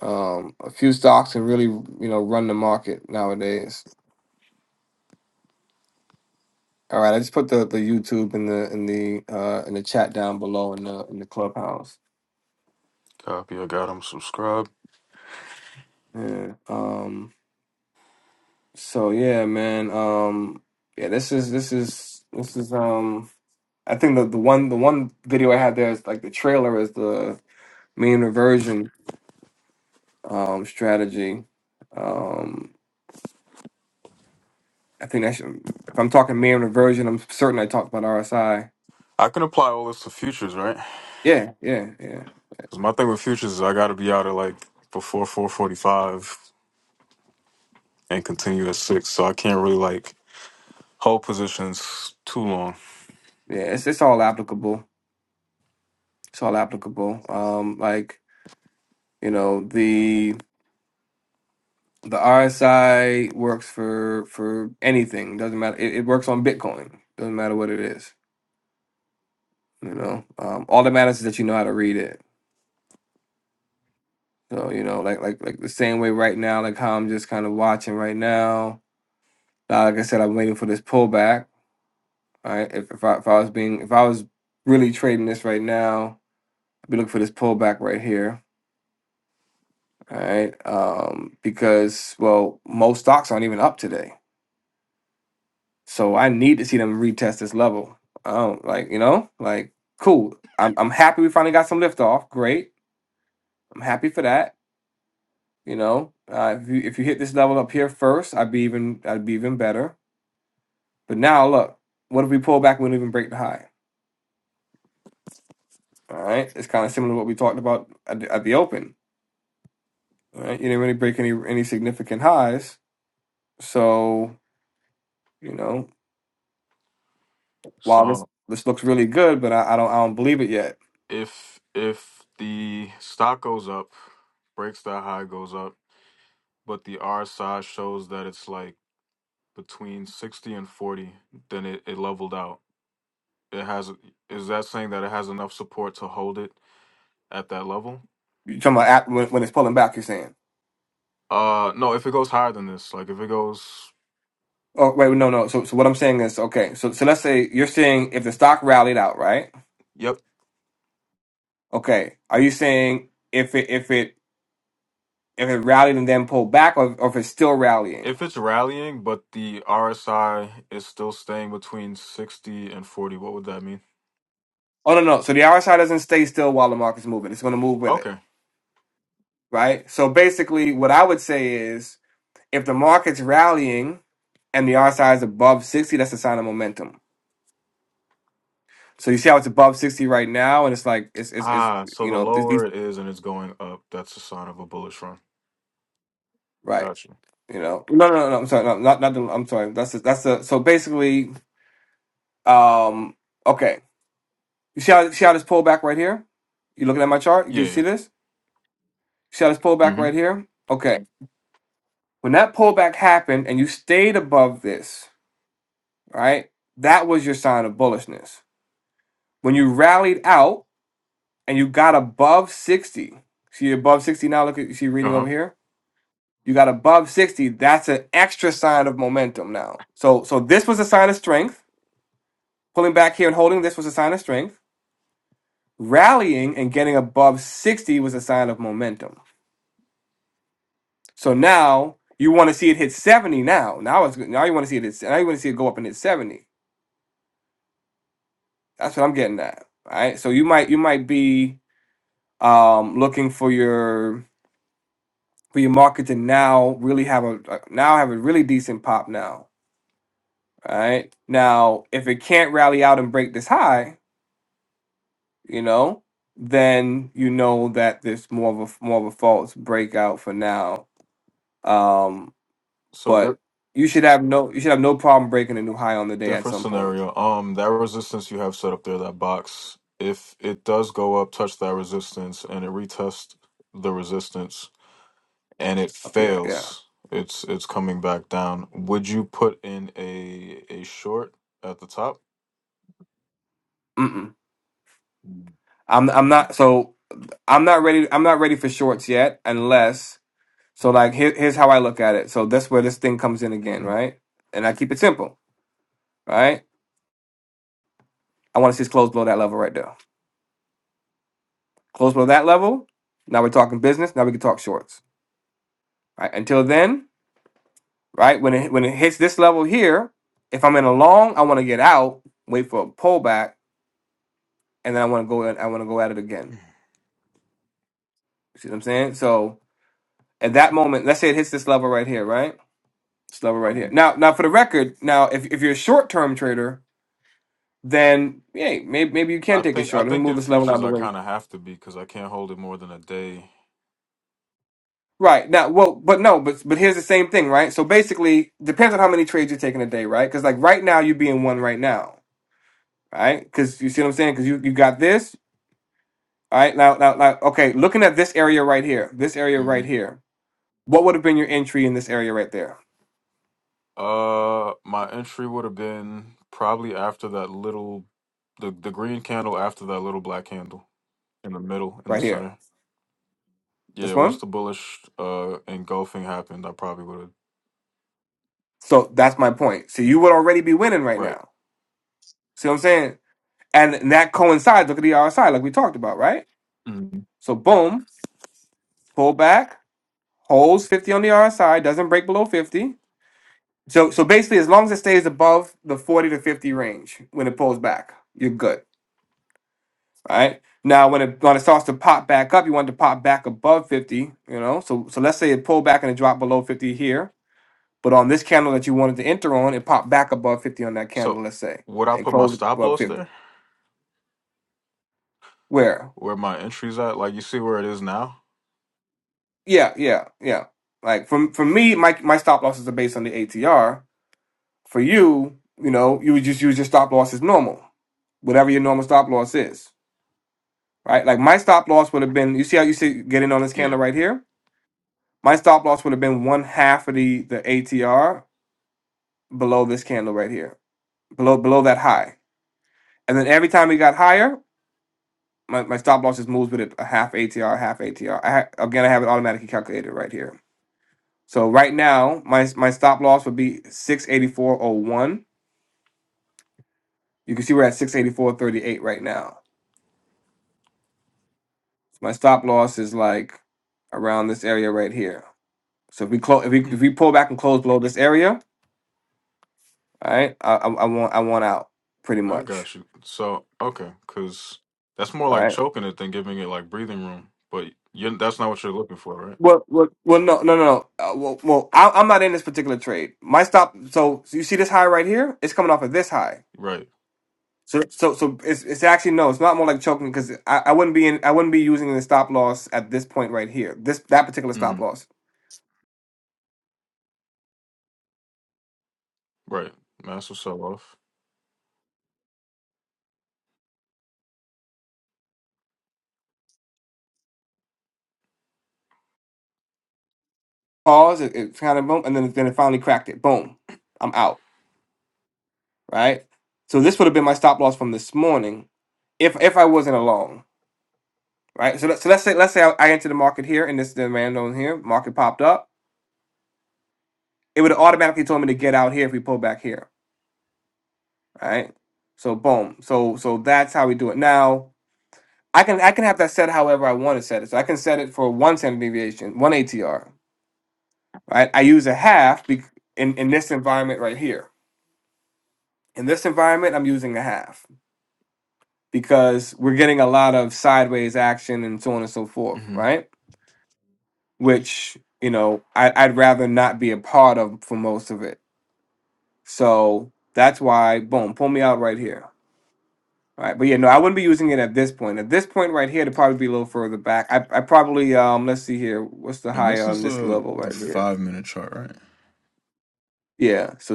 Um, a few stocks can really, you know, run the market nowadays. All right, I just put the, the YouTube in the in the uh in the chat down below in the in the clubhouse. Copy. I got them. Subscribe. Yeah. Um. So yeah, man. Um. Yeah. This is this is this is um. I think the the one the one video I had there is like the trailer is the mean reversion um, strategy. Um, I think that should, if I'm talking mean reversion, I'm certain I talked about RSI. I can apply all this to futures, right? Yeah, yeah, yeah, Because my thing with futures is I got to be out at like before 4:45 and continue at six, so I can't really like hold positions too long. yeah. It's it's all applicable. It's all applicable. Um, like you know the the RSI works for for anything. Doesn't matter. It, it works on Bitcoin. Doesn't matter what it is. You know, um, all that matters is that you know how to read it. So you know, like like like the same way right now, like how I'm just kind of watching right now. Now, like I said, I'm waiting for this pullback Right, if if I, if I was being if I was really trading this right now, I'd be looking for this pullback right here. All right, um, because well, most stocks aren't even up today, so I need to see them retest this level. I don't like you know like cool. I'm I'm happy we finally got some lift off. Great, I'm happy for that. You know, uh, if you if you hit this level up here first, I'd be even I'd be even better. But now look, what if we pull back? and We don't even break the high. All right, it's kind of similar to what we talked about at the, at the open Right? You didn't really break any any significant highs. So you know, while this So. this looks really good, but I, I don't I don't believe it yet. if if the stock goes up, breaks that high goes up, but the RSI shows that it's like between sixty and forty, then it, it leveled out. It has is that saying that it has enough support to hold it at that level? You're talking about at, when, when it's pulling back. You're saying, Uh no, if it goes higher than this, like if it goes oh wait, no, no. So so what I'm saying is okay. So so let's say you're saying if the stock rallied out, right? Yep. Okay, are you saying if it if it if it rallied and then pulled back, or, or if it's still rallying? If it's rallying but the RSI is still staying between sixty and forty, what would that mean? Oh no, no. So the RSI doesn't stay still while the market's moving. It's going to move with it, Okay. right? So basically, what I would say is if the market's rallying and the RSI is above 60, that's a sign of momentum. So you see how it's above 60 right now, and it's like it's it's, it's Ah, so you the know this, lower these- it is and it's going up, that's a sign of a bullish run. right. Gotcha. You know, no, no, no, no. I'm sorry, no, not not. The, I'm sorry. That's the, that's the. So basically, um, okay. You see how see how this pullback right here? You looking at my chart? Can Yeah. you see yeah. this? See how this pullback Mm-hmm. right here? Okay. When that pullback happened and you stayed above this, right? That was your sign of bullishness. When you rallied out and you got above 60. See above 60 now. Look at you see reading over Uh-huh. here. You got above 60. That's an extra sign of momentum now. So so this was a sign of strength. Pulling back here and holding this was a sign of strength. Rallying and getting above 60 was a sign of momentum. So now you want to see it hit 70 now. Now it's now you want to see it hit, now you want to see it go up and hit 70. That's what I'm getting at. All right. So you might you might be um looking for your for your marketing now really have a uh, now have a really decent pop now. All right. Now, if it can't rally out and break this high, you know, then you know that there's more of a more of a false breakout for now. Um, So di- but you should have no you should have no problem breaking a new high on the day at different some point scenario. Um, that resistance you have set up there, that box, if it does go up, touch that resistance, and it retests the resistance, and it up here. Yeah. fails, it's it's coming back down. Would you put in a a short at the top? Mm-mm. I'm I'm not so I'm not ready I'm not ready for shorts yet unless so like here, here's how I look at it. So that's where this thing comes in again, Mm-hmm. right? And I keep it simple, right? I want to see us close below that level right there. Close below that level. Now we're talking business. Now we can talk shorts. Right. Until then, right when it when it hits this level here, if I'm in a long, I want to get out, wait for a pullback, and then I want to go in, I want to go at it again. You see what I'm saying? So at that moment, let's say it hits this level right here, right? This level right here. hmm Now, now for the record, now if if you're a short term trader, then hey, maybe maybe you can I take a think I short. Let me think move in this level out of futures the I way kind of have to be because I can't hold it more than a day. Right now, well, but no, but but here's the same thing, right? So basically, depends on how many trades you're taking a day, right? Because like right now, you're being one right now, right? Because you see what I'm saying? Because you you got this, all right? Now, now, now, okay. Looking at this area right here, this area right here, what would have been your entry in this area right there, Uh, my entry would have been probably after that little, the the green candle after that little black candle in the middle in the right here, center. this Yeah, once one? the bullish uh engulfing happened, I probably would have So that's my point. So you would already be winning right right. now. See what I'm saying? And that coincides. Look at the RSI, like we talked about, right? Mhm. So boom, pull back, holds 50 on the RSI, doesn't break below 50 So so basically, as long as it stays above the forty to fifty range when it pulls back, you're good. All right. Now when it when it starts to pop back up, you want it to pop back above fifty. You know. So so let's say it pulled back and it dropped below fifty here, but on this candle that you wanted to enter on, it popped back above fifty on that candle. So, Let's say would I and put my closed stop above loss fifty. there? Where? Where my entry's at? Like you see where it is now? Yeah, yeah, yeah. Like for for me, my my stop losses are based on the ATR. For you, you know, you would just use your stop loss as normal, whatever your normal stop loss is right? Like my stop loss would have been, you see how you see getting on this Yeah, candle right here? My stop loss would have been one half of the the ATR below this candle right here, below below that high. And then every time we got higher, my, my stop loss just moves with it a half ATR, half ATR. ha- again, I have it automatically calculated right here. So right now, my my stop loss would be 684.01. You can see we're at 684.38 right now. So my stop loss is like around this area right here. So if we close, if we if we pull back and close below this area, Right, I, I, I want I want out pretty I much. got you. So okay, cause that's more like Right. choking it than giving it like breathing room. But you that's not what you're looking for, right? Well, well, well, no, no, no, no. Uh, well, well, I, I'm not in this particular trade. My stop. So, so you see this high right here? It's coming off of this high. Right. So, so, so it's it's actually no. It's not more like choking because I, I wouldn't be in I wouldn't be using the stop loss at this point right here. This that particular stop hmm loss. Right. Massive sell off. Pause. It, it kind of boom, and then then it finally cracked it. Boom. I'm out. Right. So this would have been my stop loss from this morning if if I wasn't along. right? So, let, so let's say let's say I, I enter the market here, and this is the demand on here, market popped up. It would have automatically told me to get out here if we pull back here, right? So boom. So so that's how we do it. Now I can I can have that set however I want to set it. So I can set it for one standard deviation, one ATR, right? I use a half bec in in this environment right here. In this environment, I'm using a half because we're getting a lot of sideways action and so on and so forth, right? Which you know I, I'd rather not be a part of for most of it So that's why, boom, pull me out right here. All Right. But yeah, no, I wouldn't be using it at this point. At this point right here, it'd probably be a little further back. I, I probably um let's see here. What's the And high this is on this the level the right here? five minute chart, right? Yeah. So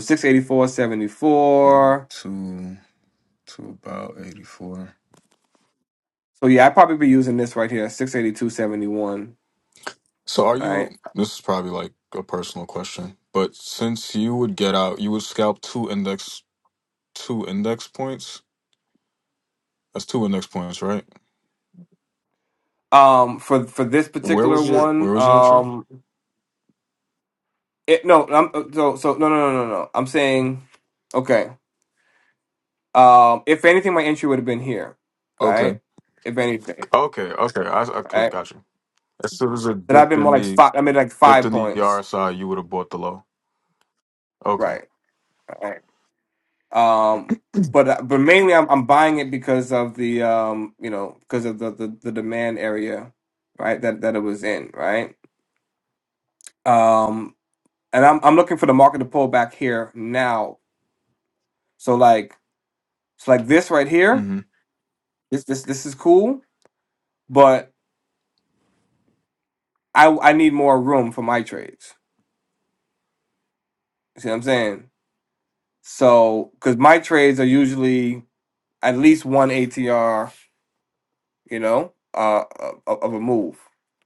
Eighty 684.74. two to about eighty four. So yeah, I'd probably be using this right here, 682.71. So are you Right. this is probably like a personal question, but since you would get out you would scalp two index two index points. That's two index points, right? Um for for this Where particular was your one, where was your entry? um it no, I'm uh, so so no no no no no. I'm saying okay. Um if anything my entry would have been here. All Okay. right. If anything. Okay, okay. I okay, right? got you. As soon as it That I've dipped been in more like the five. I made like dipped five in the points, RSI, you would have bought the low. Okay. right? Right. Um, but uh, but mainly I'm I'm buying it because of the um you know because of the, the the demand area, right? That that it was in, right? Um, and I'm I'm looking for the market to pull back here now. So like so like this right here, Mm-hmm. this this this is cool, but I I need more room for my trades. You see what I'm saying? So because my trades are usually at least one ATR you know, uh, uh, of, of a move.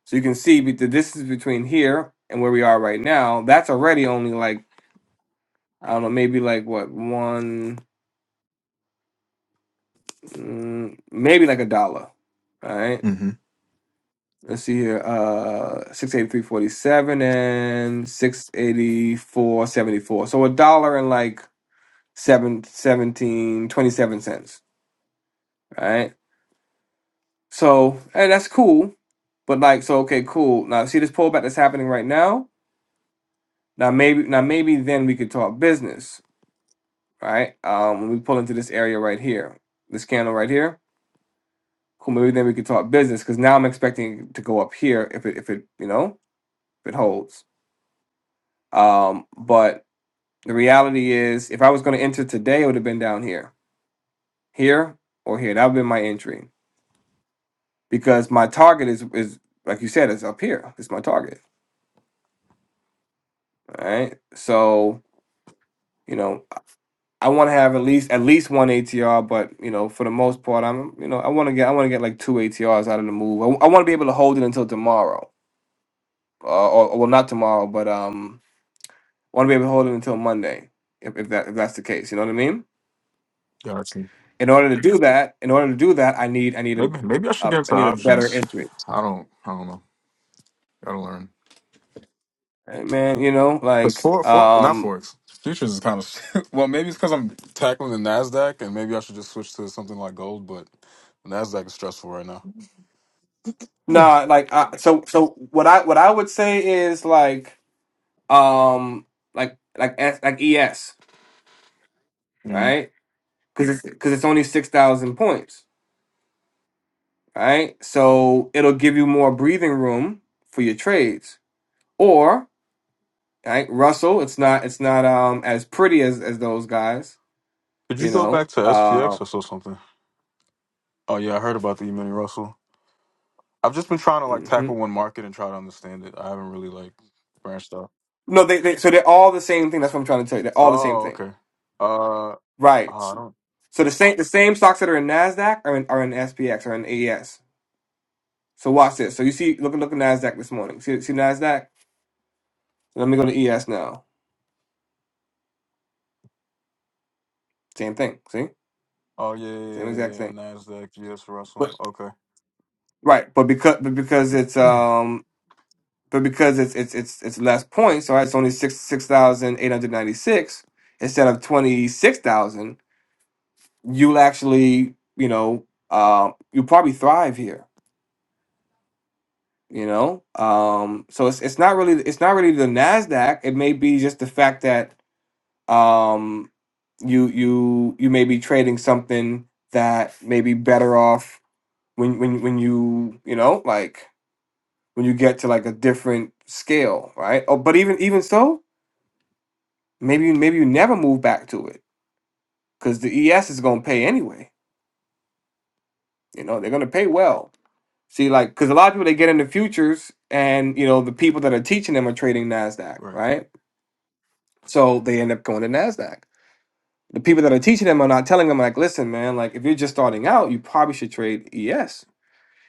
So you can see be- the distance between here and where we are right now. That's already only like I don't know, maybe like what one, mm, maybe like a dollar. All right. Mm-hmm. Let's see here. Uh, six eighty three forty seven and six eighty four seventy four. So a dollar and like seven seventeen twenty seven cents. All right. So hey, that's cool. But like, so okay, cool. Now see this pullback that's happening right now. Now maybe now maybe then we could talk business, right? Um, when we pull into this area right here, this candle right here, cool. Maybe then we could talk business because now I'm expecting it to go up here if it if it you know if it holds. Um, but the reality is, if I was going to enter today, it would have been down here, here or here. That would have been my entry because my target is is like you said, it's up here. It's my target, all right? So you know. I want to have at least at least one ATR, but you know, for the most part, I'm you know I want to get I want to get like two ATRs out of the move. I, want to be able to hold it until tomorrow, uh, or or- well, not tomorrow, but um, I want to be able to hold it until Monday, if, if that if that's the case. You know what I mean? Gotcha. In order to do that, in order to do that, I need I need a, Maybe maybe I should a get I into need a better options. entry, I don't I don't know. Gotta learn. Hey, man. You know, Because like for for not um, forex futures is kind of well maybe it's because I'm tackling the Nasdaq and maybe I should just switch to something like gold, but the Nasdaq is stressful right now. nah, like I, so so what I what I would say is like um like like S- like ES Mhm. right because it's because it's only six thousand points, right? So it'll give you more breathing room for your trades. Or right, Russell, it's not it's not um as pretty as as those guys, Could you you go back know. to Uh, SPX oh. or so something? Oh yeah, I heard about the E Mini Russell. I've just been trying to like tackle mhm. one market and try to understand it. I haven't really like branched out. No, they, they so they're all the same thing. That's what I'm trying to tell you. They're all the same Oh thing, okay. Uh, oh, right? I don't. So the same the same stocks that are in Nasdaq are in are in SPX or in ES. So watch this. So you see, look look at Nasdaq this morning. See see Nasdaq. Let me go to ES now. Same thing. See, Oh yeah, yeah, same yeah, yeah. exact yeah, thing. Nasdaq, GS Russell. Okay. Right, but because but because it's um but because it's it's it's it's less points, so it's only six six thousand eight hundred ninety six instead of twenty six thousand. You'll actually you know um you probably thrive here. You know, um, so it's it's not really it's not really the Nasdaq. It may be just the fact that um you you you may be trading something that may be better off when when when you you know like when you get to like a different scale, right? Oh, but even even so, maybe you maybe you never move back to it because the ES is gonna pay anyway. You know, they're gonna pay well. See, like, because a lot of people they get into futures, and you know the people that are teaching them are trading Nasdaq, right. right? So they end up going to Nasdaq. The people that are teaching them are not telling them, like, listen, man, like if you're just starting out, you probably should trade ES.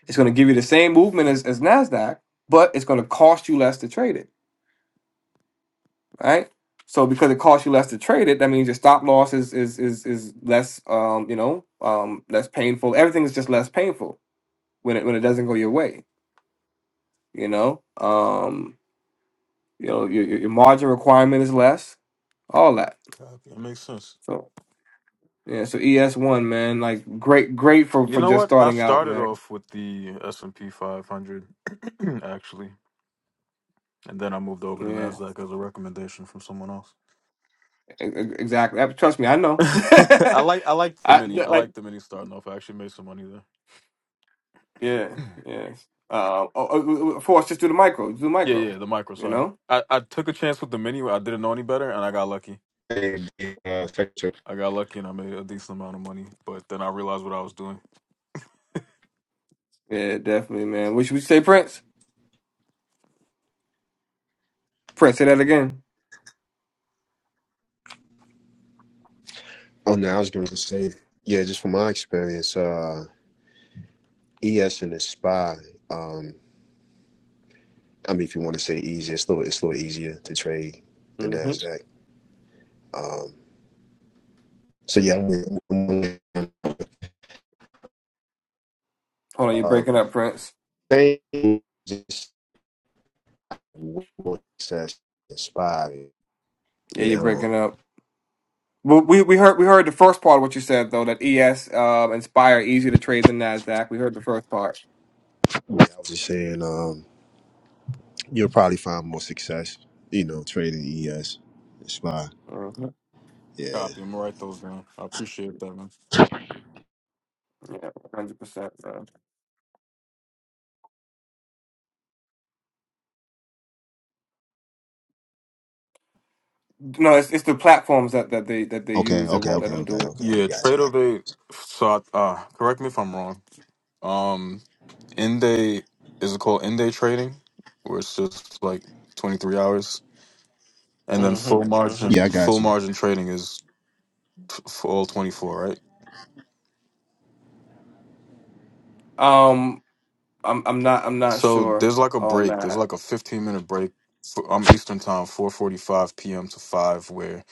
It's going to give you the same movement as, as Nasdaq, but it's going to cost you less to trade it right? So because it costs you less to trade it, that means your stop loss is is is is less um, you know, um less painful. Everything is just less painful when it when it doesn't go your way, you know? Um, you know, your your your margin requirement is less, all that. Copy. That makes sense. So yeah, so ES1 man, like great great for You for know just what? I starting out, started man. off with the S and P 500, actually, and then I moved over to Yeah. Nasdaq as a recommendation from someone else. e- e- Exactly. Uh, Trust me, I know. I like I liked the I mini. I like liked the mini starting off. I actually made some money there. yeah, yeah. Uh, oh, oh, oh, oh, of course, just do the micro, do the Yeah, micro, yeah, the micro. you Sorry, know? I I took a chance with the mini. I didn't know any better, and I got lucky. I got lucky, and I made a decent amount of money. But then I realized what I was doing. Yeah, definitely, man. What should we say, Prince? Prince, say that again. Oh, no, I was going to say, yeah, just from my experience, uh, ES and the SPY, um, I mean, if you want to say easy, it's a little, it's a little easier to trade than hmm NASDAQ. Um, so, yeah, I'm, I'm, Hold on, you're uh, breaking up, Prince. same, just what success in SPY. Yeah, Yeah, you're hold on. breaking up. Well, we we heard we heard the first part of what you said though that ES um Inspire easier to trade than Nasdaq. We heard the first part. Yeah, I was just saying, um, you'll probably find more success, you know, trading ES and SPY. hmm Yeah. Copy. I'm gonna write those down. I appreciate that, man. Yeah, hundred percent. No, it's it's the platforms that, that they that they Okay, use that okay, won't let okay, them okay, do it. okay. Yeah, Gotcha, trade gotcha. of eight. So, I, uh, correct me if I'm wrong. Um. end day is it called end day trading where it's just like 23 hours and then full Mm-hmm, margin mm-hmm. Yeah, I full got you. margin trading is t- for all 24 right Um, I'm I'm not I'm not so sure there's like a on break there's that. like a 15 minute break for um, eastern time 4.45 p.m to 5 where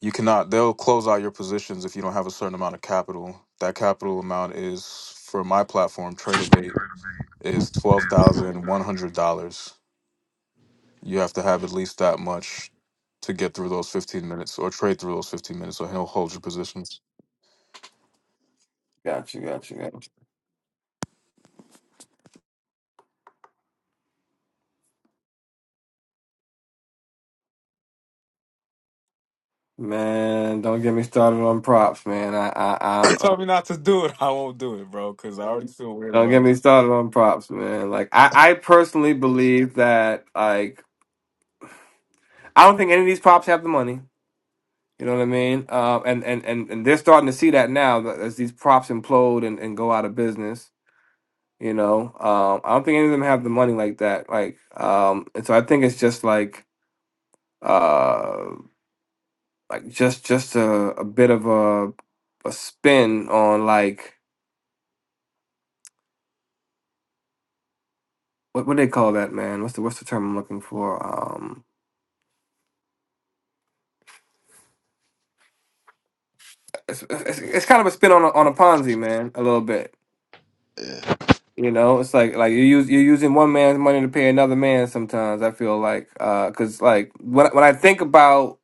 you cannot they'll close out your positions if you don't have a certain amount of capital that capital amount is for my platform traderbait is $12100 You have to have at least that much to get through those 15 minutes or trade through those 15 minutes, or he'll hold your positions. Gotcha, gotcha, gotcha. Man, don't get me started on props, man. I You I told me not to do it. I won't do it, bro, because I already feel weird Don't get about it. me started on props, man. Like I, I personally believe that like I don't think any of these props have the money. You know what I mean? Uh, and, and and and they're starting to see that now that as these props implode and, and go out of business. You know, um, I don't think any of them have the money like that. Like, um, and so I think it's just like uh, like just just a, a bit of a a spin on like what what do they call that man? What's the what's the term I'm looking for? Um. it's, it's, it's kind of a spin on a, on a Ponzi, man, a little bit. You know, it's like like you use you're using one man's money to pay another man. Sometimes I feel like because like when when I think about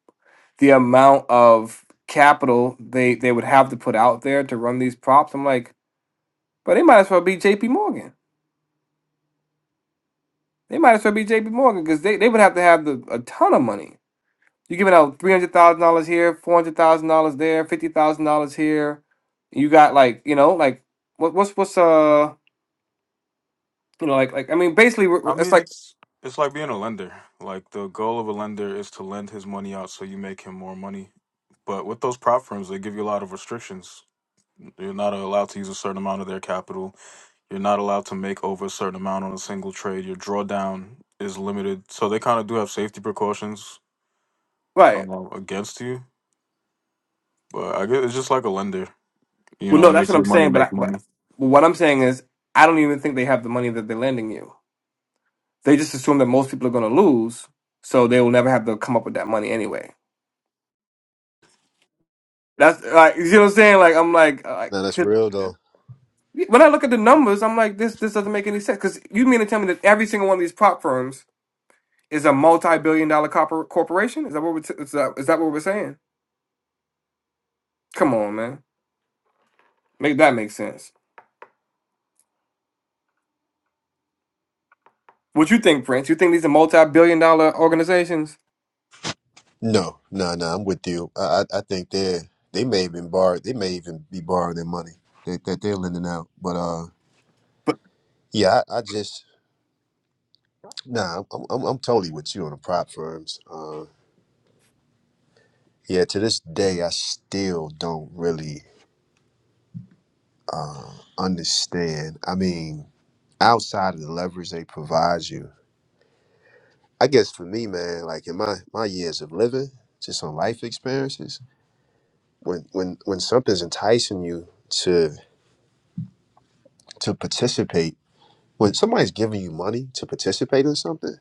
the amount of capital they they would have to put out there to run these props, I'm like, but they might as well be J.P. Morgan. They might as well be J.P. Morgan because they, they would have to have the, a ton of money. You're giving out three hundred thousand dollars here, four hundred thousand dollars there, fifty thousand dollars here. You got like you know like what what's what's uh You know, like like I mean, basically, we're- I we're- it's mean, like it's it's like being a lender. Like the goal of a lender is to lend his money out so you make him more money. But with those prop firms, they give you a lot of restrictions. You're not allowed to use a certain amount of their capital. You're not allowed to make over a certain amount on a single trade. Your drawdown is limited. So they kind of do have safety precautions right. um, against you. But I guess it's just like a lender, you Well, know, no, that's make what I'm your money saying. But I, make but money. well, what I'm saying is, I don't even think they have the money that they're lending you. They just assume that most people are going to lose, so they will never have to come up with that money anyway. That's like you know what I'm saying. Like I'm like, uh, like No, that's 'cause real though. when I look at the numbers, I'm like, this this doesn't make any sense. Because you mean to tell me that every single one of these prop firms is a multi-billion dollar corpor- corporation? Is that what we're t- is that is that what we're saying? Come on, man, make that make sense. What you think, Prince? You think these are multi-billion dollar organizations? No, no, no. I'm with you. I, I I think they they may even borrow. They may even be borrowing their money that, that they're lending out. But uh, But yeah, I, I just nah. I'm, I'm I'm totally with you on the prop firms. Uh, yeah. To this day, I still don't really uh understand. I mean, outside of the leverage they provide you, I guess for me, man, like in my my years of living, just on life experiences, when when when something's enticing you to to participate when somebody's giving you money to participate in something,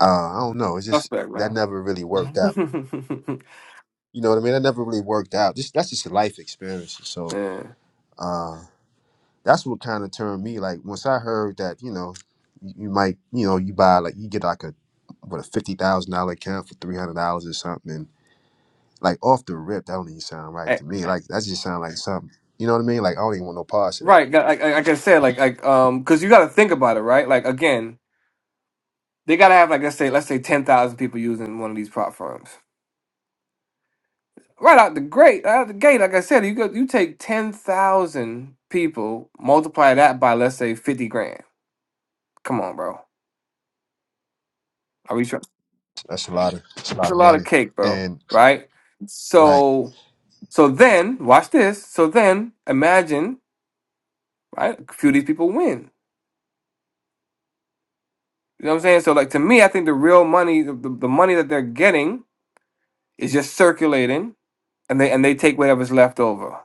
uh, I don't know. It's just Suspect, that man. never really worked out. You know what I mean? That never really worked out. Just that's just a life experience. So yeah. uh, that's what kind of turned me. Like once I heard that, you know, you, you might, you know, you buy like you get like a what a fifty thousand dollar account for three hundred dollars or something. And like off the rip, that don't even sound right Eh, to me. Like that just sound like something. You know what I mean? Like I don't even want no parts of that. Right. got- Like, like like I said, like like um, because you got to think about it, right? Like again, they got to have like let's say let's say ten thousand people using one of these platforms. Right out the great right out the gate, like I said, you go you take ten thousand people, multiply that by let's say fifty grand. Come on, bro. Are we sure? That's a lot of that's a That's lot a of lot of money. cake, bro. And Right. right. So so then watch this. So then imagine. right? A few of these people win. You know what I'm saying? So like to me, I think the real money, the, the, money that they're getting is just circulating and they and they take whatever's left over.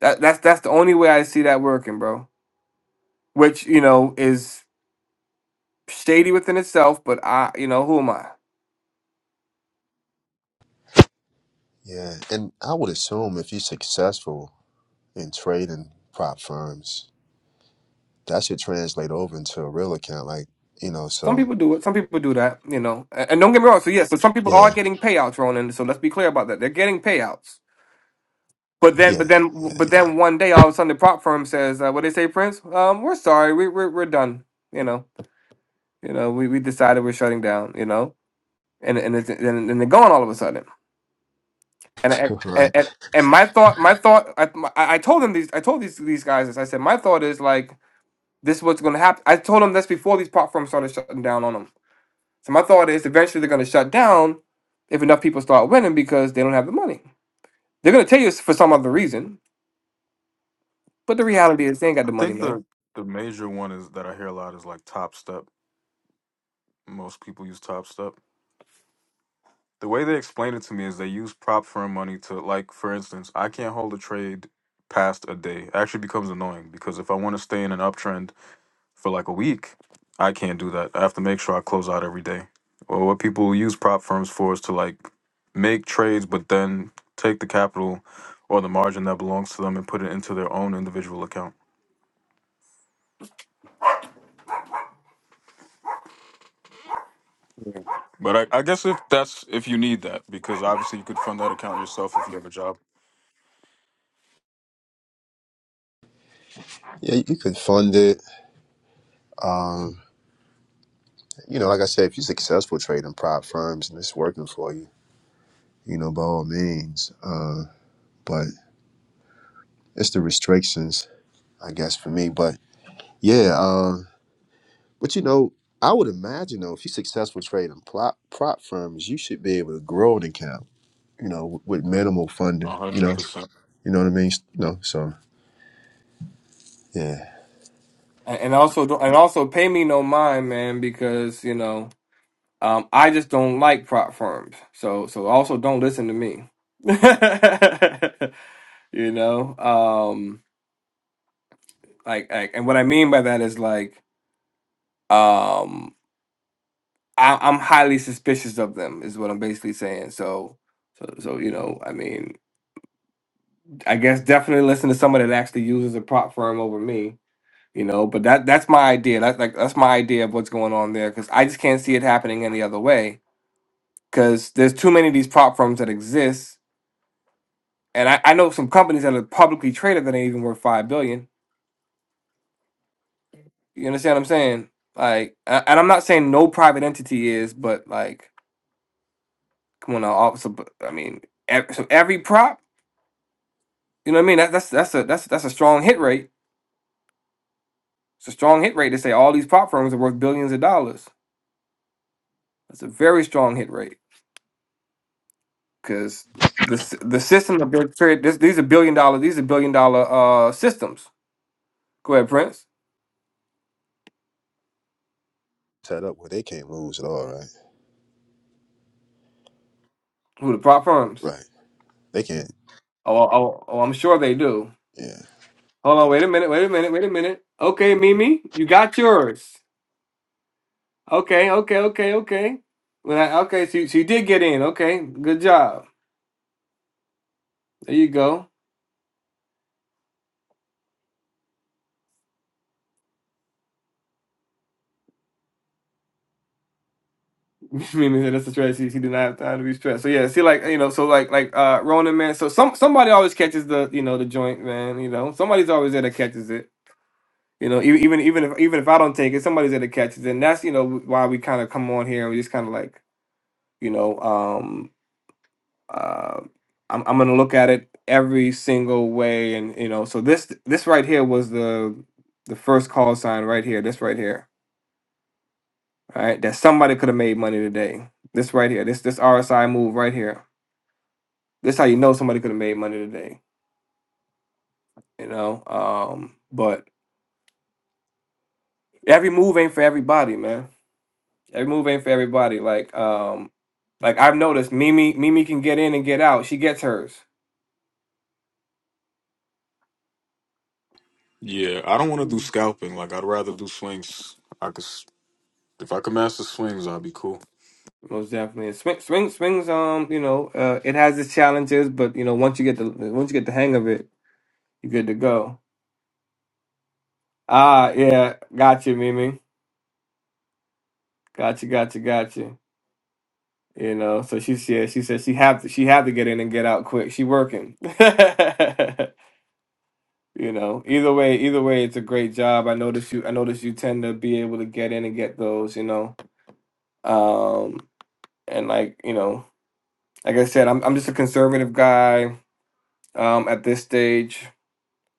That that's that's the only way I see that working, bro. Which, you know, is shady within itself, but I you know, who am I? Yeah, and I would assume if you're successful in trading prop firms, that should translate over into a real account, like you know. Some So people do it, some people do that, you know. A- And, don't get me wrong, so yes, so some people are yeah, getting payouts, Ronan, so let's be clear about that. They're getting payouts. But then, yeah, but then, but then, one day, all of a sudden, the prop firm says, uh, "What they say, Prince? Um, we're sorry, we, we're we're done." You know, You know, we, we decided we're shutting down. You know, and and it's, and, and they're gone all of a sudden. And I, and, right. and and my thought, my thought, I, my- I told them these, I told these these guys this. I said my thought is like this is what's going to happen. I told them this before these platforms started shutting down on them. So my thought is eventually they're going to shut down if enough people start winning because they don't have the money. They're going to tell you it's for some other reason, but the reality is they ain't got I the money, think man. the the major one is that I hear a lot is like Top Step. Most people use Top Step. The way they explain it to me is they use prop firm money to like, for instance, I can't hold a trade past a day. It actually becomes annoying because if I want to stay in an uptrend for like a week. I can't do that. I have to make sure I close out every day. Well, what people use prop firms for is to like make trades, but then take the capital or the margin that belongs to them and put it into their own individual account. But I, I guess if that's if you need that, because obviously you could fund that account yourself if you have a job. Yeah, you could fund it. Um, you know, like I said, if you're successful trading prop firms and it's working for you, you know, by all means. Uh, but it's the restrictions, I guess, for me. But yeah, um, but you know, I would imagine though, if you're successful trading prop prop firms, you should be able to grow an account you know, with minimal funding, A you hundred know, percent. you know what I mean? You know, so yeah, And and also, don't- and also, pay me no mind, man, because you know. Um, I just don't like prop firms. So so also don't listen to me. you know? Um like, like and what I mean by that is like um I I'm highly suspicious of them is what I'm basically saying. So so so you know, I mean, I guess definitely listen to someone that actually uses a prop firm over me, you know, but that that's my idea. That's like that's my idea of what's going on there cuz I just can't see it happening any other way cuz there's too many of these prop firms that exist And I, I know some companies that are publicly traded that ain't even worth five billion. You understand what I'm saying? Like, a- and I'm not saying no private entity is, but like, come on, now, officer. but, I mean, ev- so every prop, you know what I mean? That, that's that's a that's that's a strong hit rate. It's a strong hit rate to say all these prop firms are worth billions of dollars. That's a very strong hit rate because the s- the system of big trade. This, these are billion dollar. These are billion dollar uh systems. Go ahead, Prince. set up where they can't lose at all, right? Who the prop firms? Right. They can't. Oh, oh, oh, I'm sure they do. Yeah. Hold on, wait a minute, wait a minute, wait a minute. Okay, Mimi, you got yours. Okay, okay, okay, okay. When I okay, so you, so you did get in. Okay, good job. There you go. Mimi said that's the stress. She, she did not have time to be stressed. So yeah, see, like you know, so like like uh Ronan man. So some somebody always catches the you know the joint man. You know, somebody's always there that catches it. You know, e- even even if even if I don't take it, somebody's there that catches it. And that's you know why we kind of come on here and we just kind of like you know um, uh, I'm I'm gonna look at it every single way, and you know, so this this right here was the the first call sign right here. This right here, right? that somebody could have made money today. This right here, this this RSI move right here. This how you know somebody could have made money today. You know, um, but every move ain't for everybody, man. Every move ain't for everybody. Like um, like I've noticed, Mimi Mimi can get in and get out. She gets hers. Yeah, I don't want to do scalping. Like I'd rather do swings. I could s- if I could master swings, I'd be cool. Most definitely, swing, swing, swings. Um, you know, uh, it has its challenges, but you know, once you get the once you get the hang of it, you're good to go. Ah, yeah, got you, Mimi. Got you, got you, got you. You know, so she said she said she have to she have to get in and get out quick. She working. you know, either way, either way, it's a great job. I notice you. I notice you tend to be able to get in and get those. You know, um, and like you know, like I said, I'm I'm just a conservative guy. Um, at this stage.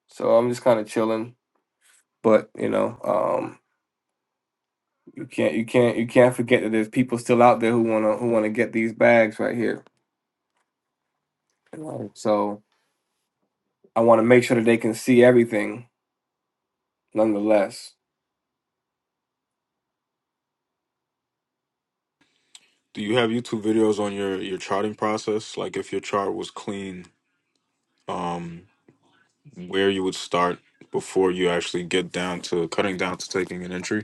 So I'm just kind of chilling. But you know, um, you can't you can't you can't forget that there's people still out there who wanna who wanna get these bags right here. you know? So I want to make sure that they can see everything. Nonetheless, Do you have YouTube videos on your your charting process? Like if your chart was clean, um, where you would start before you actually get down to cutting down to taking an entry.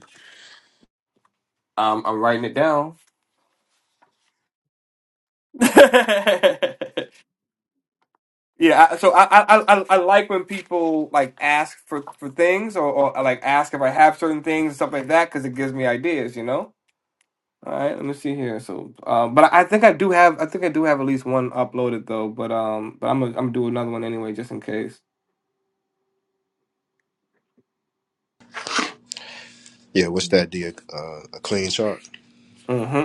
um, I'm writing it down. yeah, I, so I, I I I like when people like ask for for things or, or like ask if I have certain things and stuff like that because it gives me ideas, you know. All right, let me see here. So, uh, but I think I do have, I think I do have at least one uploaded though. But um, but I'm gonna, I'm gonna do another one anyway, just in case. Yeah. What's that? The uh, a clean chart. hmm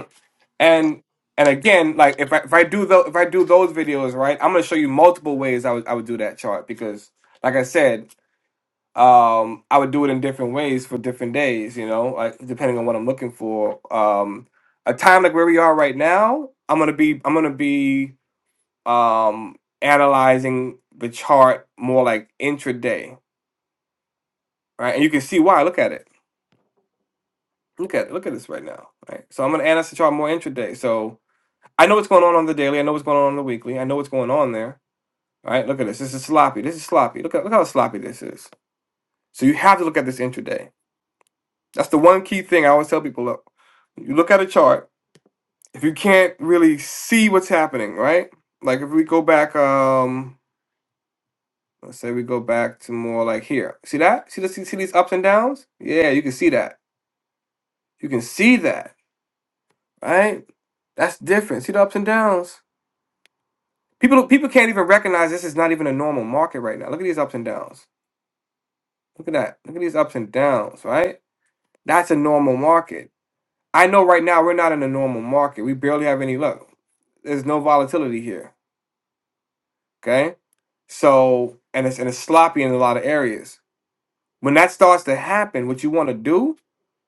And and again, like if I if I do those if I do those videos right, I'm gonna show you multiple ways I would I would do that chart because, like I said, um, I would do it in different ways for different days. You know, like depending on what I'm looking for. Um, a time like where we are right now, I'm gonna be I'm gonna be um analyzing the chart more like intraday right? And you can see why. Look at it. Look at it. Look at this right now, right? So I'm gonna analyze the chart more intraday. So I know what's going on on the daily. I know what's going on on the weekly. I know what's going on there, right? Look at this. This is sloppy. This is sloppy. Look at look how sloppy this is. So you have to look at this intraday. That's the one key thing I always tell people. Look, you look at a chart. If you can't really see what's happening, right? Like if we go back, um, let's say we go back to more like here. See that? See the see, see these ups and downs? Yeah, you can see that. You can see that right? That's different. See the ups and downs. People people can't even recognize this is not even a normal market right now. Look at these ups and downs. Look at that. Look at these ups and downs, right? That's a normal market. I know right now we're not in a normal market. We barely have any luck. There's no volatility here. Okay. So and it's and it's sloppy in a lot of areas. When that starts to happen, what you want to do,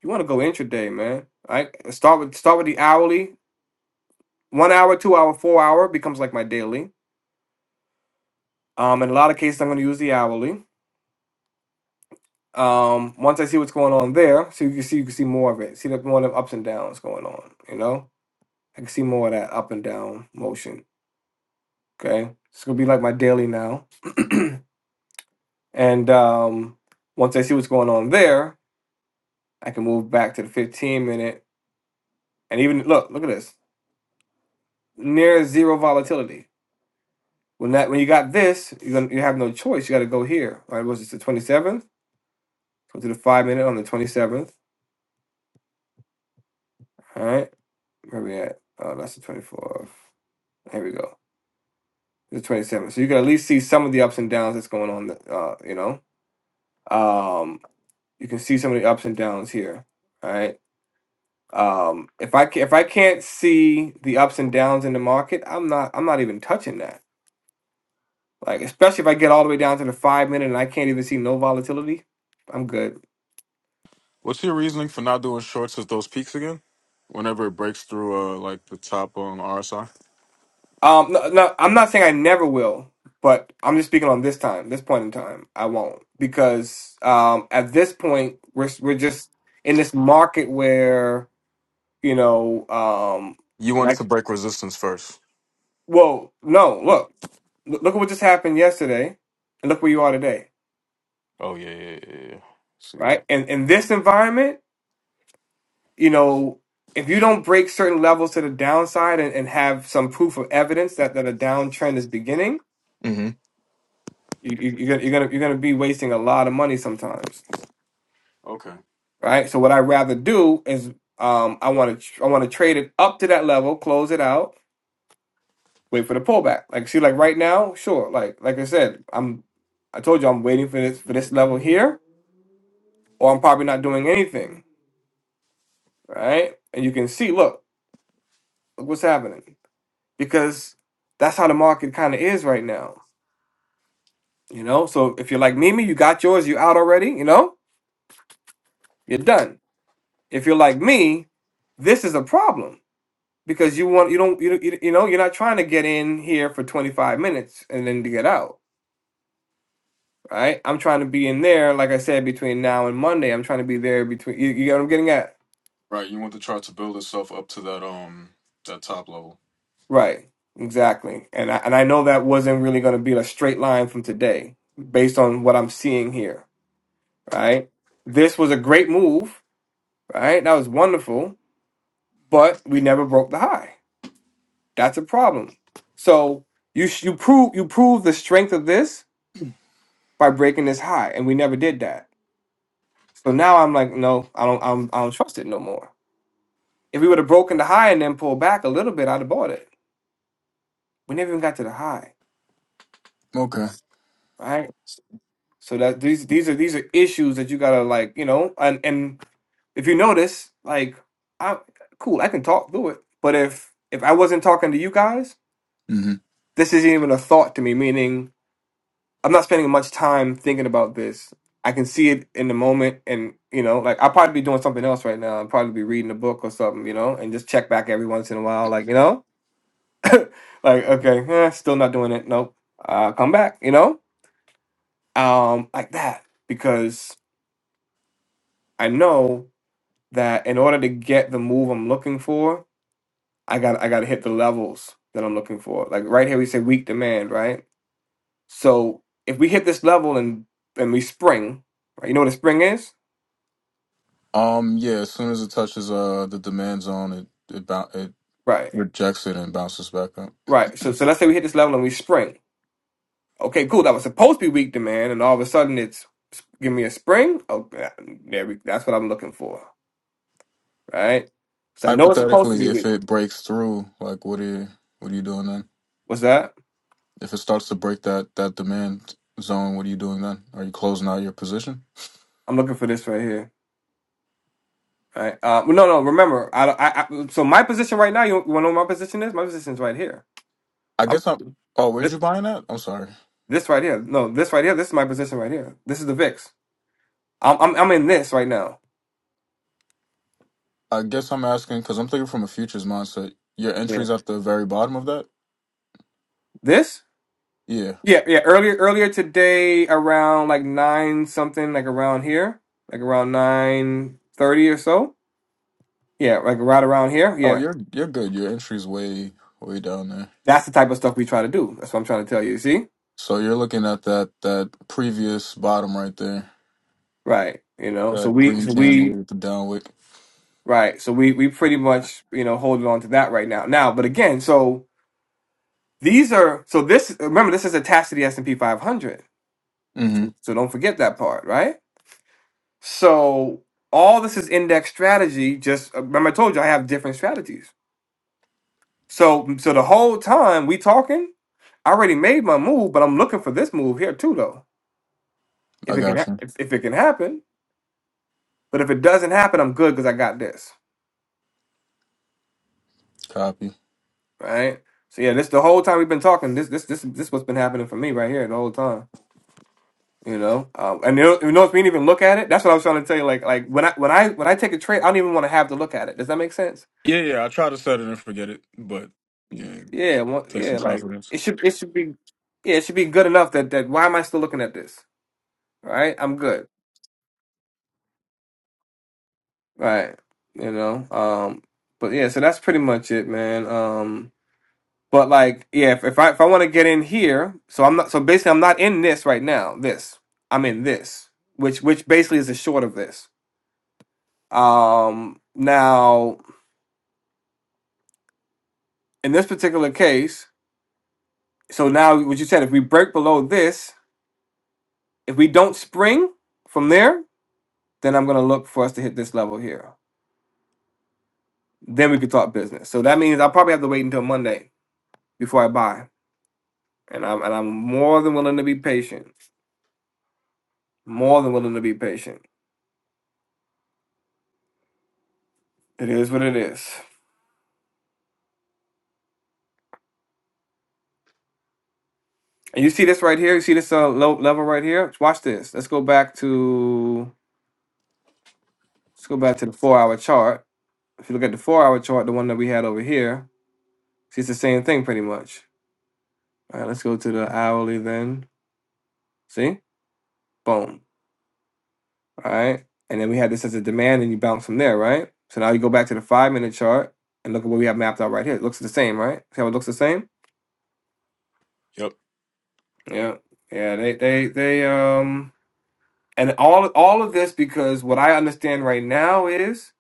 you want to go intraday, man. Right? Start with start with the hourly, one hour, two hour, four hour becomes like my daily Um, in a lot of cases, I'm going to use the hourly. Um, once I see what's going on there, so you can see you can see more of it. See the more of the ups and downs going on. You know, I can see more of that up and down motion. Okay, it's gonna be like my daily now. and um, once I see what's going on there, I can move back to the 15 minute. And even look, look at this near zero volatility. When that when you got this, you gonna you have no choice. You got to go here. All right, was it the 27th? Go to the five minute on the 27th. All right Where we at? Oh, that's the 24th. Here we go. The 27th. So you can at least see some of the ups and downs that's going on, uh, you know. Um, you can see some of the ups and downs here, all right? Um, if I can, if I can't see the ups and downs in the market, I'm not I'm not even touching that. Like especially if I get all the way down to the 5 minute and I can't even see no volatility, I'm good. What's your reasoning for not doing shorts as those peaks again? Whenever it breaks through, uh, like the top um, RSI, Um, no, no, I'm not saying I never will, but I'm just speaking on this time, this point in time. I won't because um, at this point we're we're just in this market where you know um, you want it like to break resistance first. whoa, no, look, look at what just happened yesterday, and look where you are today, Oh yeah, yeah, yeah, yeah. See right? that? And in this environment, you know, if you don't break certain levels to the downside and, and have some proof of evidence that that a downtrend is beginning, hmm you, you, you're gonna you're gonna you're gonna be wasting a lot of money sometimes Okay. right? So what I'd rather do is um, I want to I want to trade it up to that level, close it out, wait for the pullback. Like see, like right now, sure. Like like I said, I'm I told you I'm waiting for this for this level here, or I'm probably not doing anything, right? And you can see, look, look what's happening because that's how the market kind of is right now, you know. So if you're like Mimi, you got yours, you out already, you know, you're done. If you're like me, this is a problem because you want you don't you don't- you you know you're not trying to get in here for 25 minutes and then to get out right i'm trying to be in there like i said between now and monday i'm trying to be there between you, you get what i'm getting at Right. You want the chart to build itself up to that um that top level. right exactly and I, and i know that wasn't really going to be a straight line from today based on what i'm seeing here right this was a great move right that was wonderful but we never broke the high that's a problem so you sh- you prove you prove the strength of this by breaking this high and we never did that So now I'm like, no, I don't, I'm, I don't trust it no more. If we would have broken the high and then pulled back a little bit, I'd have bought it. We never even got to the high, Okay. right? So that these, these are, these are issues that you gotta like, you know, and and if you notice, like, I, cool, I can talk through it, but if if I wasn't talking to you guys, hmm this isn't even a thought to me. Meaning, I'm not spending much time thinking about this. I can see it in the moment, and you know, like I'll probably be doing something else right now. I'll probably be reading a book or something, you know, and just check back every once in a while, like you know like, okay, eh, still not doing it. Nope. Uh, come back, you know? Um, like that. Because I know that in order to get the move I'm looking for, I got I gotta hit the levels that I'm looking for. Like right here we say weak demand, right? So if we hit this level and and we spring, right? You know what a spring is? Um. Yeah. As soon as it touches uh the demand zone, it it bou- it Right. rejects it and bounces back up. Right. So so let's say we hit this level and we spring. Okay, cool. That was supposed to be weak demand, and all of a sudden it's give me a spring. Okay, there we, that's what I'm looking for. right? Because I know it's supposed to Hypothetically, be if weak. it breaks through, like what are you what are you doing then? What's that? If it starts to break that that demand zone, what are you doing then? Are you closing out your position? I'm looking for this right here. Right? Uh, no, no. Remember, I, I, I. So my position right now, you, you want to know what my position is? My position is right here. I I'm guess I'm. Oh, where'd this, you buying at? I'm sorry. this right here. No, this right here. This is my position right here. This is the VIX. I'm, I'm, I'm in this right now. I guess I'm asking because I'm thinking from a futures mindset. Your Yeah. entry's at the very bottom of that. This? Yeah. Yeah, yeah. Earlier, earlier today, around like nine something, like around here, like around nine thirty or so. Yeah, like right around here. Oh, Yeah, you're you're good. Your entry's way way down there. that's the type of stuff we try to do. That's what I'm trying to tell you. You see? So you're looking at that that previous bottom right there. Right. You know, so That we, green so candle we, with the down wick. right. So we, we pretty much, you know, holding on to that right now. Now, but again, so these are, so this, remember, this is attached to the S&P 500. Mm-hmm. So don't forget that part, right? So all this is index strategy. Just remember, I told you I have different strategies. So, so the whole time we talking, I already made my move, but I'm looking for this move here too, though. If I it can, got hap- you. if, if it can happen, but if it doesn't happen, I'm good because I got this. Copy. right? So yeah, this the whole time we've been talking. This this this this what's been happening for me right here the whole time. You know, um, and you know, you know if we didn't even look at it, that's what I was trying to tell you. Like like when I when I when I take a trade, I don't even want to have to look at it. Does that make sense? Yeah, yeah. I try to set it and forget it, but yeah, Yeah, well, take some yeah. Like confidence. it should it should be yeah it should be good enough that that why am I still looking at this? Right, I'm good. Right, you know. Um, but yeah, so that's pretty much it, man. Um, But like, yeah, if, if I if I want to get in here, so I'm not. So basically, I'm not in this right now. This I'm in this, which which basically is the short of this. Um, now in this particular case, so now what you said, if we break below this, if we don't spring from there, then I'm gonna look for us to hit this level here. Then we can talk business. So that means I'll probably have to wait until Monday before I buy, and I'm and I'm more than willing to be patient. More than willing to be patient. It is what it is. And you see this right here. You see this uh, low level right here. Watch this. Let's go back to let's go back to the four hour chart. If you look at the four hour chart, the one that we had over here, see it's the same thing pretty much. All right, let's go to the hourly then. See, boom. All right, and then we had this as a demand, and you bounce from there, right? So now you go back to the five minute chart and look at what we have mapped out right here. It looks the same, right? See how it looks the same? Yep. Yeah, yeah. They they they um and all all of this because what I understand right now is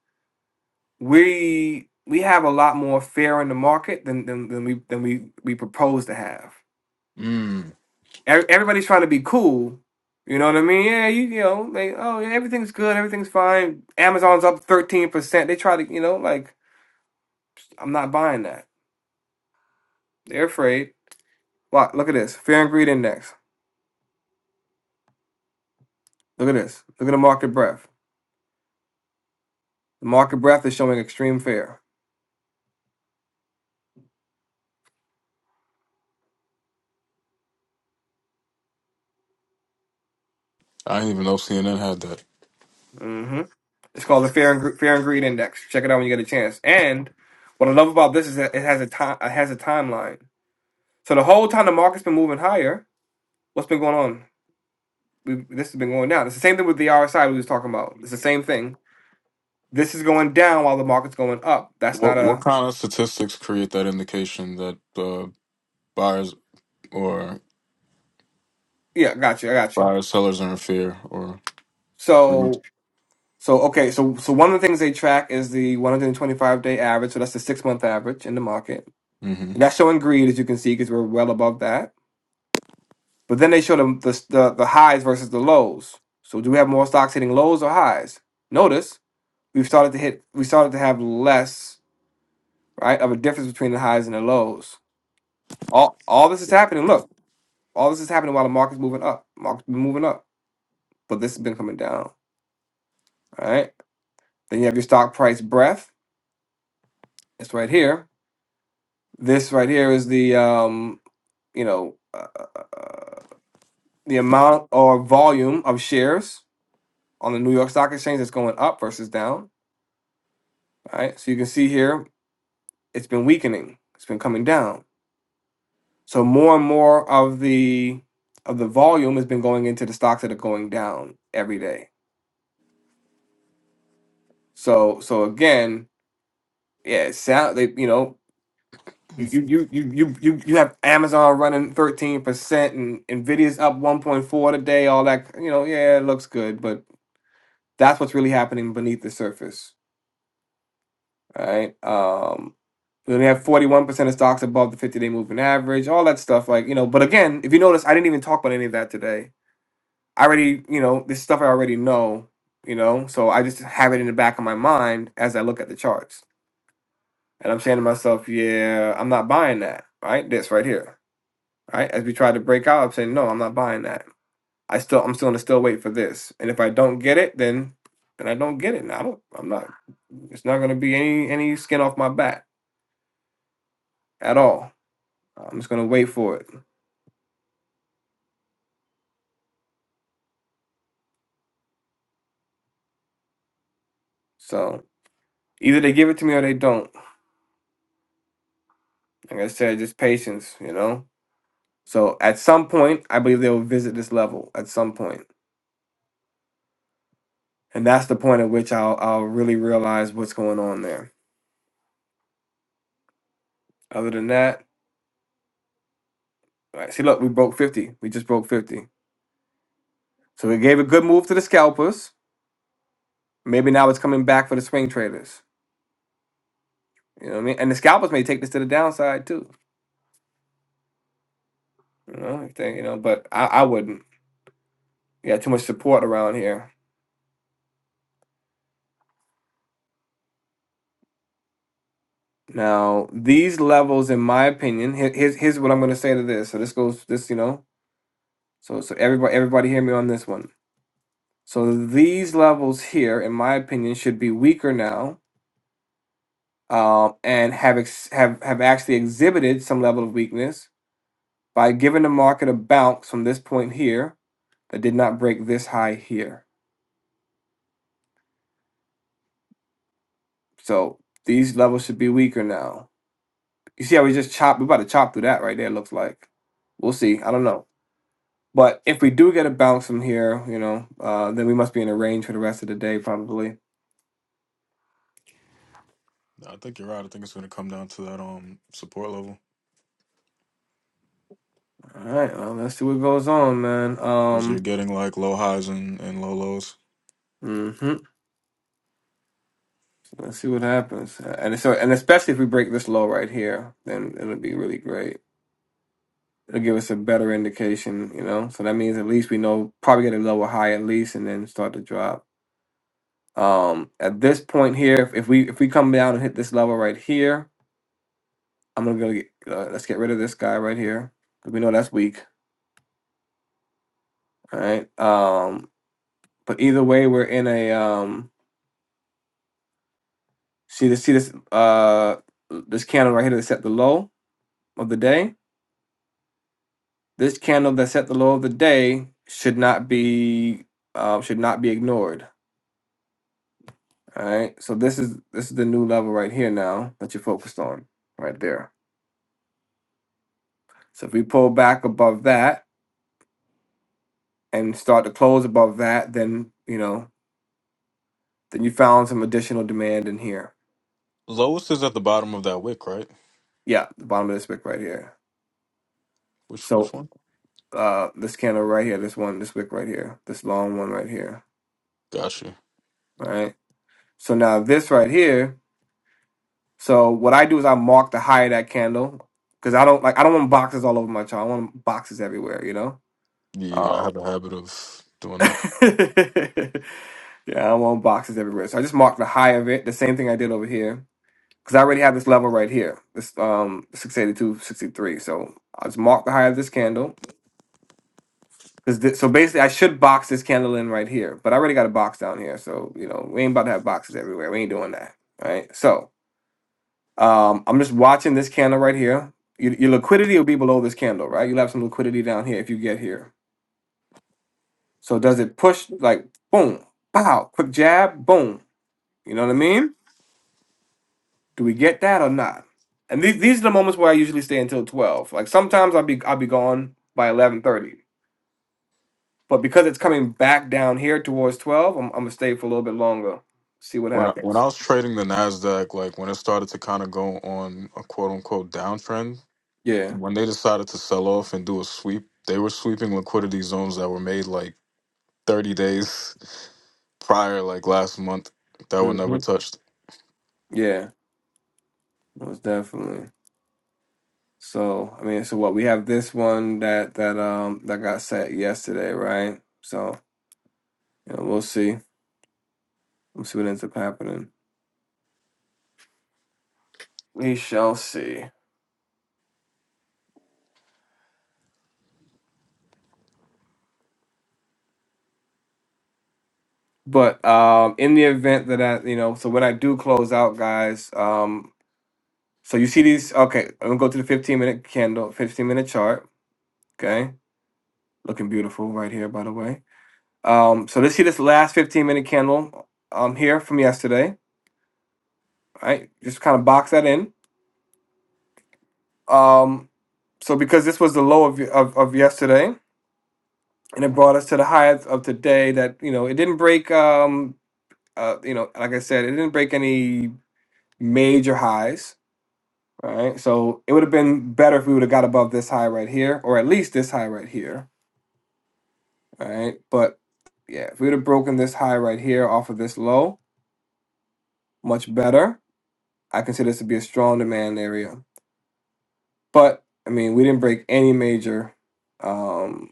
we we have a lot more fear in the market than than, than we than we we propose to have. Mm, Ev- Everybody's trying to be cool. You know what I mean? Yeah, you, you know, they oh yeah, everything's good, everything's fine. Amazon's up thirteen percent. They try to you know like I'm not buying that. They're afraid. Look, look at this fear and greed index. Look at this. Look at the market breadth. The market breadth is showing extreme fear. I didn't even know CNN had that. hmm It's called the fear and Gre- fear and greed index. Check it out when you get a chance. And what I love about this is that it has a time it has a timeline. So the whole time the market's been moving higher, what's been going on? We, this has been going down. It's the same thing with the RSI we was talking about. It's the same thing. This is going down while the market's going up. That's What not what a kind of statistics create that indication that uh, buyers or yeah. Got you. I got you. buyers sellers are in fear or greed? So so okay. So so one of the things they track is the 125 day average. So that's the six month average in the market. hmm And that's showing greed as you can see because we're well above that. But then they show them the, the the highs versus the lows. So do we have more stocks hitting lows or highs? Notice we've started to hit. We started to have less right? Of a difference between the highs and the lows. All all this is happening. Look, all this is happening while the market's moving up. Market's been moving up, but this has been coming down. All right. Then you have your stock price breath. It's right here. This right here is the um, you know, uh, the amount or volume of shares on the New York Stock Exchange that's going up versus down. All right. So you can see here it's been weakening. It's been coming down. So more and more of the of the volume has been going into the stocks that are going down every day So so again, yeah, it sound they you know you you you you you you have Amazon running thirteen percent and Nvidia's up one point four today. All that you know, yeah, it looks good, but that's what's really happening beneath the surface, right? Um, then we have forty one percent of stocks above the fifty day moving average, all that stuff. Like you know, but again, if you notice, I didn't even talk about any of that today. I already you know this stuff I already know, you know, so I just have it in the back of my mind as I look at the charts. And I'm saying to myself, yeah, I'm not buying that, right? This right here, right? As we try to break out, I'm saying, no, I'm not buying that. I still, I'm still gonna still wait for this. And if I don't get it, then, then I don't get it. And I don't, I'm not, it's not gonna be any, any skin off my back at all. I'm just gonna wait for it. So either they give it to me or they don't. Like I said, just patience, you know? So at some point, I believe they'll visit this level at some point. And that's the point at which I'll, I'll really realize what's going on there. Other than that, All right, see, look, we broke 50. We just broke 50. So we gave a good move to the scalpers. Maybe now it's coming back for the swing traders. You know what I mean? And the scalpers may take this to the downside too. You know, if they- you know, but I, I wouldn't. You got too much support around here. Now, these levels, in my opinion, here, here's here's what I'm gonna say to this. So this goes this, you know. So so everybody everybody hear me on this one. So these levels here, in my opinion, should be weaker now. Um, and have ex- have have actually exhibited some level of weakness by giving the market a bounce from this point here that did not break this high here. So these levels should be weaker now. You see how we just chop, we about to chop through that right there, it looks like. We'll see. I don't know. But if we do get a bounce from here, you know, uh, then we must be in a range for the rest of the day, probably. I think you're right. I think it's going to come down to that um support level All right, well, let's see what goes on, man. because Um, you're getting like low highs and, and low lows. hmm let's see what happens. And so, and especially if we break this low right here, then it'll be really great. it'll give us a better indication, you know. So that means at least we know probably get a level high at least, and then start to drop. Um, at this point here, if, if we if we come down and hit this level right here, I'm gonna go get, uh, let's get rid of this guy right here because we know that's weak. All right. Um, but either way, we're in a um. See this see this uh this candle right here that set the low of the day. This candle that set the low of the day should not be um should not be ignored All right. So this is this is the new level right here now that you're focused on right there. So if we pull back above that and start to close above that, then you know, then you found some additional demand in here. Lowest is at the bottom of that wick, right? Yeah, the bottom of this wick right here. Which So which one? uh this candle right here, this one, this wick right here, this long one right here. Gotcha. All right. So now this right here, so what I do is I mark the high of that candle because I don't like I don't want boxes all over my chart. I want boxes everywhere, you know? Yeah, I have a habit of doing that. yeah, I want boxes everywhere. So I just marked the high of it, the same thing I did over here, because I already have this level right here, this um six eighty two, sixty three. So I just mark the high of this candle. Cause thi- so basically, I should box this candle in right here, but I already got a box down here. So you know, we ain't about to have boxes everywhere. We ain't doing that, right? So um, I'm just watching this candle right here. Your, your liquidity will be below this candle, right? You'll have some liquidity down here if you get here. So does it push like boom, pow, quick jab, boom? You know what I mean? Do we get that or not? And these these are the moments where I usually stay until twelve. Like sometimes I'll be I'll be gone by eleven thirty, but because it's coming back down here towards twelve, I'm, I'm gonna stay for a little bit longer, see what When I, when happens. I was trading the Nasdaq, like when it started to kind of go on a quote unquote downtrend, Yeah. when they decided to sell off and do a sweep, they were sweeping liquidity zones that were made like 30 days prior, like last month, that were never hmm touched. Yeah. Most definitely. So I mean, so what we have this one that that um that got set yesterday, right? So you know, we'll see. We'll see what ends up happening. We shall see. But um, in the event that I, you know, so when I do close out, guys, um, so you see these. Okay, I'm gonna go to the 15 minute candle, 15 minute chart. Okay, looking beautiful right here, by the way. Um, so let's see this last 15 minute candle um here from yesterday. All right, just kind of box that in. Um, so because this was the low of of, of yesterday, and it brought us to the high of, of today. That you know, it didn't break. Um, uh, you know, like I said, it didn't break any major highs right? So it would have been better if we would have got above this high right here, or at least this high right here, right? But yeah, if we would have broken this high right here off of this low, much better. I consider this to be a strong demand area. But I mean, we didn't break any major um,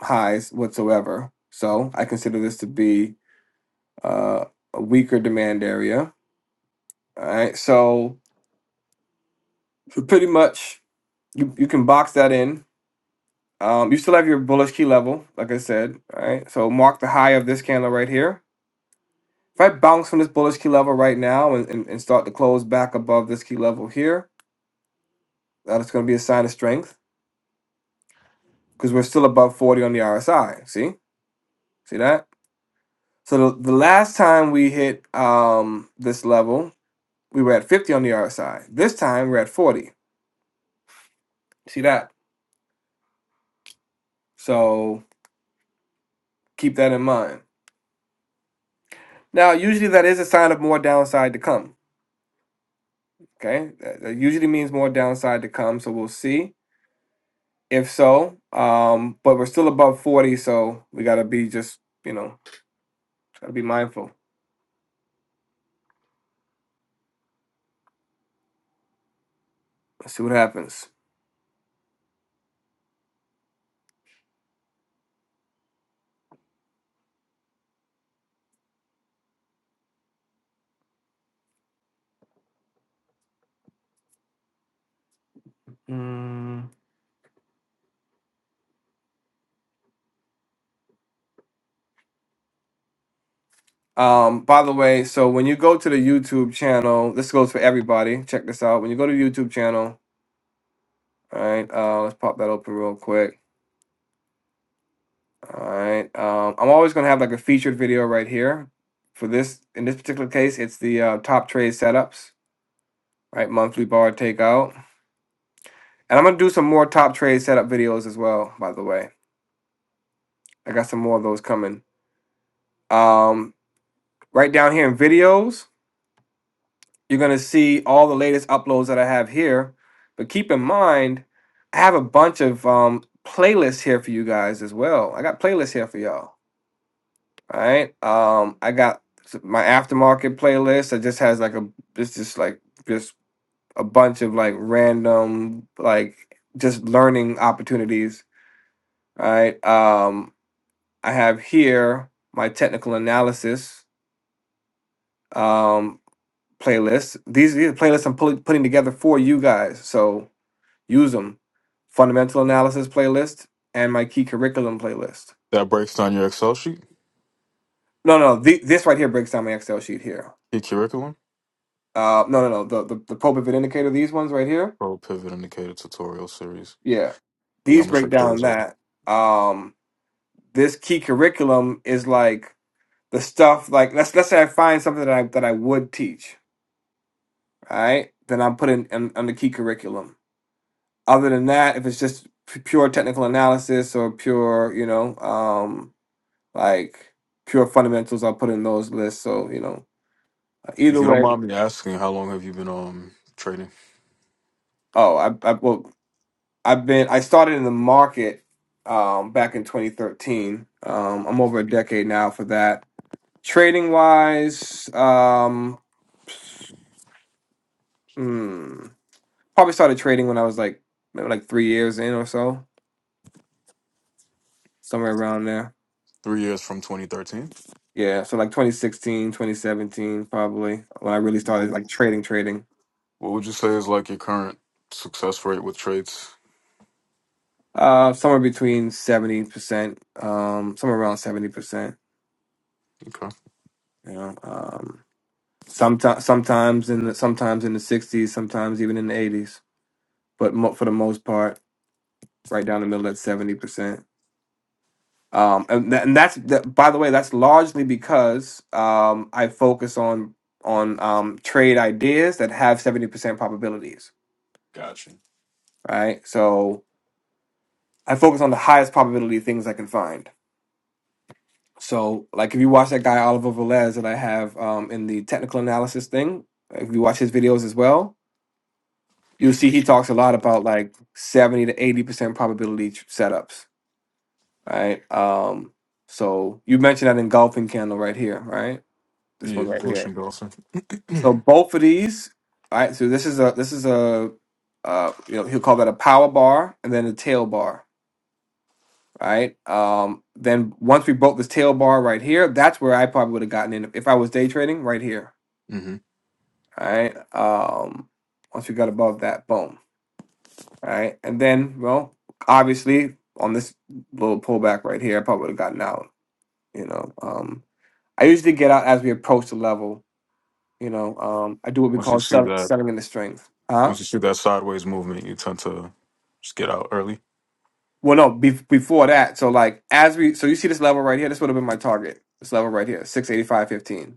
highs whatsoever. So I consider this to be uh, a weaker demand area. All right. So for pretty much you, you can box that in Um, you still have your bullish key level, like I said. All right, so mark the high of this candle right here. If I bounce from this bullish key level right now and, and, and start to close back above this key level here, that is going to be a sign of strength because we're still above 40 on the RSI. See, see that? So the, the last time we hit um, this level, we were at 50 on the RSI. This time we're at 40. See that? So keep that in mind. Now, usually that is a sign of more downside to come. Okay, that, that usually means more downside to come, so we'll see. If so, um, but we're still above 40, so we gotta be just, you know, gotta be mindful. Let's see what happens. Mm. Um, by the way, so when you go to the YouTube channel, this goes for everybody. Check this out. When you go to the YouTube channel, all right, uh, let's pop that open real quick. All right, um, I'm always gonna have like a featured video right here. For this, in this particular case, it's the uh, top trade setups, right? Monthly bar takeout. And I'm gonna do some more top trade setup videos as well, by the way. I got some more of those coming. Um, right down here in videos, you're gonna see all the latest uploads that I have here. But keep in mind, I have a bunch of um playlists here for you guys as well. I got playlists here for y'all. All right. Um, I got my aftermarket playlist that just has like a it's just like just a bunch of like random like just learning opportunities. All right. Um I have here my technical analysis um, playlist. These, these are playlists I'm pulling, putting together for you guys, so use them. Fundamental analysis playlist and my key curriculum playlist. That breaks down your Excel sheet, No, no, th- this right here breaks down my Excel sheet here. key curriculum, Uh, no, no, no, the, the the pro pivot indicator. These ones right here. pro pivot indicator tutorial series. Yeah, Yeah, I'm these gonna break check down those out. that. Um, this key curriculum is like the stuff like let's let's say I find something that I that I would teach all right, then I'm putting in on key curriculum. Other than that, if it's just p- pure technical analysis or pure, you know, um, like pure fundamentals, I'll put in those lists. So you know, If either you don't way. mind me asking, how long have you been um trading? Oh, I, I well, I've been I started in the market um, back in 2013. Um, I'm over a decade now for that. Trading wise, um, hmm, probably started trading when I was like maybe like three years in or so, somewhere around there Three years from 2013. Yeah, so like 2016, 2017, probably when I really What started like would trading, trading. what would you say is like your current success rate with trades? Uh, somewhere between 70%, um, somewhere around 70%, Okay. you know. Um, sometimes sometimes in the sometimes in the 60s, sometimes even in the 80s, but mo for the most part, right down the middle at 70%. Um, and, tha- and that's that, by the way, that's largely because um, I focus on on um, trade ideas that have 70% probabilities, Gotcha. right? So I focus on the highest probability things I can find. So, like if you watch that guy Oliver Velez that I have um, in the technical analysis thing, if you watch his videos as well, you'll see he talks a lot about like seventy to eighty percent probability tr- setups, right? Um, so you mentioned that engulfing candle right here, right? This one Yeah, right here. Goshen Dawson. So both of these, all right. So this is a this is a uh, you know he'll call that a power bar and then a tail bar right? Um, then once we broke this tail bar right here, that's where I probably would have gotten in if I was day trading right here, hmm all right? Um, once we got above that, boom, all right? And then, well, obviously on this little pullback right here, I probably would have gotten out, you know. Um, I usually get out as we approach the level, you know. Um, I do what we Once you call see sell- that, selling in the strength, huh? once you see that sideways movement, you tend to just get out early. Well, no, be- before that, so like as we, so you see this level right here, this would have been my target. This level right here, six eighty five fifteen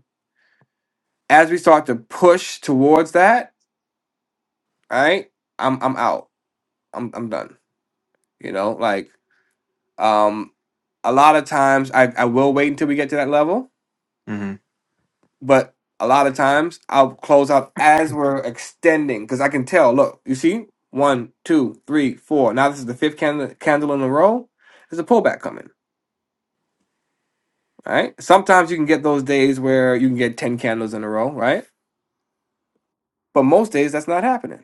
As we start to push towards that, right? I'm I'm out. I'm I'm done. You know, like um a lot of times I, I will wait until we get to that level, hmm but a lot of times I'll close out as we're extending because I can tell. Look, you see, one, two, three, four. Now this is the fifth candle, candle in a row. There's a pullback coming, right? Sometimes you can get those days where you can get ten candles in a row, right? But most days that's not happening.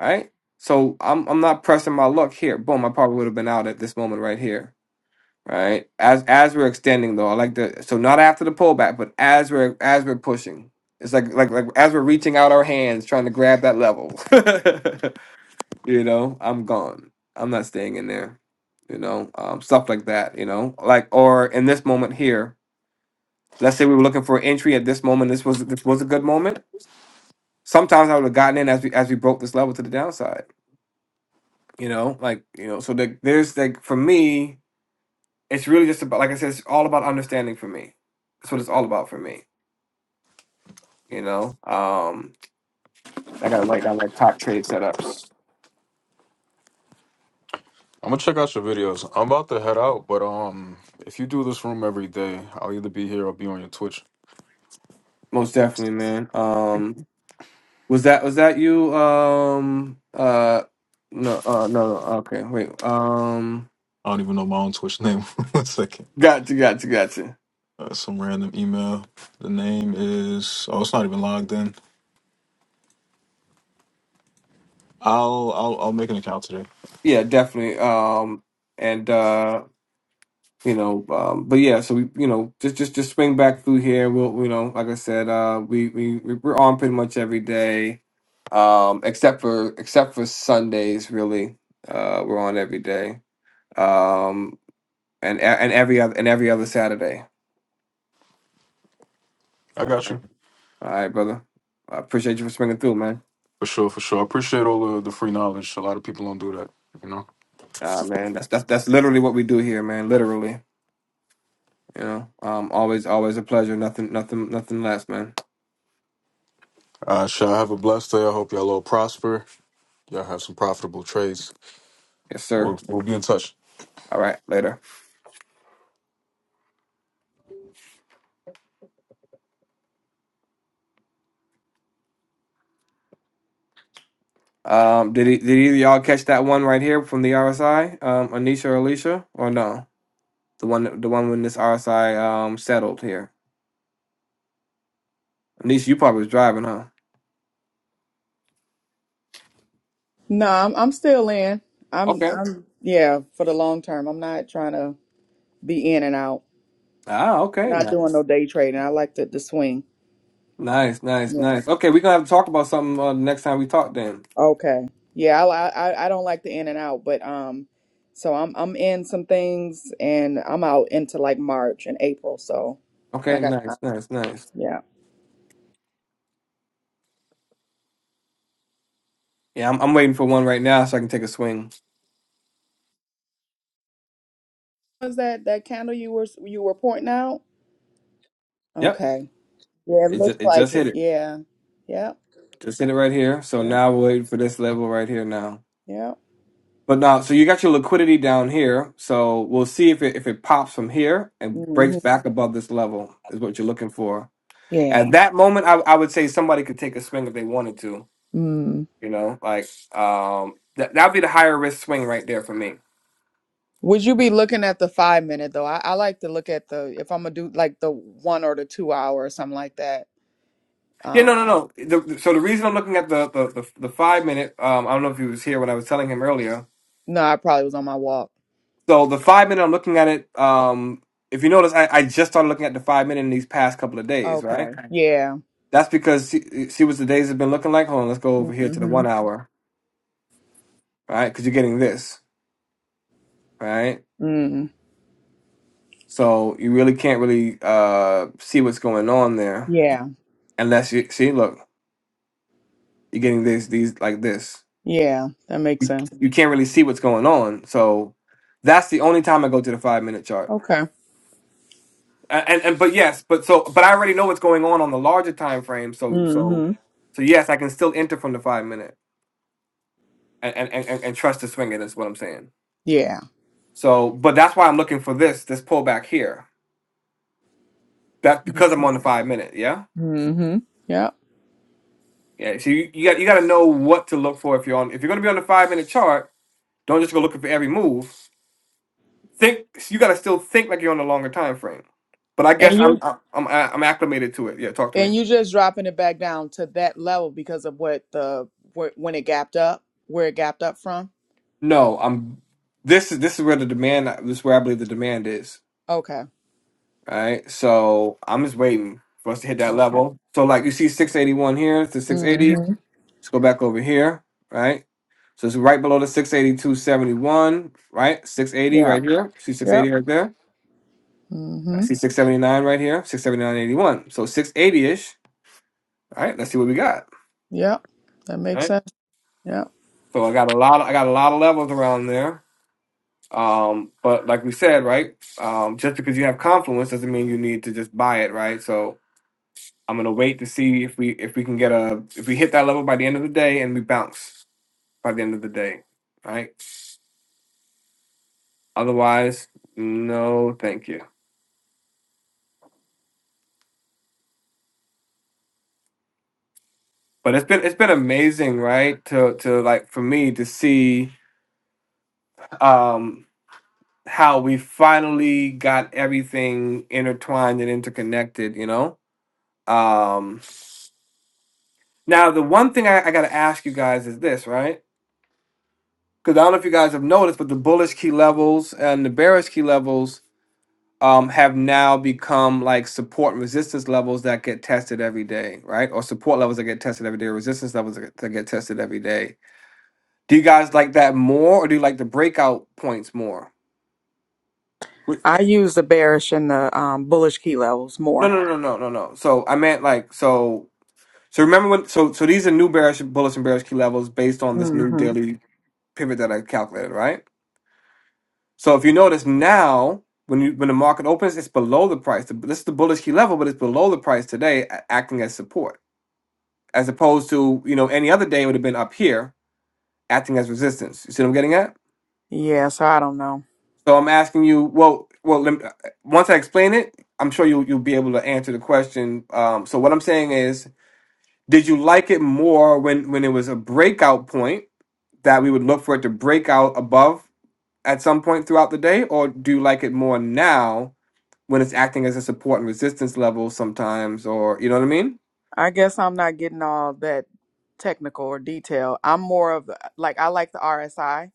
right? So I'm I'm not pressing my luck here. Boom, I probably would have been out at this moment right here, right? As as we're extending though, I like the so not after the pullback, but as we're as we're pushing, it's like like like as we're reaching out our hands trying to grab that level, you know, I'm gone. I'm not staying in there, you know, um, stuff like that, you know, like or in this moment here, let's say we were looking for entry at this moment. This was this was a good moment. Sometimes I would have gotten in as we as we broke this level to the downside you know like you know so like there's like for me it's really just about like i said it's all about understanding for me that's what it's all about for me you know um i gotta write down like top trade setups I'm gonna check out your videos. I'm about to head out, but um, if you do this room every day, I'll either be here or be on your Twitch. most definitely man um was that was that you um uh no uh no no okay wait um I don't even know my own Twitch name. One second. gotcha gotcha gotcha Uh, some random email. The name is oh, it's not even logged in. I'll I'll I'll make an account today. yeah definitely um and uh you know um but yeah so we you know just just just swing back through here we'll you know like i said uh we we we- we're on pretty much every day um except for except for sundays really uh we're on every day um and a- and every other and every other saturday I all got right you all right brother i appreciate you for swinging through man for sure, for sure. I appreciate all the the free knowledge. A lot of people don't do that, you know. Ah, man that's that's that's literally what we do here man literally you know um always always a pleasure nothing nothing nothing less man Uh, y'all have a blessed day. I hope y'all all prosper. Y'all have some profitable trades. yes sir We'll, we'll be in touch. all right later Um, did he, did either of y'all catch that one right here from the RSI, um, Anisha or Alicia, or no? The one the one when this RSI um settled here. Anisha, you probably was driving, huh? No, I'm, I'm still in. I'm, Okay. I'm, yeah, for the long term. I'm not trying to be in and out. Ah, okay, Not doing no nice, day trading. I like the, the swing. nice, nice, Yeah. nice. Okay, we're gonna have to talk about something uh, next time we talk. Then. Okay. Yeah, I, I I don't like the in and out, but um, so I'm I'm in some things and I'm out into like March and April, so I Okay, got time. nice, nice, nice. Yeah. Yeah, I'm I'm waiting for one right now so I can take a swing. Was that that candle you were you were pointing out? Yep, Okay. Yeah, it it looks just it like just hit it. it, Yeah. Yeah. just hit it right here. So Yeah. now we're waiting for this level right here now. Yeah. But now, so you got your liquidity down here. So we'll see if it if it pops from here and hmm breaks back above this level is what you're looking for. Yeah. At that moment, I, I would say somebody could take a swing if they wanted to. Mm. You know, like um, that that'd be the higher risk swing right there for me. Would you be looking at the five minute though? I, I like to look at the if I'm gonna do like the one or the two hour or something like that. Yeah, no, Um, no, no. The, so the reason I'm looking at the the, the, the five minute, um, I don't know if he was here when I was telling him earlier. no, I probably was on my walk. So the five minute, I'm looking at it. Um, if you notice, I, I just started looking at the five minute in these past couple of days, right? Okay. Yeah. That's because see, see what the days have been looking like. Hold on, let's go over here to the Mm-hmm. one hour, right? Because you're getting this, right? Mm. So you really can't really uh see what's going on there Yeah. unless you see. Look, you're getting these these like this. Yeah. That makes You, sense. you can't really see what's going on. So that's the only time I go to the five minute chart. Okay. A- And and but yes, but so but I already know what's going on on the larger time frame. So so Mm-hmm. so yes, I can still enter from the five minute and and and, and and trust the swing it. Is what I'm saying. Yeah. So, but that's why I'm looking for this this pullback here. That's because Makes I'm sense. on the five minute. Yeah, Mm-hmm. Yeah. yeah. So you, you got you got to know what to look for if you're on. If you're going to be on the five minute chart, don't just go looking for every move. Think you got to still think like you're on the longer time frame. But I guess And I'm you I'm I'm I'm acclimated to it. Yeah, talk to me. and you just dropping it back down to that level because of what the where, when it gapped up, where it gapped up from. No, I'm. This is this is where the demand. This is where I believe the demand is. Okay. All right. So I'm just waiting for us to hit that Okay. level. So like you see 681 here to 680. Mm-hmm. Let's go back over here, right? So it's right below the 682.71, right? 680 Yeah. right here. See Yep. 680 right there. I Mm-hmm. see 679 right here. 679.81. So 680-ish. All right, let's see what we got. Yep. That All makes right. sense. Yep. So I got a lot of, I got a lot of levels around there. Um, but like we said, right? Um, just because you have confluence doesn't mean you need to just buy it, right? So I'm gonna wait to see if we if we can get a if we hit that level by the end of the day and we bounce by the end of the day. right? Otherwise, no, thank you. But it's been it's been amazing, right? To to like for me to see um how we finally got everything intertwined and interconnected, you know? Um now the one thing I, I gotta ask you guys is this, right? Because I don't know if you guys have noticed, but the bullish key levels and the bearish key levels um, have now become like support and resistance levels that get tested every day, right? Or support levels that get tested every day, or resistance levels that get that get tested every day Do you guys like that more, or do you like the breakout points more? Wh- I use the bearish and the um, bullish key levels No, more. no, no, no, no, no. So I meant like so. So remember when? So so these are new bearish bullish and bearish key levels based on this new Mm-hmm. daily pivot that I calculated, right? So if you notice now, when you when the market opens, it's below the price. The- This is the bullish key level, but it's below the price today, a- acting as support, as opposed to you know any other day it would have been up here acting as resistance. You see what I'm getting at? Yeah. So I don't know. So I'm asking you, well, well, lem- uh, once I explain it, I'm sure you you'll be able to answer the question. Um, so what I'm saying is, did you like it more when when it was a breakout point that we would look for it to break out above at some point throughout the day, or do you like it more now when it's acting as a support and resistance level sometimes, or you know what I mean? I guess I'm not getting all that technical or detail. I'm more of the- like I like the RSI.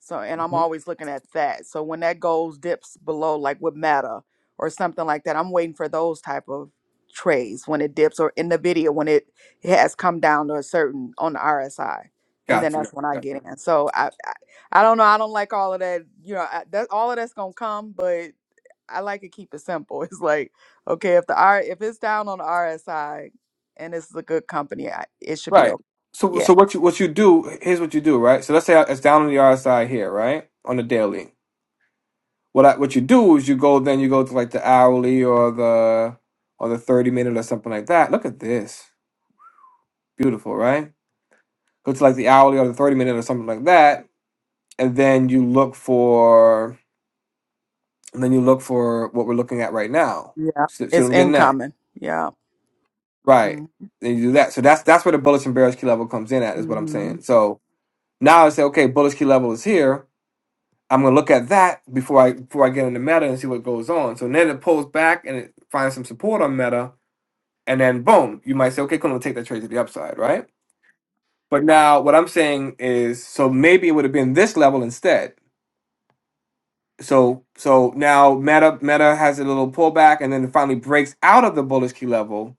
So and I'm hmm always looking at that. So when that goes dips below like with Meta or something like that, I'm waiting for those type of trades when it dips or in the video when it, it has come down to a certain on the RSI. And then Gotcha, gotcha, that's when I get gotcha. in. So I, I I don't know, I don't like all of that, you know, I, that all of that's going to come, but I like to keep it simple. It's like, okay, if the R if it's down on the RSI, and it's a good company. I, it should be Right. okay. So Yeah, so what you what you do? Here's what you do, right? So let's say it's down on the RSI here, right, on the daily. What I, what you do is you go then you go to like the hourly or the or the thirty minute or something like that. Look at this, beautiful, right? Go to like the hourly or the thirty minute or something like that, and then you look for and then you look for what we're looking at right now. yeah, See, see what it's I'm getting at? incoming. Yeah. Right. Then you do that. So that's that's where the bullish and bearish key level comes in at. Is what I'm Mm-hmm. saying. So now I say, okay, bullish key level is here. I'm gonna look at that before I before I get into meta and see what goes on. So then it pulls back and it finds some support on meta and then boom, you might say, okay, cool, we'll take that trade to the upside, right? But now what I'm saying is, so maybe it would have been this level instead. So so now Meta Meta has a little pullback, and then it finally breaks out of the bullish key level,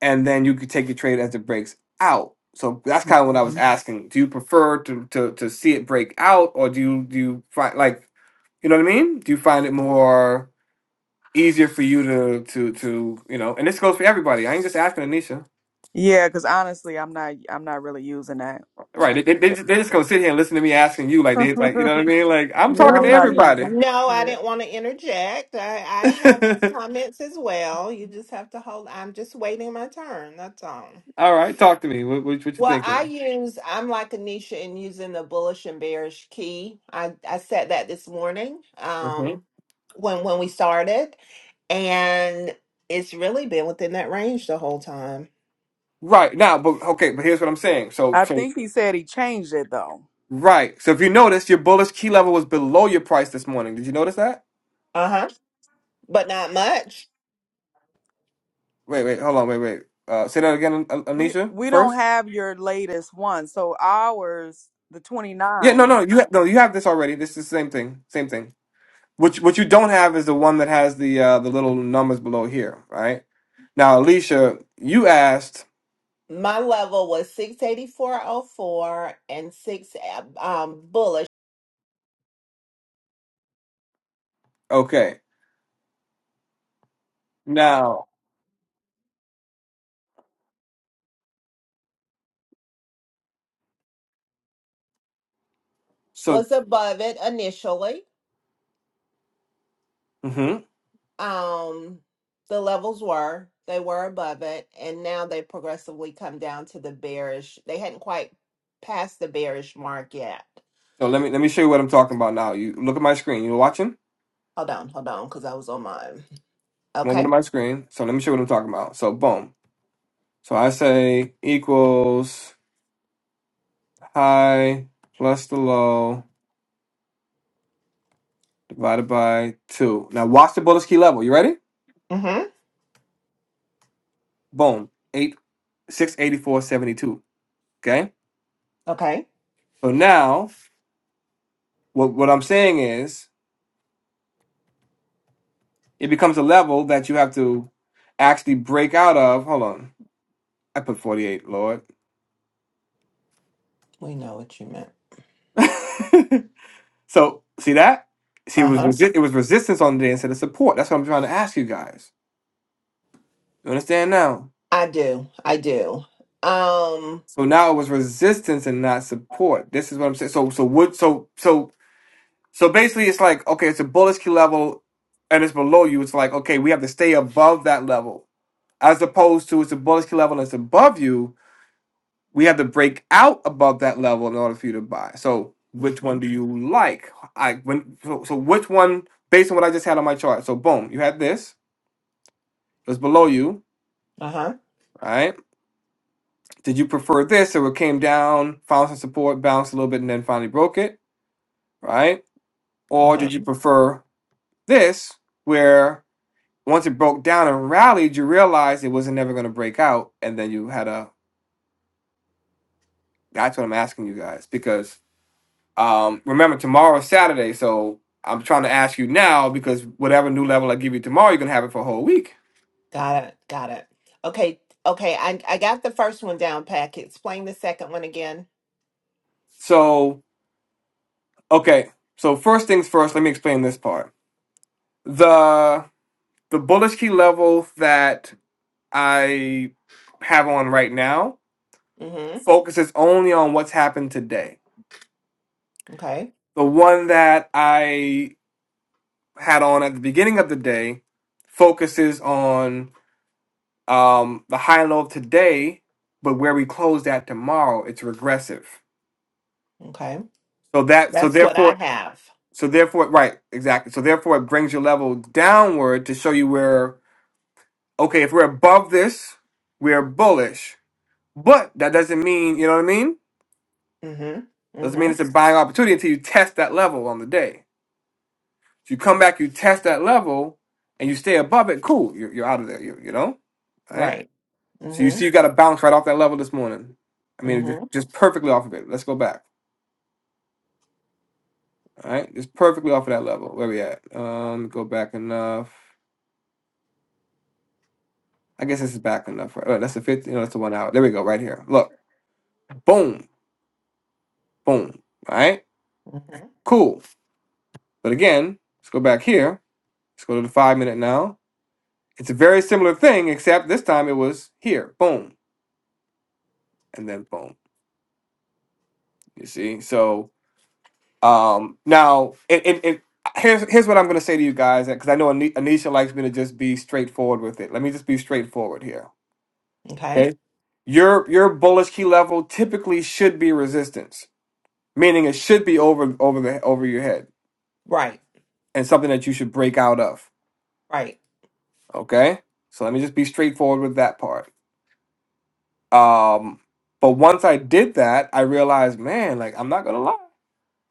and then you could take your trade as it breaks out. So that's kind of what I was hmm asking. Do you prefer to to to see it break out, or do you do you find like, you know what I mean? Do you find it more easier for you to to to you know? And this goes for everybody. I ain't just asking Anisha Yeah, because honestly, I'm not. I'm not really using that. Like, Right. They, they, I just, they just said. gonna sit here and listen to me asking you like they like you yeah, know what I mean? Like I'm Yeah, talking to I'm not Mm, everybody. using. No, I Yeah, didn't want to interject. I, I have comments as well. You just have to hold. I'm just waiting my turn. That's all. All right, talk to me. What what, what you Well, I thinking? use, I'm like Anisha in using the bullish and bearish key. I, I said that this morning Mhm. um, when when we started, and it's really been within that range the whole time. Right now, but okay, but here's what I'm saying. So I so think he said he changed it though. right. So if you notice, your bullish key level was below your price this morning. Did you notice that? Uh-huh. But not much. Wait wait hold on wait wait. Uh, say that again, An- We Anisha. we don't First. have your latest one, so ours the Yeah no 29 no you ha- no you have this already. This is the same thing same thing. What you- what you don't have is the one that has the uh, the little numbers below here, right? Now, Alicia, you asked. My level was 684.04 and six uh, um, bullish Okay. Now, so was above it initially. mhm. um the levels were they were above it and now they progressively come down to the bearish they hadn't quite passed the bearish mark yet so let me let me show you what I'm talking about now. You look at my screen. You're watching? hold on hold on because i was on mine Come over to okay my screen. So let me show you what I'm talking about. So boom. So I say equals high plus the low divided by two. Now watch the bullish key level. You ready? mm-hmm Boom. Eight six eighty four seventy two. Okay. okay So now what what I'm saying is it becomes a level that you have to actually break out of. Hold on. I put forty eight, Lord. we know what you meant So see that? See, it was uh-huh resi- it was resistance on the day instead of support. That's what I'm trying to ask you guys. You understand now? i do i do um So now it was resistance and not support. This is what I'm saying. So so what? So so so basically, it's like okay, it's a Bolesky level, and it's below you. It's like okay, we have to stay above that level, as opposed to it's a Bolesky level and it's above you. We have to break out above that level in order for you to buy. So which hmm one do you like? I when so, so which one based on what I just had on my chart? So boom, you had this. was below you, uh-huh right? Did you prefer this? So it came down, found some support, bounced a little bit, and then finally broke it, right? Or uh-huh did you prefer this, where once it broke down and rallied, you realized it wasn't never going to break out, and then you had a. That's what I'm asking you guys because um, remember tomorrow is Saturday, so I'm trying to ask you now because whatever new level I give you tomorrow, you're gonna have it for a whole week. got it got it okay okay i i got the first one down pack explain the second one again So okay, so first things first, let me explain this part. The the bullish key level that I have on right now mm-hmm focuses only on what's happened today. okay The one that I had on at the beginning of the day focuses on um, the high and low of today, but where we close at tomorrow, it's regressive. okay So that so that's what i therefore have so therefore right exactly so therefore it brings your level downward to show you where okay if we're above this we're bullish, but that doesn't mean you know what I mean Mm-hmm. Doesn't mean Mm-hmm. it's a buying opportunity until you test that level on the day. If you come back, you test that level, and you stay above it, cool. You're, you're out of there. You, you know, all right. Right. So you Mm-hmm. see, you got to bounce right off that level this morning. I mean, just, Mm-hmm. just perfectly off of it. Let's go back. All right, just perfectly off of that level. Where we at? Um, go back enough. I guess this is back enough. Right? Oh, that's the fifty. No, that's the one hour. There we go. Right here. Look, boom, boom. All right, Mm-hmm. cool. But again, let's go back here. Let's go to the five minute now. It's a very similar thing, except this time it was here, boom, and then boom. You see, so um, now it, it, it here's here's what I'm gonna say to you guys, because I know Ani- Anisha likes me to just be straightforward with it. Let me just be straightforward here, Okay. okay? Your your bullish key level typically should be resistance, meaning it should be over over the over your head Right. and something that you should break out of. Right. Okay, so let me just be straightforward with that part. Um, but once I did that, I realized, man, like I'm not gonna lie.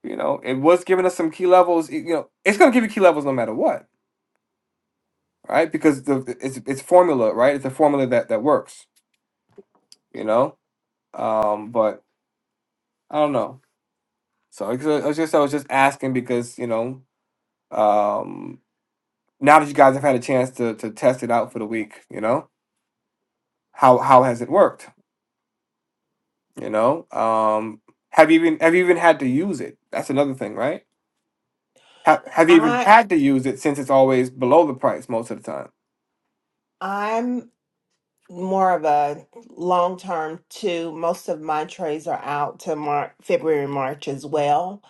You know, it was giving us some key levels. You know, it's going to give you key levels no matter what, right? Because the it's it's formula, right? It's a formula that that works. You know, um, but I don't know. So I was I was just I was just asking because you know, um, now that you guys have had a chance to to test it out for the week, you know, how how has it worked? You know, um, have you even have you even had to use it? That's another thing, right? Have have you even I had to use it since it's always below the price most of the time? I'm more of a long term too. Most of my trades are out to March, February, March as well.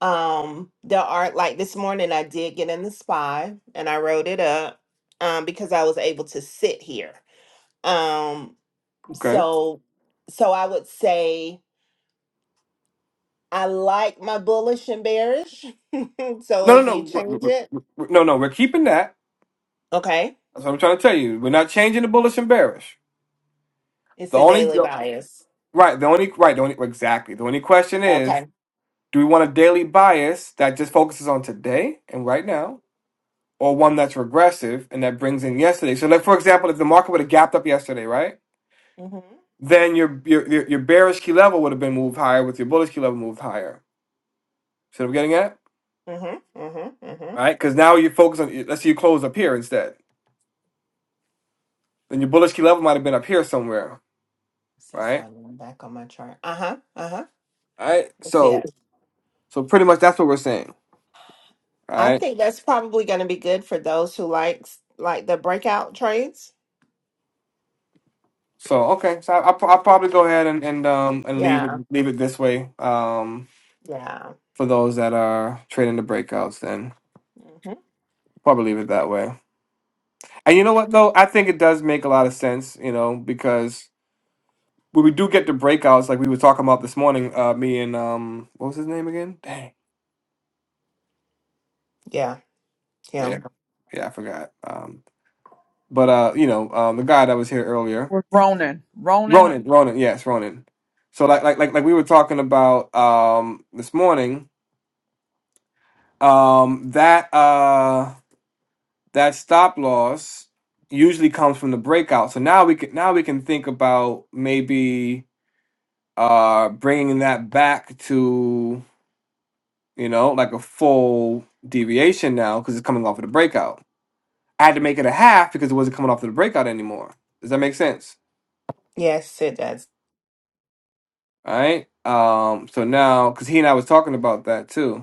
Um, there are like this morning I did get in the spy and I wrote it up um because I was able to sit here. Um Okay. so so I would say I like my bullish and bearish. so No, no, if no, you we're- change it, we're- we're- no, no. We're keeping that. okay, That's what I'm trying to tell you. We're not changing the bullish and bearish. it's The a only daily bias. right, the only right, the only exactly. The only question is, Okay. do we want a daily bias that just focuses on today and right now, or one that's regressive and that brings in yesterday? So, like for example, if the market would have gapped up yesterday, right, Mhm. then your your your your bearish key level would have been moved higher with your bullish key level moved higher. See what I'm getting at? Mhm. Mhm. Mhm. Right? Because now you focus on. Let's say you close up here instead. Then your bullish key level might have been up here somewhere, So right? funny. I'm back on my chart. Uh huh. Uh huh. All right. Let's see So it. so pretty much that's what we're saying. All I right. think that's probably going to be good for those who likes like the breakout trades. So okay. So I, I pro- I'll probably go ahead and, and um and leave it Yeah. leave it this way. Um, Yeah. for those that are trading the breakouts, then Mhm. probably leave it that way. And you know what though, I think it does make a lot of sense. You know because when we do get the breakouts, like we were talking about this morning, uh, me and um, what was his name again? Dang. Yeah. Yeah. Yeah. Yeah, I forgot. Um, but uh, you know, um, the guy that was here earlier. was Ronin. Ronin Ronan, Ronan, yes, Ronan. So like like like like we were talking about um this morning, um that uh that stop loss usually comes from the breakout. So now we can now we can think about maybe uh bringing that back to, you know, like a full deviation now because it's coming off of the breakout. I had to make it a half because it wasn't coming off of the breakout anymore. Does that make sense? Yes, it does. All right. Um so now cuz he and I was talking about that too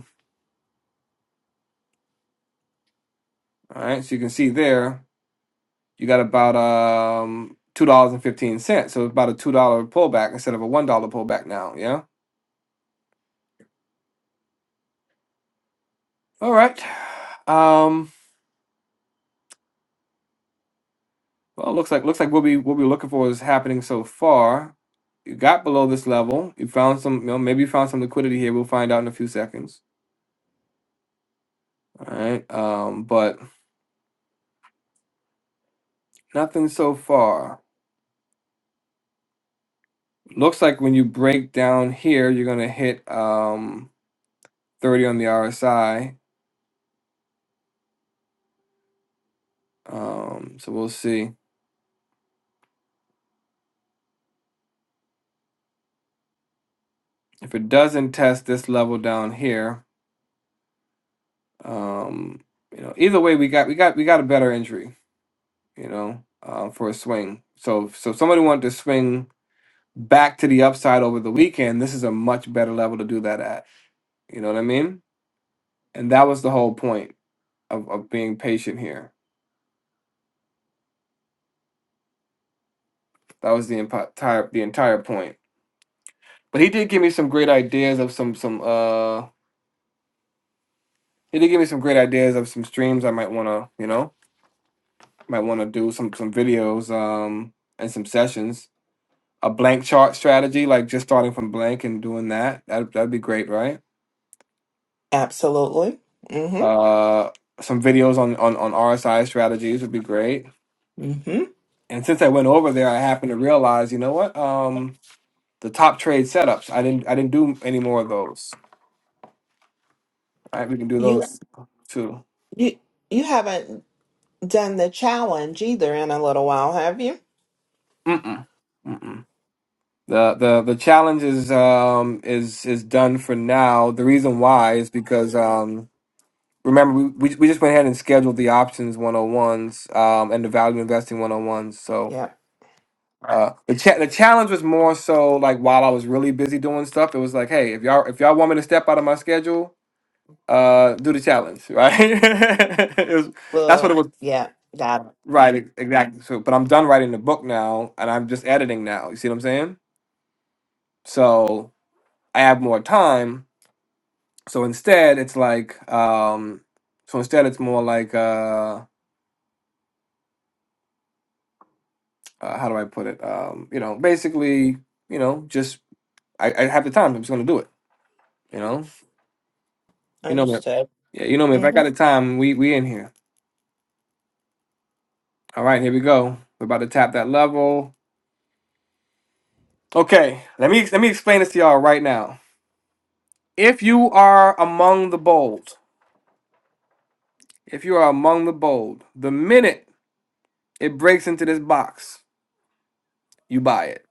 All right, so you can see there, you got about um two dollars and fifteen cents. So it's about a two dollar pullback instead of a one dollar pullback now. Yeah. All right. Um. Well, it looks like looks like what we what we're looking for is happening so far. You got below this level. You found some. You know, maybe you found some liquidity here. We'll find out in a few seconds. All right. Um. But nothing so far. Looks like when you break down here, you're gonna hit um thirty on the RSI. Um. So we'll see. if it doesn't test this level down here, um, you know, either way, we got we got we got a better injury, you know, uh, for a swing. So so if somebody wanted to swing back to the upside over the weekend, this is a much better level to do that at. You know what I mean? And that was the whole point of, of being patient here. That was the empo- entire the entire point. But he did give me some great ideas of some some uh he did give me some great ideas of some streams I might want to you know might want to do some some videos um and some sessions. A blank chart strategy, like just starting from blank and doing that. That that'd be great, right? Absolutely. Mhm. Uh, some videos on on on RSI strategies would be great. Mhm. And since I went over there, I happened to realize, you know what? Um, the top trade setups. I didn't I didn't do any more of those. All right, we can do You those too. you you haven't. done the challenge either in a little while, have you? Mm-mm. Mm-mm. The the the challenge is um is is done for now. The reason why is because um remember we, we we just went ahead and scheduled the options 101s um and the value investing 101s so Yeah. uh the cha- the challenge was more so like while I was really busy doing stuff it was like hey if y'all if y'all want me to step out of my schedule uh do the challenge right it was, that's what it Well, was yeah, got it. right ex- exactly so but I'm done writing the book now and I'm just editing now you see what I'm saying so I have more time so instead it's like um so instead it's more like uh, uh, how do I put it? Um, you know, basically, you know, just I, I have the time. I'm just gonna do it. You know, you know me. Understood. Yeah, you know me. If I got hmm the time, we we in here. All right, here we go. We're about to tap that level. Okay, let me let me explain this to y'all right now. If you are among the bold, if you are among the bold, the minute it breaks into this box, you buy it.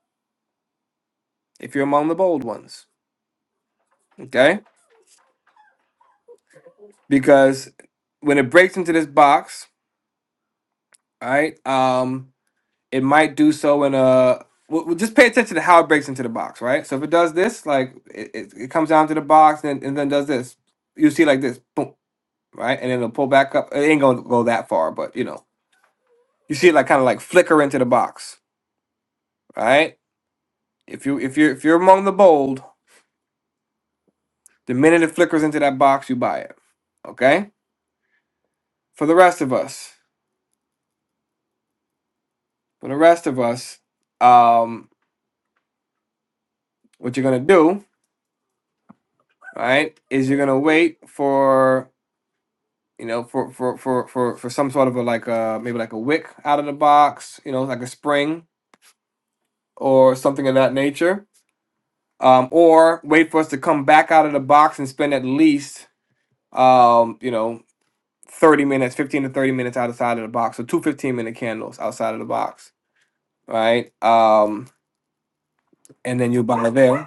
If you're among the bold ones, okay, because when it breaks into this box, all right, um, it might do so in a we'll we'll just pay attention to how it breaks into the box, right? So if it does this, like it, it, it comes down to the box and, and then does this, you see like this, boom, right? And then it'll pull back up. It ain't gonna go that far, but you know, you see it like kind of like flicker into the box, right? If you if you if you're among the bold, the minute it flickers into that box, you buy it. Okay? For the rest of us, for the rest of us, um, what you're gonna do, right, is you're gonna wait for you know, for for for for for some sort of a like uh maybe like a wick out of the box, you know, like a spring or something of that nature. Um, or wait for us to come back out of the box and spend at least um, you know, 30 minutes, 15 to 30 minutes outside of the box. So two fifteen minute candles outside of the box. All right. Um, and then you buy there.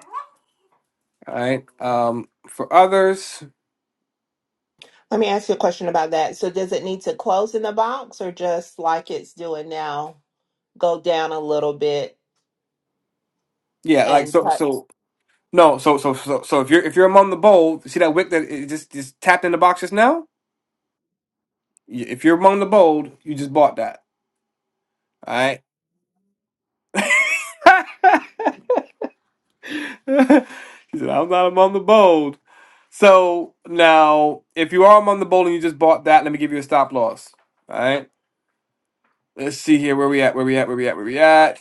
All right. Um, for others, Let me ask you a question about that. So, does it need to close in the box or just like it's doing now, go down a little bit yeah, like and so touch? so no, so so so so if you're if you're among the bold, see that wick that it just just tapped in the box just now? Y- If you're among the bold, you just bought that. All right. he said, I'm not among the bold. So now, if you are among the bold and you just bought that, let me give you a stop loss. All right. Let's see here where we at, where we at, where we at, where we at.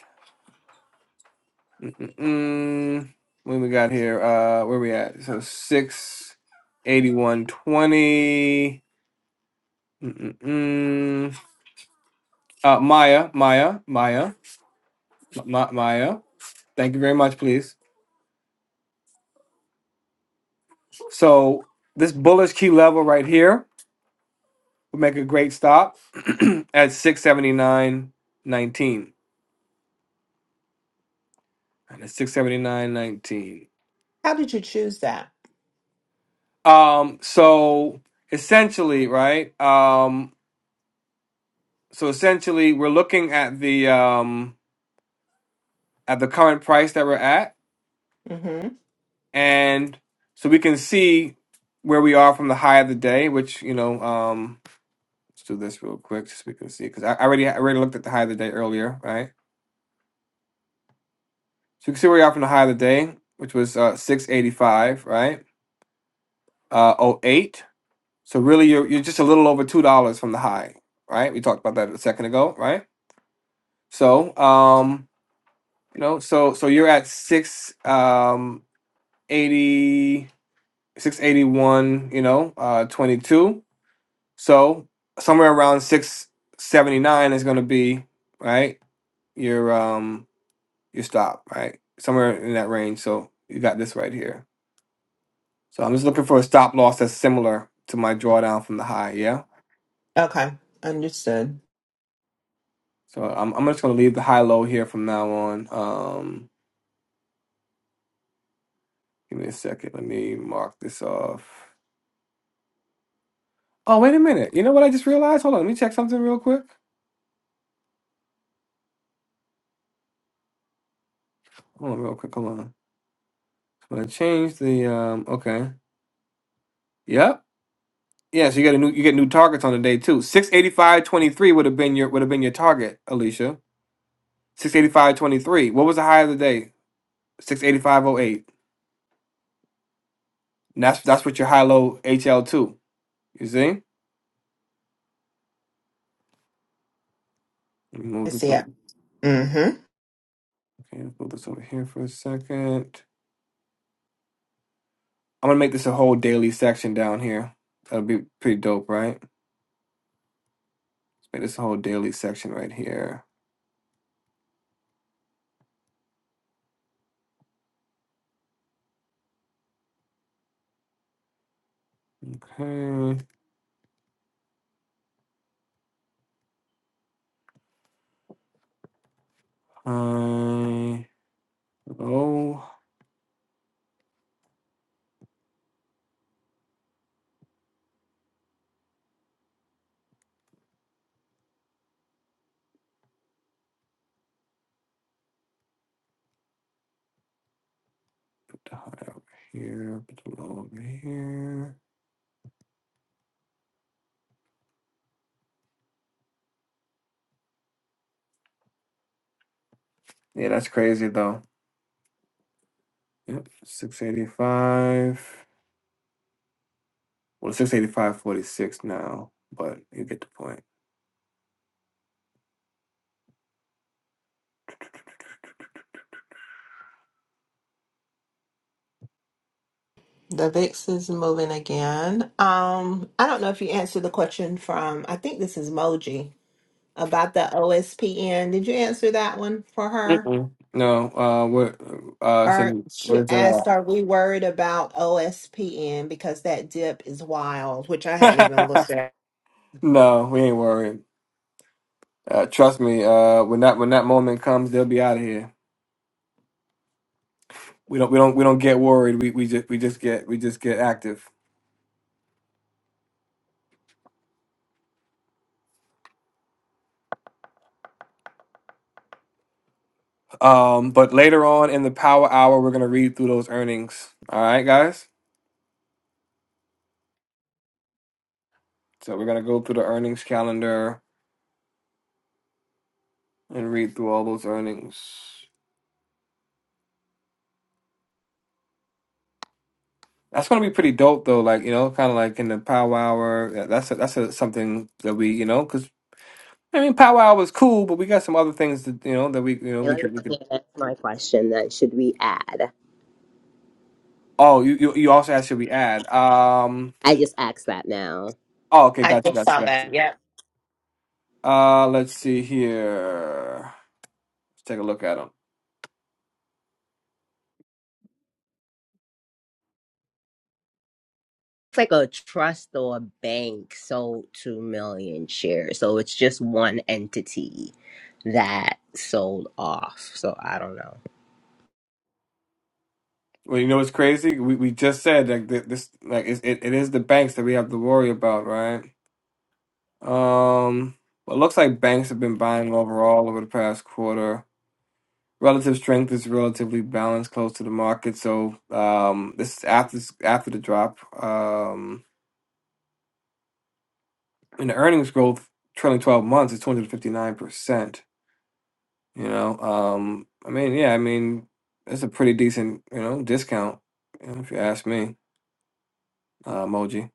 Mm-mm. When we got here, uh, where we at? So six eighty-one twenty. Mm-mm-mm. Uh, Maya, Maya, Maya, Ma- Maya. Thank you very much, please. So this bullish key level right here. would make a great stop at 679.19. And it's 679.19. How did you choose that? Um, so essentially, right? Um, so essentially we're looking at the um at the current price that we're at, hmm and so we can see where we are from the high of the day, which you know, um let's do this real quick so we can see because I I already I already looked at the high of the day earlier, right? So you can see where we are from the high of the day, which was uh 685, right? Uh Oh eight. So really, you're you're just a little over two dollars from the high, right? We talked about that a second ago, right? So, um, you know, so so you're at six um eighty six eighty one, you know, uh twenty two. So somewhere around six seventy nine is going to be right your um your stop, right? Somewhere in that range. So you got this right here. So I'm just looking for a stop loss that's similar to my drawdown from the high. Yeah. Okay, understood. So I'm I'm just gonna leave the high low here from now on. Um, give me a second. Let me mark this off. Oh wait a minute. You know what I just realized? Hold on. Let me check something real quick. Hold on, real quick. Hold on. I'm gonna change the um. Okay. Yep. Yeah. So you got a new you get new targets on the day too. Six eighty five twenty three would have been your would have been your target, Alicia. Six eighty five twenty three. What was the high of the day? Six eighty five oh eight. that's that's what your high low HL two. You see? Let me I move this see over. it. hmm Okay. Let's move this over here for a second. I'm gonna make this a whole daily section down here. That'll be pretty dope, right? Let's make this a whole daily section right here. Okay. high, low, high over here. low over here. Yeah, that's crazy though. Yep. 685. Well, 685.46 now, but you get the point. The VIX is moving again. Um, I don't know if you answered the question from, I think this is Moji about the OSPN. Did you answer that one for her? Mm-mm. No, uh, what, uh, Are send, she where's it asked, at? are we worried about OSPN because that dip is wild, which I hadn't even looked at. no, we ain't worried. Uh, trust me, uh, when that when that moment comes, they'll be out of here. we don't we don't we don't get worried. We we just we just get we just get active. Um, but later on in the power hour, we're gonna read through those earnings. All right, guys. So we're gonna go through the earnings calendar and read through all those earnings. That's gonna be pretty dope, though. Like you know, kind of like in the power hour. yeah, That's a, that's a, something that we you know because I mean power hour is cool, but we got some other things that you know that we you know we Taylor could we could. Monahan, ask my question then. Should we add? Oh, you you, you also asked should we add? Um. I just asked that now. Oh, okay, I gotcha, just gotcha, saw gotcha. that. Yep. Uh, let's see here. Let's Take a look at them. It's like a trust or a bank sold two million shares. So it's just one entity that sold off. So I don't know. Well, you know what's crazy? We we just said like that this like it, it it is the banks that we have to worry about, right? Um, well, it looks like banks have been buying overall over the past quarter. relative strength is relatively balanced close to the market. So um, this is after after the drop. Um, and the earnings growth trailing twelve months is two hundred fifty nine percent. You know, um, I mean, yeah, I mean, that's a pretty decent you know discount you know, if you ask me, uh, Moji.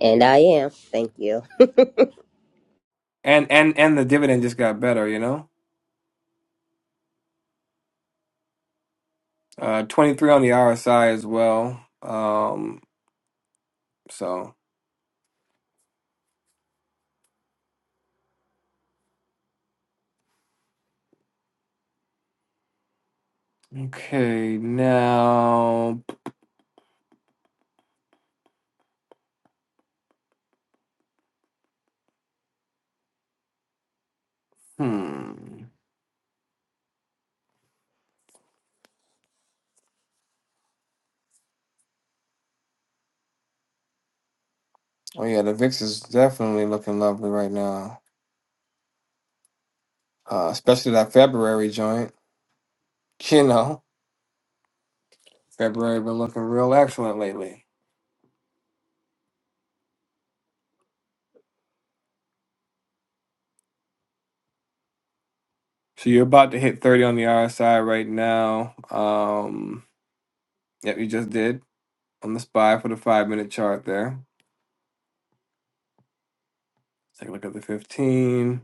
And I am. Thank you. And and and the dividend just got better. You know, uh, twenty three on the RSI as well. Um, so okay, now hmm. Oh yeah, the VIX is definitely looking lovely right now. Uh, especially that February joint. You know, February been looking real excellent lately. So you're about to hit 30 on the RSI right now. Um, yep, you just did on the SPY for the five minute chart there. Take a look at the 15.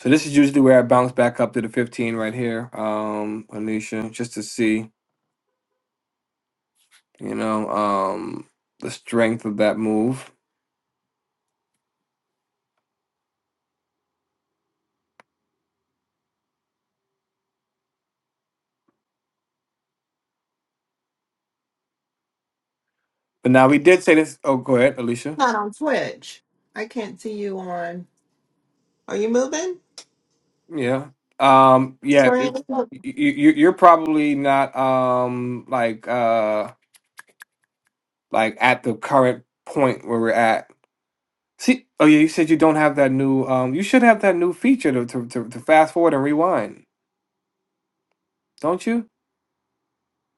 So this is usually where I bounce back up to the 15 right here, um, Anisha, just to see, you know, um, the strength of that move. But now we did say this. Oh, go ahead, Alicia. Not on Twitch. I can't see you on. Are you moving? Yeah. Um, yeah, Screen? it's, you, you- you're probably not um like uh like at the current point where we're at. See, oh yeah, you said you don't have that new um you should have that new feature to to, to, to fast forward and rewind, don't you?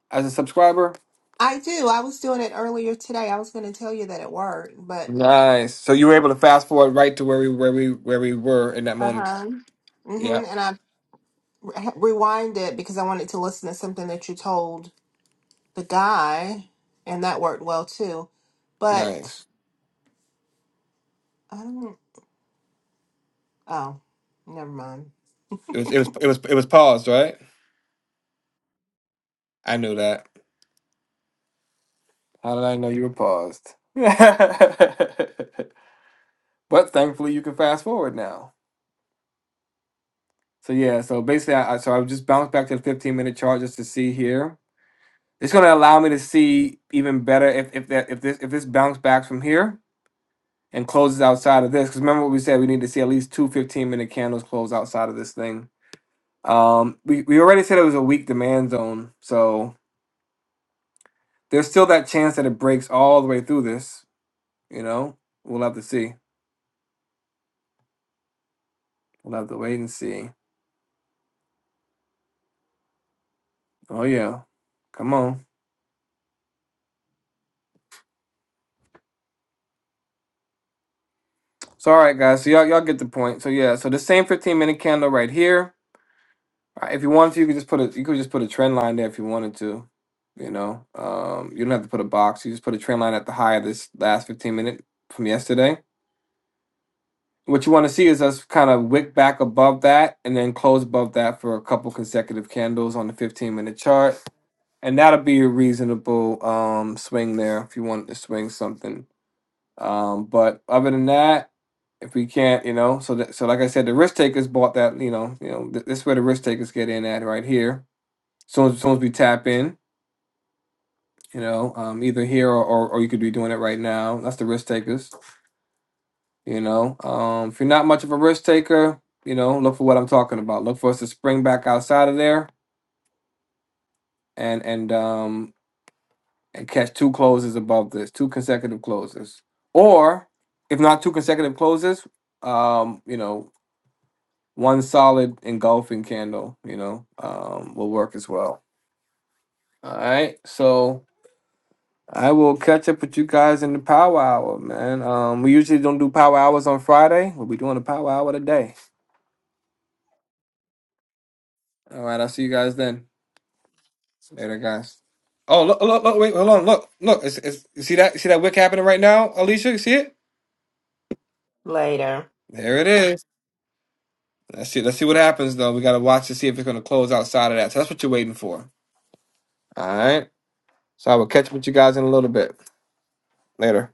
As a subscriber? I do. I was doing it earlier today. I was going to tell you that it worked, but Nice. So you were able to fast forward right to where we where we where we were in that uh moment. huh. Yeah. Mm-hmm. And I re- rewind it because I wanted to listen to something that you told the guy, and that worked well too. But Nice. I don't. Oh, never mind. It was it was it was it was paused, right? I knew that. How did I know you were paused? But thankfully, you can fast forward now. So yeah, so basically, I, I so I just bounced back to the 15 minute chart just to see here. It's going to allow me to see even better if if that if this if this bounce backs from here and closes outside of this. Because remember what we said, we need to see at least two fifteen minute candles close outside of this thing. Um, we we already said it was a weak demand zone, so there's still that chance that it breaks all the way through this. You know, we'll have to see. We'll have to wait and see. Oh yeah, come on. So all right, guys. So y'all y'all get the point. So yeah. So the same fifteen minute candle right here. Uh, If you wanted to, you could just put a you could just put a trend line there if you wanted to. You know, um, you don't have to put a box. You just put a trend line at the high of this last fifteen minute from yesterday. What you want to see is us kind of wick back above that and then close above that for a couple consecutive candles on the fifteen minute chart, and that'll be a reasonable um swing there if you want to swing something Um, but other than that, if we can't, you know, so that, so like I said, the risk takers bought that, you know, you know, th- this is where the risk takers get in at right here. Soon as soon as we tap in, you know, um, either here or, or or you could be doing it right now. That's the risk takers, you know. Um, if you're not much of a risk taker, you know, look for what I'm talking about. Look for us to spring back outside of there and and um and catch two closes above this, two consecutive closes, or if not two consecutive closes, um, you know. one solid engulfing candle, you know, um, will work as well. All right. So I will catch up with you guys in the power hour, man. Um, we usually don't do power hours on Friday. We'll be doing a power hour today. All right. I'll see you guys then. Later, guys. Oh, look, look, look, wait, hold on. Look, look. It's, it's, you see that? you See that wick happening right now, Alicia? You see it? Later. There it is. Let's see. Let's see what happens, though. We got to watch to see if it's going to close outside of that. So that's what you're waiting for. All right. So I will catch up with you guys in a little bit. Later.